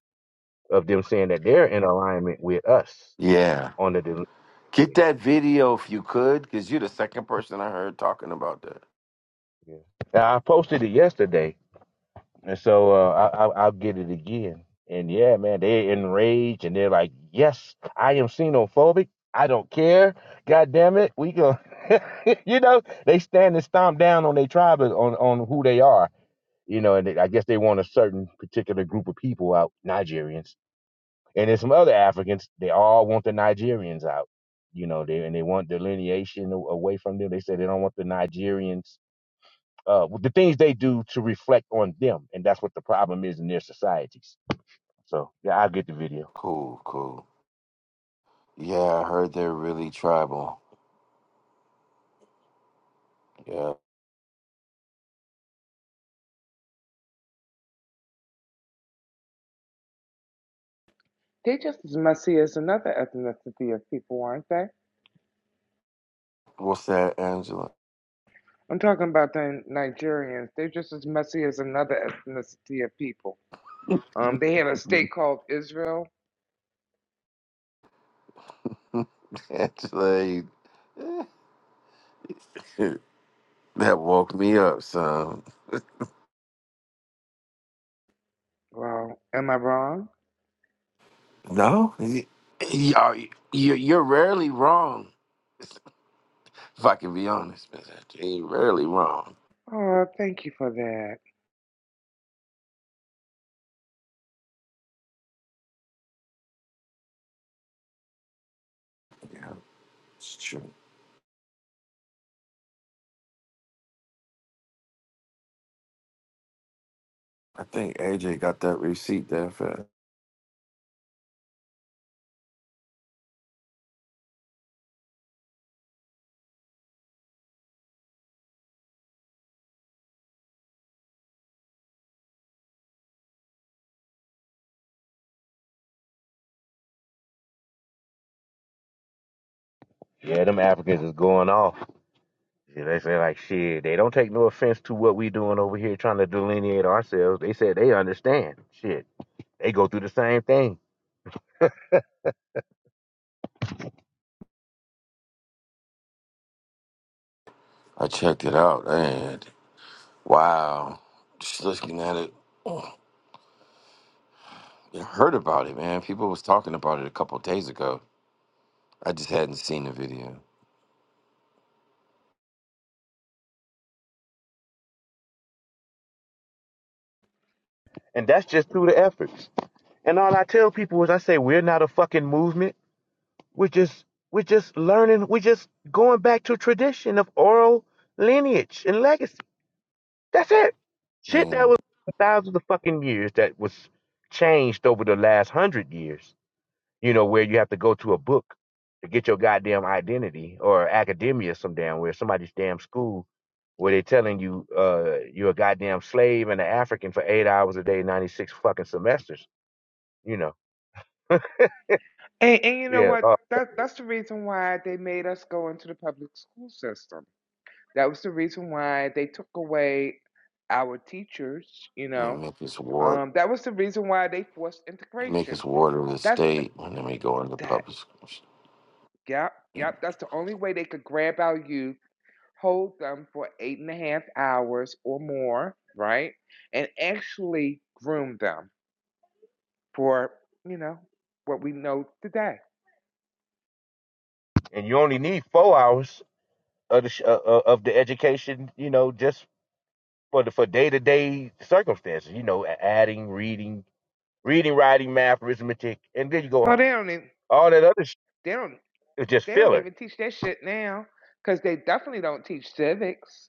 Speaker 8: of them saying that they're in alignment with us
Speaker 4: Yeah.
Speaker 8: on the delivery.
Speaker 4: Get that video if you could, because you're the second person I heard talking about that.
Speaker 8: Yeah. Now, I posted it yesterday, and so uh, I, I, I'll get it again. And yeah, man, they're enraged and they're like, "Yes, I am xenophobic. I don't care. God damn it, we go." you know, they stand and stomp down on their tribe on on who they are. You know, and they, I guess they want a certain particular group of people out, Nigerians, and then some other Africans. They all want the Nigerians out. You know, they and they want delineation a- away from them. They say they don't want the Nigerians uh, with the things they do to reflect on them, and that's what the problem is in their societies. So yeah, I'll get the video.
Speaker 4: Cool, cool. Yeah, I heard they're really tribal. Yeah.
Speaker 2: They are just as messy as another ethnicity of people, aren't they?
Speaker 4: What's that, Angela?
Speaker 2: I'm talking about the Nigerians. They're just as messy as another ethnicity of people. Um, they have a state called Israel.
Speaker 4: Angela, you- eh, that woke me up, son.
Speaker 2: Well, am I wrong?
Speaker 4: No? You, you, you- you're rarely wrong. If I can be honest, man, you're rarely wrong.
Speaker 2: Oh, thank you for that.
Speaker 4: It's true. I think AJ got that receipt there for
Speaker 8: Yeah, them Africans is going off. Yeah, they say like shit. They don't take no offense to what we doing over here, trying to delineate ourselves. They said they understand. Shit, they go through the same thing,
Speaker 4: I checked it out, and wow. Just looking at it, oh, I heard about it, man. People was talking about it a couple days ago. I just hadn't seen the video.
Speaker 8: and that's just through the efforts. And all I tell people is, I say we're not a fucking movement. We're just we're just learning. We're just going back to tradition of oral lineage and legacy. That's it. Shit that was thousands of fucking years that was changed over the last hundred years. You know, where you have to go to a book to get your goddamn identity or academia some damn where somebody's damn school where they are telling you uh you're a goddamn slave and an African for eight hours a day, ninety six fucking semesters. You know,
Speaker 2: And, and you know
Speaker 8: yeah,
Speaker 2: what?
Speaker 8: uh,
Speaker 2: That that's the reason why they made us go into the public school system. That was the reason why they took away our teachers. You
Speaker 4: Yeah,
Speaker 2: know,
Speaker 4: make us ward,
Speaker 2: um, that was the reason why they forced
Speaker 4: make us
Speaker 2: integration.
Speaker 4: ward of the
Speaker 2: That's the,
Speaker 4: state, and then we go into
Speaker 2: that.
Speaker 4: public schools.
Speaker 2: Yep, yep. That's the only way they could grab our youth, hold them for eight and a half hours or more, right? And actually groom them for you know what we know today.
Speaker 8: and you only need four hours of the sh- uh, uh, of the education. You know, just for the for day to day circumstances. You know, adding, reading, reading, writing, math, arithmetic, and then you go
Speaker 2: Well,
Speaker 8: home.
Speaker 2: they don't. Even,
Speaker 8: All that other shit
Speaker 2: they don't.
Speaker 8: is just
Speaker 2: They don't
Speaker 8: filler.
Speaker 2: even teach that shit now because they definitely don't teach civics.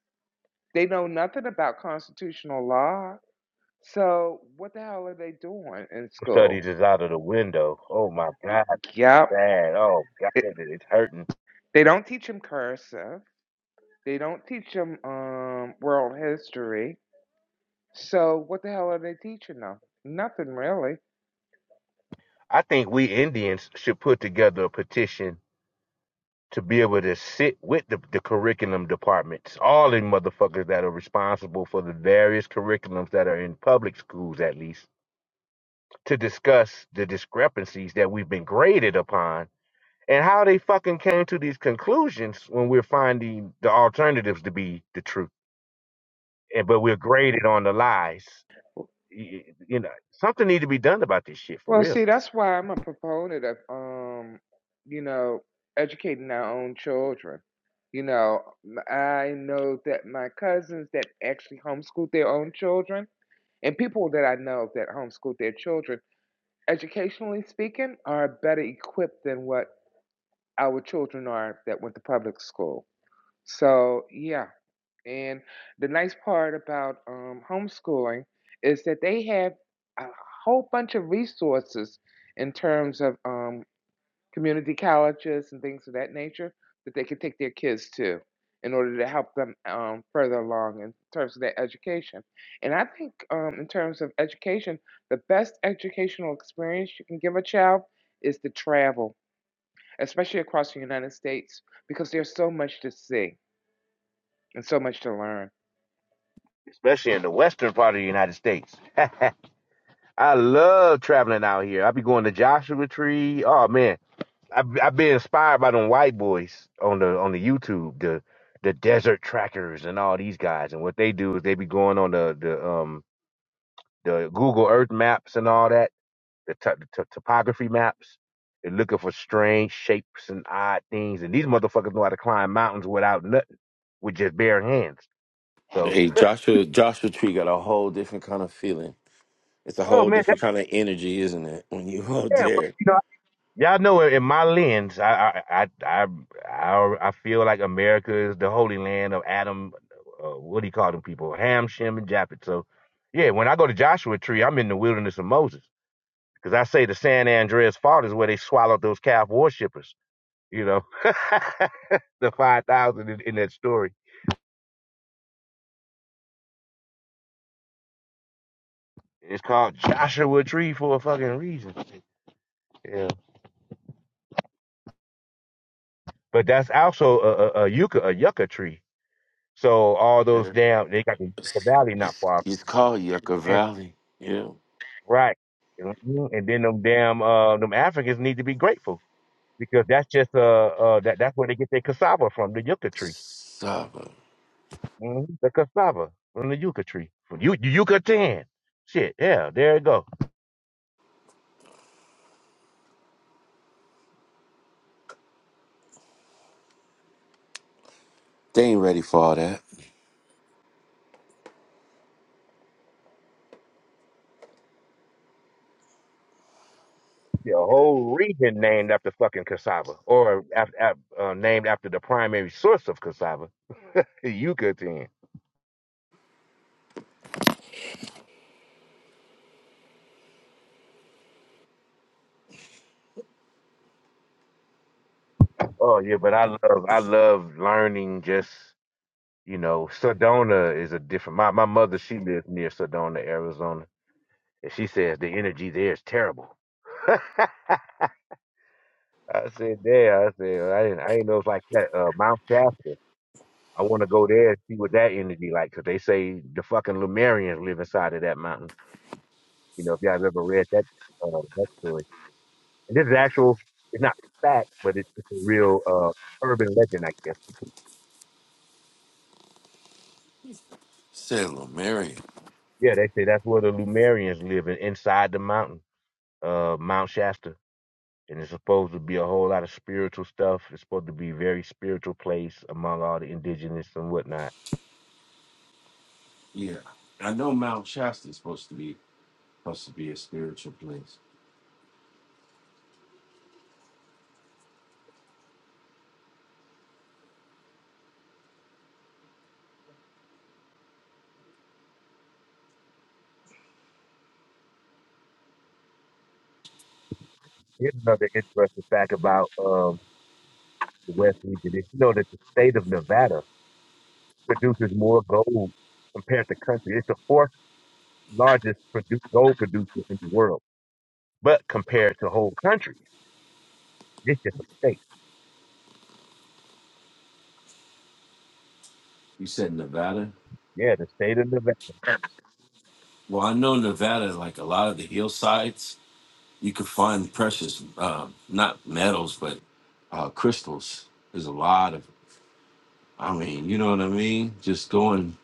Speaker 2: They know nothing about constitutional law. So what the hell are they doing in school?
Speaker 8: Studies is out of the window. Oh my God,
Speaker 2: Yep.
Speaker 8: sad. Oh God,
Speaker 2: It,
Speaker 8: it's hurting.
Speaker 2: they don't teach them cursive. They don't teach them um, world history. So what the hell are they teaching them? Nothing really.
Speaker 8: I think we Indians should put together a petition to be able to sit with the, the curriculum departments, all the motherfuckers that are responsible for the various curriculums that are in public schools, at least, to discuss the discrepancies that we've been graded upon and how they fucking came to these conclusions when we're finding the alternatives to be the truth and but we're graded on the lies Y- y- you know something need to be done about this shit for
Speaker 2: Well,
Speaker 8: real
Speaker 2: see, that's why I'm a proponent of, um, you know, educating our own children. You know, m- I know that my cousins that actually homeschool their own children and people that I know that homeschool their children, educationally speaking, are better equipped than what our children are that went to public school. So, yeah, and the nice part about um, homeschooling is that they have a whole bunch of resources in terms of um, community colleges and things of that nature that they can take their kids to in order to help them um, further along in terms of their education. And I think, um, in terms of education, the best educational experience you can give a child is to travel, especially across the United States, because there's so much to see and so much to learn.
Speaker 8: especially in the western part of the united states i love traveling out here i be going to joshua tree oh man i I been inspired by them white boys on the on the youtube the the desert trackers and all these guys and what they do is they be going on the the um the google earth maps and all that the, to- the to- topography maps. They're looking for strange shapes and odd things. And these motherfuckers know how to climb mountains without nothing, with just bare hands. So,
Speaker 4: Hey, Joshua Joshua Tree got a whole different kind of feeling. It's a
Speaker 8: oh
Speaker 4: whole
Speaker 8: man, that,
Speaker 4: different kind of energy, isn't it? When you out
Speaker 8: yeah, but,
Speaker 4: there.
Speaker 8: you know, y'all know in my lens, I I I I, I I feel like America is the holy land of Adam. Uh, what do you call them people? Ham, Shem, and Japhet. So, yeah, when I go to Joshua Tree, I'm in the wilderness of Moses because I say the San Andreas Fault is where they swallowed those calf worshippers. you know, the 5,000 in, in that story. It's called Joshua Tree for a fucking reason. Yeah. But that's also a, a, a yucca, a yucca tree. So all those
Speaker 4: Yeah.
Speaker 8: damn, they got the yucca valley not
Speaker 4: It's,
Speaker 8: far.
Speaker 4: it's called Yucca
Speaker 8: And,
Speaker 4: Valley. Yeah,
Speaker 8: right. Mhm. And then them damn, uh, them Africans need to be grateful because that's just, uh, uh, that, that's where they get their cassava from, the yucca tree.
Speaker 4: just stop it.
Speaker 8: Mhm. The cassava from the yucca tree. From you, yucatan. Shit. Yeah. There you go.
Speaker 4: They ain't ready for all that.
Speaker 8: The whole region named after fucking cassava, or after, uh, named after the primary source of cassava, Yucatan. Oh yeah, but I love I love learning. Just you know, Sedona is a different. My my mother she lives near Sedona, Arizona, and she says the energy there is terrible. I said, there. I said, I didn't, I didn't know it's like that. Uh, Mount Shasta. I want to go there and see what that energy like, 'cause they say the fucking Lumerians live inside of that mountain. You know, if y'all have ever read that uh, that story, and this is actual, it's not fact, but it's, it's a real uh, urban legend, I guess.
Speaker 4: Say Mary.
Speaker 8: Yeah, they say that's where the Lumerians live, in, inside the mountain, uh, Mount Shasta, and it's supposed to be a whole lot of spiritual stuff. It's supposed to be a very spiritual place among all the indigenous and whatnot.
Speaker 4: Yeah. I know Mount Shasta is supposed to be supposed to be a spiritual place.
Speaker 8: Here's another interesting fact about um, the West region: is you know that the state of Nevada produces more gold compared to country. It's the fourth largest produ- gold producer in the world But compared to whole countries, this just a state.
Speaker 4: You said Nevada?
Speaker 8: Yeah, the state of Nevada.
Speaker 4: Well, I know Nevada, like a lot of the hillsides. You can find precious, uh, not metals, but uh, crystals. There's a lot of, I mean, you know what I mean? Just going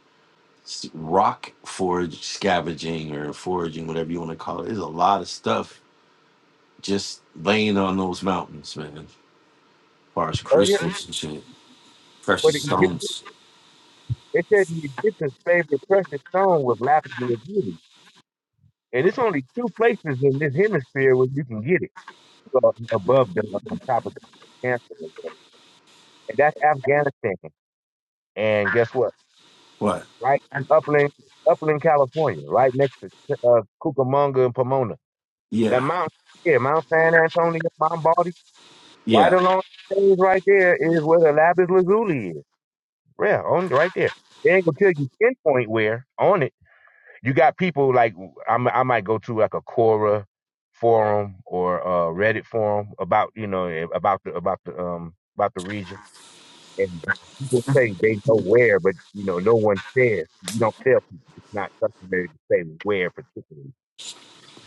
Speaker 4: s- rock forage scavenging or foraging, whatever you want to call it. There's a lot of stuff just laying on those mountains, man, as far as
Speaker 8: Oh yeah,
Speaker 4: crystals and shit,
Speaker 8: but
Speaker 4: precious
Speaker 8: the Egyptian,
Speaker 4: stones.
Speaker 8: they said the Egyptians' favorite precious stone was lapis lazuli, and it's only two places in this hemisphere where you can get it uh, above the on top of the cancer, and stuff. And that's Afghanistan. And guess what?
Speaker 4: What?
Speaker 8: Right in Upland, Upland, California, right next to uh, Cucamonga and Pomona. The
Speaker 4: Yeah,
Speaker 8: mountain, yeah, Mount San Antonio, Mount Baldy, right
Speaker 4: yeah,
Speaker 8: along the things right there is where the lapis lazuli is. Yeah, on right there. They ain't gonna tell you pinpoint where on it. You got people like I'm, I might go to like a Quora forum or a Reddit forum about you know eh, about the about the um about the region, and people say they know where, but you know no one says. You don't tell people. It's not customary to say where particularly.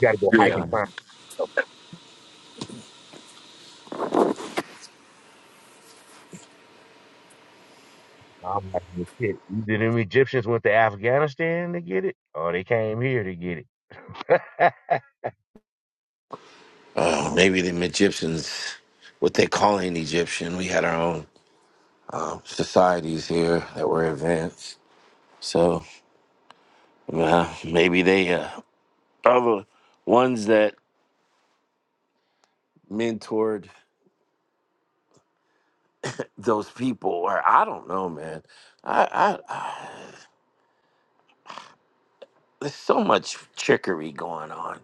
Speaker 8: You got to go hike
Speaker 4: yeah.
Speaker 8: and find. stuff. I'm like, well, shit. Either them Egyptians went to Afghanistan to get it, or they came here to get it.
Speaker 4: Uh, maybe the Egyptians, what they call an Egyptian, we had our own uh, societies here that were advanced. So. Well, maybe they uh, other ones that mentored those people, or I don't know, man. I, I, I there's so much trickery going on.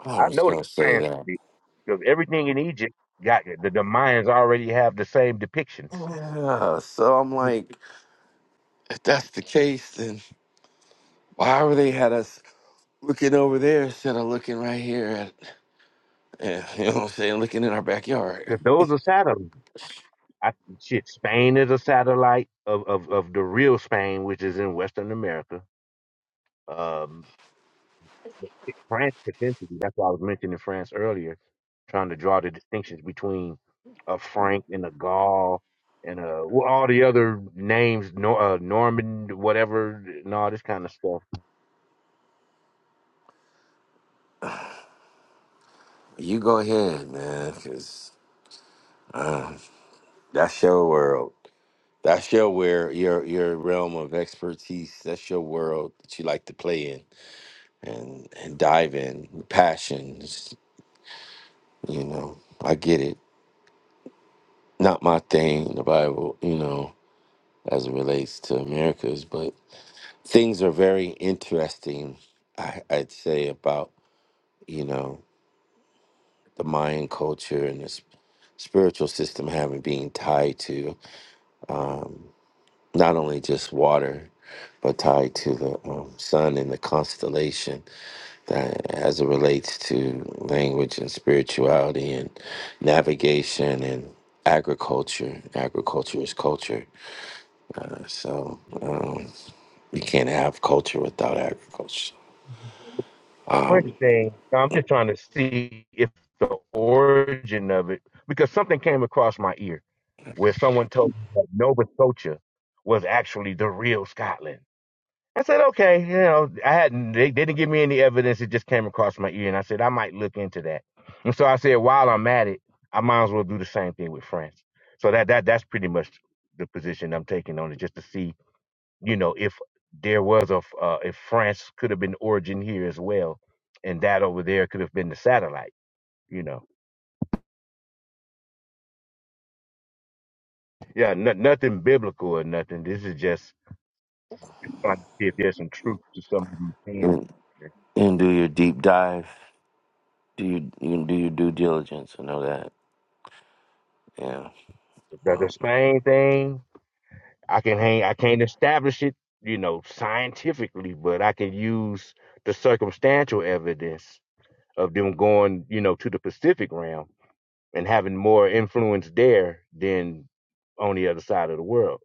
Speaker 4: I
Speaker 8: I
Speaker 4: was
Speaker 8: know the
Speaker 4: gonna say
Speaker 8: plans
Speaker 4: that.
Speaker 8: to be because everything in Egypt got the, the Mayans already have the same depictions
Speaker 4: Yeah, so I'm like, if that's the case, then why were they had us looking over there instead of looking right here at, eh, you know what I'm saying, looking in our backyard?
Speaker 8: because those are satellites. I, shit, Spain is a satellite of, of of the real Spain, which is in Western America. Um, France potentially. That's why I was mentioning France earlier, trying to draw the distinctions between a Frank and a Gaul and uh well, all the other names, Nor- uh, Norman, whatever, and all this kind of stuff.
Speaker 4: You go ahead, man, because uh, that's your world. That's your where your your realm of expertise. That's your world that you like to play in and and dive in. Passions, you know. I get it. Not my thing, the Bible, you know, as it relates to America's, but things are very interesting. I, I'd say about you know the Mayan culture and the sp- spiritual system having being tied to um, not only just water, but tied to the um, sun and the constellation that as it relates to language and spirituality and navigation and agriculture. Agriculture is culture. So um, you can't have culture without agriculture.
Speaker 8: French
Speaker 4: Um,
Speaker 8: thing. I'm just trying to see if the origin of it, because something came across my ear where someone told me that Nova Scotia was actually the real Scotland. I said, okay, you know, I hadn't, they they didn't give me any evidence. It just came across my ear. And I said, I might look into that. And so I said, while I'm at it, I might as well do the same thing with France. So that, that, that's pretty much the position I'm taking on it, just to see you know, if there was a uh, if France could have been origin here as well, and that over there could have been the satellite, you know. Yeah, no, nothing biblical or nothing. This is just trying to see if there's some truth to some of these things.
Speaker 4: and, and do your deep dive. Do you, you do your due diligence? I know that. Yeah.
Speaker 8: The, the
Speaker 4: Well,
Speaker 8: Spain thing, I can hang, I can't establish it, you know, scientifically, but I can use the circumstantial evidence of them going, you know, to the Pacific realm and having more influence there than on the other side of the world.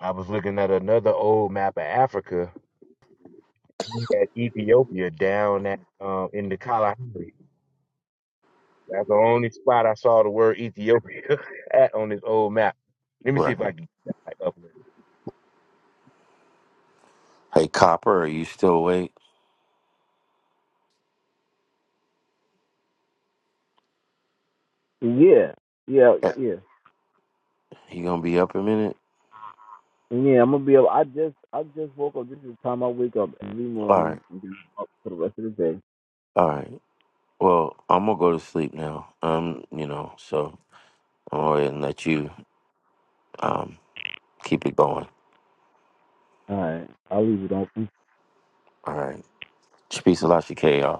Speaker 8: I was looking at another old map of Africa at Ethiopia down at um, in the Kalahari. That's the only spot I saw the word Ethiopia at on this old map. Let me see
Speaker 4: right.
Speaker 8: if I can type up.
Speaker 4: Hey, Copper, are you still awake?
Speaker 13: Yeah, yeah,
Speaker 4: Yeah.
Speaker 13: yeah,
Speaker 4: You gonna be up a minute?
Speaker 13: yeah. I'm gonna be. Able, I just, I just woke up. This is the time I wake up every
Speaker 4: All right.
Speaker 13: morning and get up for the rest of the day.
Speaker 4: All right. Well, I'm gonna go to sleep now. Um, you know, so I'm gonna go ahead and let you Um, keep it going.
Speaker 13: All right, I'll leave it on.
Speaker 4: All right. Peace a lot, y'all.